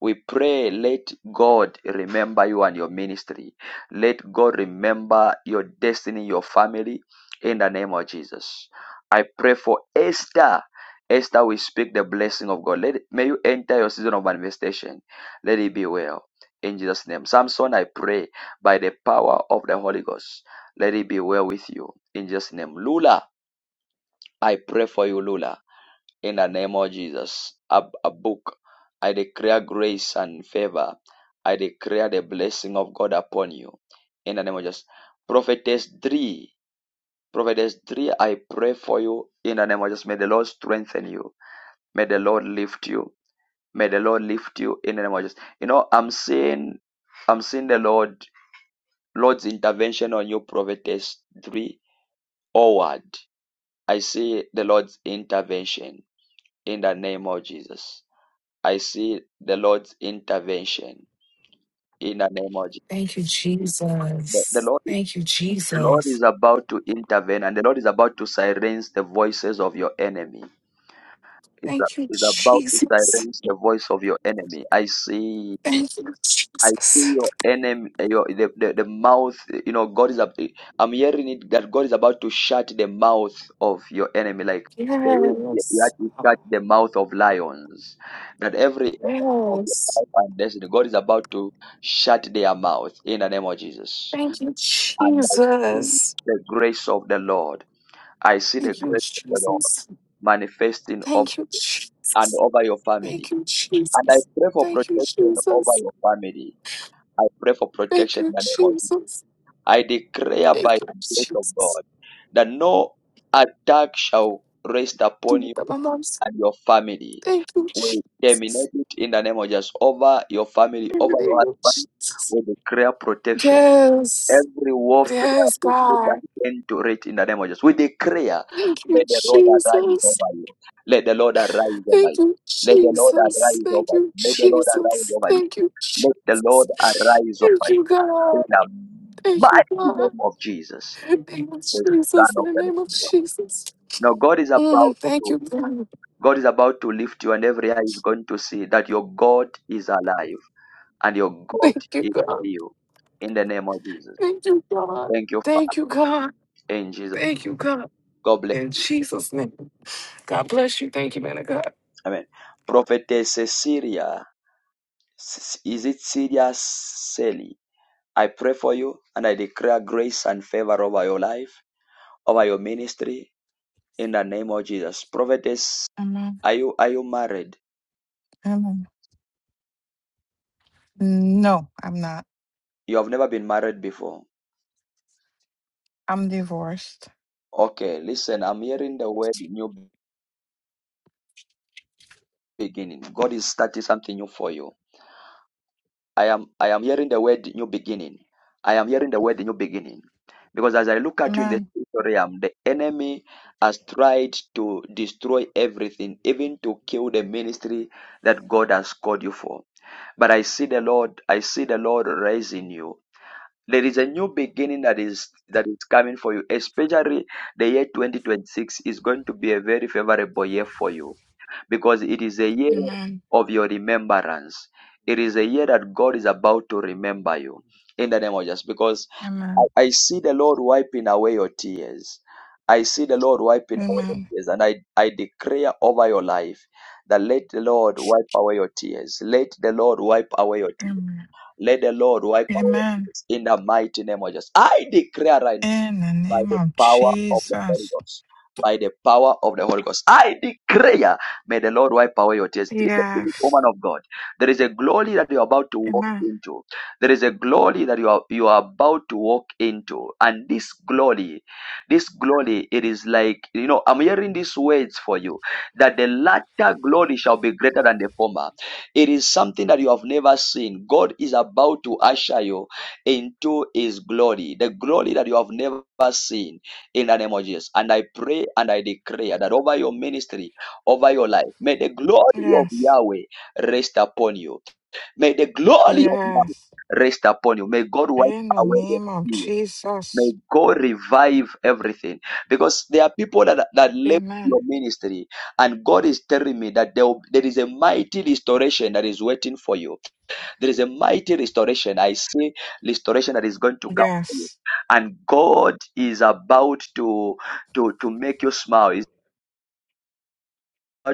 We pray, let God remember you and your ministry. Let God remember your destiny, your family, in the name of Jesus. I pray for Esther. Esther, we speak the blessing of God. Let may you enter your season of manifestation. Let it be well. In Jesus' name. Samson, I pray by the power of the Holy Ghost. Let it be well with you. In Jesus' name. Lula, I pray for you, Lula. In the name of Jesus, a, a book. I declare grace and favor. I declare the blessing of God upon you. In the name of Jesus. Prophetess 3. Prophetess 3, I pray for you. In the name of Jesus. May the Lord strengthen you. May the Lord lift you. May the Lord lift you in the name of Jesus. You know, I'm seeing I'm seeing the Lord, Lord's intervention on you, prophetess three. Forward. I see the Lord's intervention in the name of Jesus I see the Lord's intervention in an emoji. Thank you, The, the Jesus. Lord, the Thank you, Lord Jesus. is about to intervene and the Lord is about to silence the voices of your enemy. Thank you, Is about to Jesus. silence the voice of your enemy. I see Thank you, I see Jesus. your enemy, eh, your the, the, the mouth. You know, God is. ab- eh, I'm hearing it that God is about to shut the mouth of your enemy, like the way you had Yes. to shut the mouth of lions. That every enemy of your Yes. life and destiny, God is about to shut their mouth in the name of Jesus. Thank you, And I see Jesus. the grace of the Lord. I see the Thank you, grace of the Lord Jesus. manifesting over Thank you, you and Jesus. over your Thank family. you, And I Jesus. pray for Thank you, protection over Jesus. your family I pray for Thank protection in you, the name of Jesus. Jesus. I declare by Thank you, the grace of Jesus. God that no attack shall rest Give upon you it up, my moms. and your family. Thank you, We Jesus. terminate it in the name of Jesus over your family, In the over your name of husband. Jesus. We declare protection. Yes. Every warfare Yes, is put God. end to it in the name of Jesus. We declare, Thank may you, the Lord arise Jesus. over you. Let the Lord arise over Thank you. you, Let the Lord Jesus. arise over Thank you, you. Let the Lord arise Jesus. over you. Thank you, Let the Lord Jesus. arise over Thank you you, God. kingdom, Thank you, but in the God. name of Jesus, Thank you, the Son Jesus. In of the the name of Living God. Jesus. Now God is about Mm, thank to you, God. God is about to lift you, and every eye is going to see that your God is alive and your God Thank you, is God. real. In the name of Jesus, Thank you, God. thank you, Thank you, God. Father. In Jesus, Thank you, God. God bless. In Jesus' name. God bless you. Thank you, man of God. Amen. Prophetess Cecilia, S- is it Syria Sally? I pray for you, and I declare grace and favor over your life, over your ministry. In the name of Jesus, Prophetess, Amen. are you are you married? Amen. No, I'm not. You have never been married before. I'm divorced. Okay, listen, I'm hearing the word new beginning. God is starting something new for you. I am I am hearing the word new beginning. I am hearing the word new beginning. Because as I look at you in the Amen. spiritual realm, the enemy has tried to destroy everything, even to kill the ministry that God has called you for. But I see the Lord, I see the Lord raising you. There is a new beginning that is that is coming for you, especially the year 2026 is going to be a very favorable year for you because it is a year Amen. of your remembrance. It is a year that God is about to remember you in the name of Jesus. Because I, Amen. I see the Lord wiping away your tears. I see the Lord wiping away your Amen. tears. And I, I declare over your life that let the Lord wipe away your tears. Let the Lord wipe away your tears. Amen. Let the Lord wipe away Amen. in the mighty name of Jesus. I declare right In the by name the of power of the Holy Jesus. Ghost. By the power of the Holy Ghost. I declare, may the Lord wipe away your tears. Yes. Woman of God, there is a glory that you are about to walk Amen. into. There is a glory that you are you are about to walk into, and this glory, this glory, it is like you know. I'm hearing these words for you that the latter glory shall be greater than the former. It is something that you have never seen. God is about to usher you into his glory, the glory that you have never seen in the name of Jesus. And I pray and I declare that over your ministry, over your life, may the glory of Yes. Yahweh rest upon you. May the glory of Yes. Yahweh rest upon you. May God wipe In the away your name of tears. May Jesus. God revive everything. Because there are people that, that left Amen. your ministry, and God is telling me that there, there is a mighty restoration that is waiting for you there is a mighty restoration. I see restoration that is going to come. for you. Yes. And God is about to to to make you smile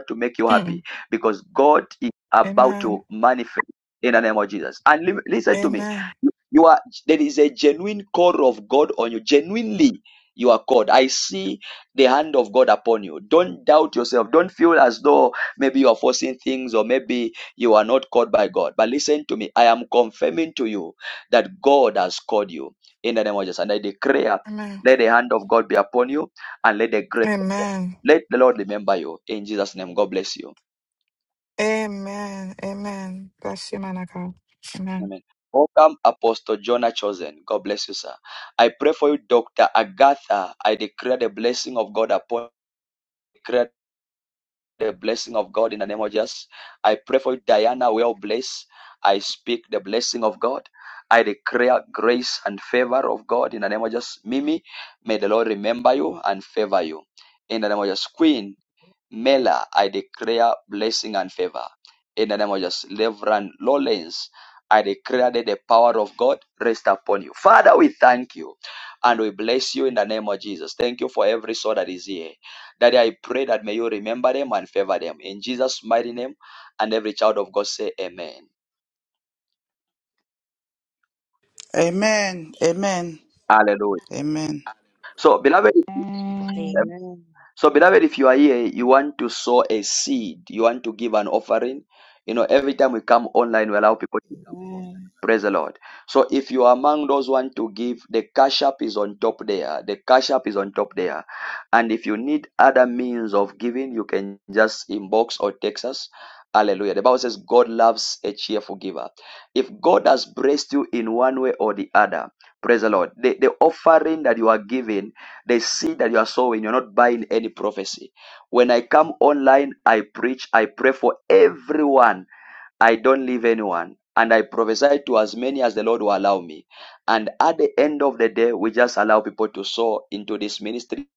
to make you Hmm. happy because God is about Amen. to manifest in the name of Jesus. And li- listen to me. Amen. You are there is a genuine call of God on you. Genuinely, you are called. I see the hand of God upon you. Don't doubt yourself. Don't feel as though maybe you are forcing things or maybe you are not called by God. But listen to me. I am confirming to you that God has called you in the name of Jesus. And I declare, Amen. let the hand of God be upon you and let the grace Amen. let the Lord remember you. In Jesus' name, God bless you. Amen. Amen. Bless you, man of God. Amen. Amen. Welcome, Apostle Jonah Chosen. God bless you, sir. I pray for you, Dr. Agatha. I declare the blessing of God upon declare the blessing of God in the name of Jesus. I pray for you, Diana. Well blessed. I speak the blessing of God. I declare grace and favor of God in the name of Jesus. Mimi, may the Lord remember you and favor you. In the name of Jesus. Queen, Mela, I declare blessing and favor. In the name of Jesus, Reverend Lawrence, I declare that the power of God rest upon you. Father, we thank you and we bless you in the name of Jesus. Thank you for every soul that is here. Daddy, I pray that may you remember them and favor them. In Jesus' mighty name, and every child of God say amen. Amen. Amen. Hallelujah. Amen. So, beloved, Amen. so beloved, if you are here, you want to sow a seed, you want to give an offering. You know, every time we come online, we allow people. Amen. Praise the Lord. So if you are among those want to give, the cash app is on top there. The cash app is on top there. And if you need other means of giving, you can just inbox or text us. Hallelujah. The Bible says God loves a cheerful giver. If God has blessed you in one way or the other, praise the Lord. The, the offering that you are giving, the seed that you are sowing, you're not buying any prophecy. When I come online, I preach, I pray for everyone I don't leave anyone. And I prophesy to as many as the Lord will allow me. And at the end of the day, we just allow people to sow into this ministry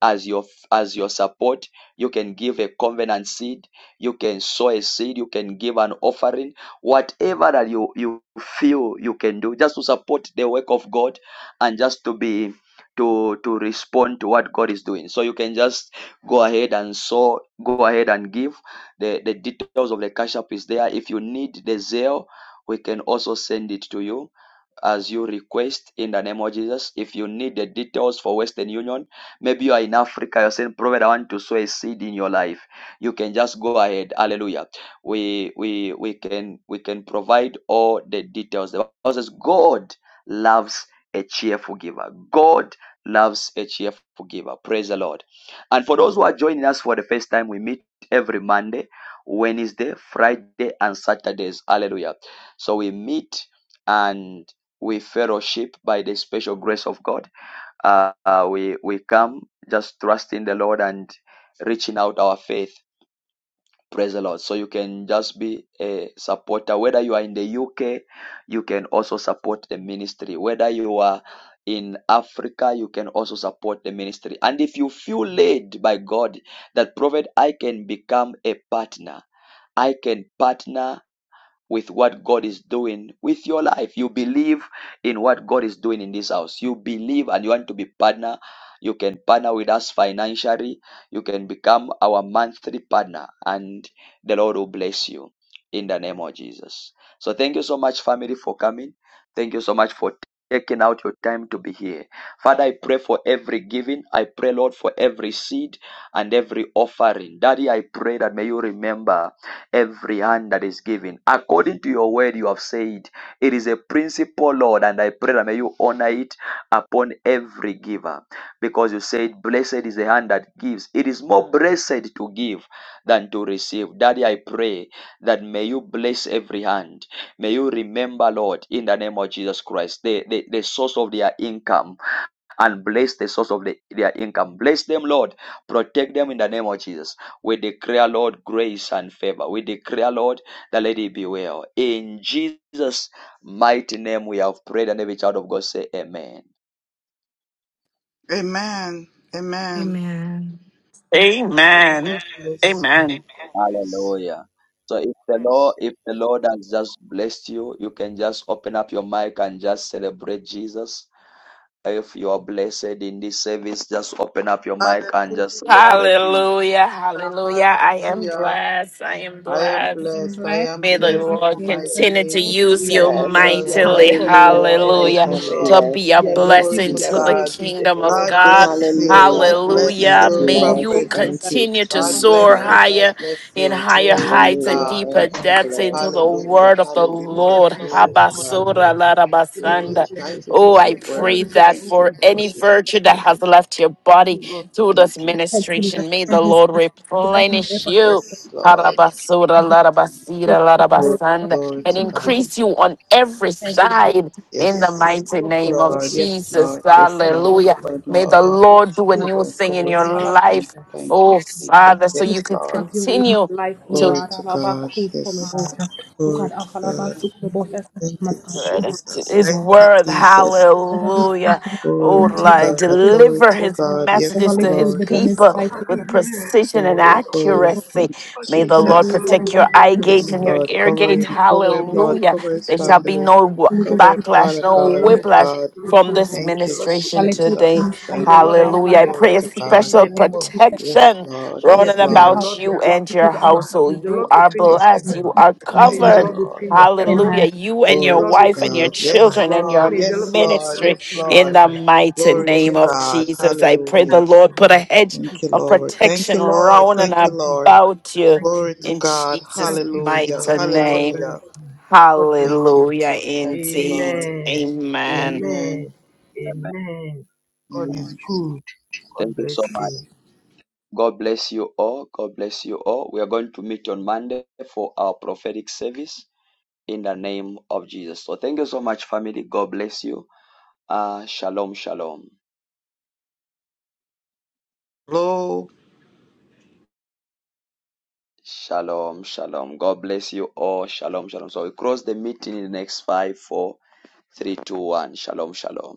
as your as your support. You can give a covenant seed, you can sow a seed, you can give an offering, whatever that you, you feel you can do, just to support the work of God and just to be to to respond to what God is doing. So you can just go ahead and sow, go ahead and give the, the details of the cash app is there. If you need the Zelle, we can also send it to you as you request in the name of Jesus. If you need the details for Western Union, maybe you are in Africa, you're saying, Prophet, I want to sow a seed in your life. You can just go ahead. Hallelujah. We we we can we can provide all the details. The Bible says God loves a cheerful giver. God loves a cheerful giver. Praise the Lord. And for those who are joining us for the first time, we meet every Monday, Wednesday, Friday, and Saturdays. Hallelujah. So we meet and we fellowship by the special grace of God. Uh, uh, we we come just trusting the Lord and reaching out our faith. Praise the Lord. So you can just be a supporter. Whether you are in the UK, you can also support the ministry. Whether you are in Africa, you can also support the ministry. And if you feel led by God that prophet, I can become a partner. I can partner with what God is doing with your life. You believe in what God is doing in this house. You believe and you want to be partner. You can partner with us financially. You can become our monthly partner and the Lord will bless you in the name of Jesus. So thank you so much family for coming. Thank you so much for taking out your time to be here. Father, I pray for every giving. I pray Lord for every seed and every offering. Daddy, I pray that may you remember every hand that is given. According to your word, you have said it is a principle, Lord, and I pray that may you honor it upon every giver because you said, Blessed is the hand that gives. It is more blessed to give than to receive. Daddy, I pray that may you bless every hand. May you remember, Lord, in the name of Jesus Christ, the, the, the source of their income and bless the source of the, their income. Bless them, Lord. Protect them in the name of Jesus. We declare, Lord, grace and favor. We declare, Lord, the lady be well. In Jesus' mighty name, we have prayed, and every child of God say, Amen. Amen. Amen. Amen. Amen. God Amen. bless you. Amen. Amen. God bless you. Hallelujah. So if the Lord, Yes. Bless if the Lord has just blessed you, you can just open up your mic and just celebrate Jesus. If you are blessed in this service, just open up your mic and just Hallelujah. celebrate. Him. Hallelujah, Hallelujah. hallelujah. I am Hallelujah. blessed. I am I am blessed. I am blessed. I blessed. am May the My blessed in Lord the favorite mighty continue to name of Thank use you, We are you blessed. delivered, we Jesus. are Jesus. mightily, Thank restored, you, we are Hallelujah. Lord. uh, I Thank hallelujah, you, am repaired, to Lord. blessed. be a we are Thank you, Glory blessing redeemed, to we are to the Jesus. God. saved in the kingdom name of God of God, Jesus. bless you. Thank Hallelujah. God you, I bless hallelujah. am Jesus. you, to May Thank go you, you through blessed. prophet. our Thank Jesus. God you, continue to God Thank you, soar bless Jesus. you. God Jesus. higher bless in you. higher Glory to heights Thank and Hallelujah. you, God. deeper I am Jesus. depths Thank you, into blessed. the Thank Jesus. you, Hallelujah. word of the Thank you, Jesus. Hallelujah. Lord. Jesus. Glory Thank to God. you, Habasura Lord. to be Thank you, Glory. larabasanda. capable. Thank Jesus. you Thank Oh, for I you, the Lord. God pray be words. that Thank Thank you, for you, Lord. any Jesus. Thank you, Thank virtue you, that Lord. Lord. has left your Thank body you, Lord. Thank through Thank you, this you, Jesus. protecting us ministration, may from the Jesus. his Lord mind. To God, replenish Thank ever you. Yes, Lord. Harabasura larabasira larabasanda, Glory and to you, God. increase Jesus. you on every Thank you, thank you. Lord. side in Thank the you, Lord. Yes, Man mighty of God, name of God Lord. Yes, bless you. Jesus. Lord. Yes, God Lord. bless Hallelujah. you. Cover May it, the May Lord the Lord. elevate Lord you. do a new Cover it. In thing Cover in the this name of your family. life, Jesus. In Thank you, oh the name of Jesus. Father, so Yes, you can Jesus. Have Lord. your way in his continue life, O to. Glory God. to Alaba God. cool Yes. polobosha. O God, Glory to Alaba God. sukulobosha. Thank you, Masaba. word, Jesus. his Thank you, word, Jesus. hallelujah. Oh, Glory to Lord, God. Glory deliver to Oh his God. Yes, God, messages make to a little his Lord. bit on Yes, his people life, Lord. Father, with precision and oh Glory, glory. God. accuracy. Thank you, May the Give Lord Jesus. it all, We bless you, Lord. We protect give your you all eye We the gates Yes, and glory. your Lord. ear Cover gates, him. Cover him, Give Lord. it hallelujah. Cover his There shall be Thank family. you. no wa- Cover him, May backlash, Father the no Lord God. Oh bless you. whiplash. God. May the Lord From keep this you. May Thank the you, Lord ministration protect you. today. Jesus. May the Thank you, Lord Lord. Hallelujah. expand I your Glory pray a to territory God. in special the name of Jesus. Yes, protection Lord. Yes, running Yes, may the Lord. about Lord your, you op- and your all. your hea- may household. the You Lord Lord are open your Jesus. blessed. in heavens. You Jesus' are May Mighty name. the Thank you, covered Lord open Lord. your Hallelujah. heavens. Amen. You May and the your Glory Lord to wife open and your your God. heavens. Yes, children and your Lord. May the Lord Yes, continue Lord. to ministry Yes, open your in Lord. the heavens mighty in Glory the to name name of of God. Jesus. Jesus. I pray the Thank Hallelujah. you, Lord put a Lord. hedge Thank Thank you, you, of Lord. Jesus. Thank you, protection Lord. round Thank and Thank you, you, Lord. Jesus. about you Thank you, Glory to in Jesus. God. Jesus' Thank you, Hallelujah. Jesus. mighty God name. bless Hallelujah. you. God bless Thank you, you. Hallelujah Lord. Thank you, indeed. Lord. Amen. Amen. Amen. Amen. Amen. Amen. God is Amen. good. God Thank you so bless much. you. God bless you all. God bless you all. We are going to meet on Monday for our prophetic service in the name of Jesus. So thank you so much, family. God bless you. Uh, shalom, shalom. Shalom, shalom. God bless you all. Shalom, shalom. So we close the meeting in the next five, four, three, two, one. Shalom, shalom.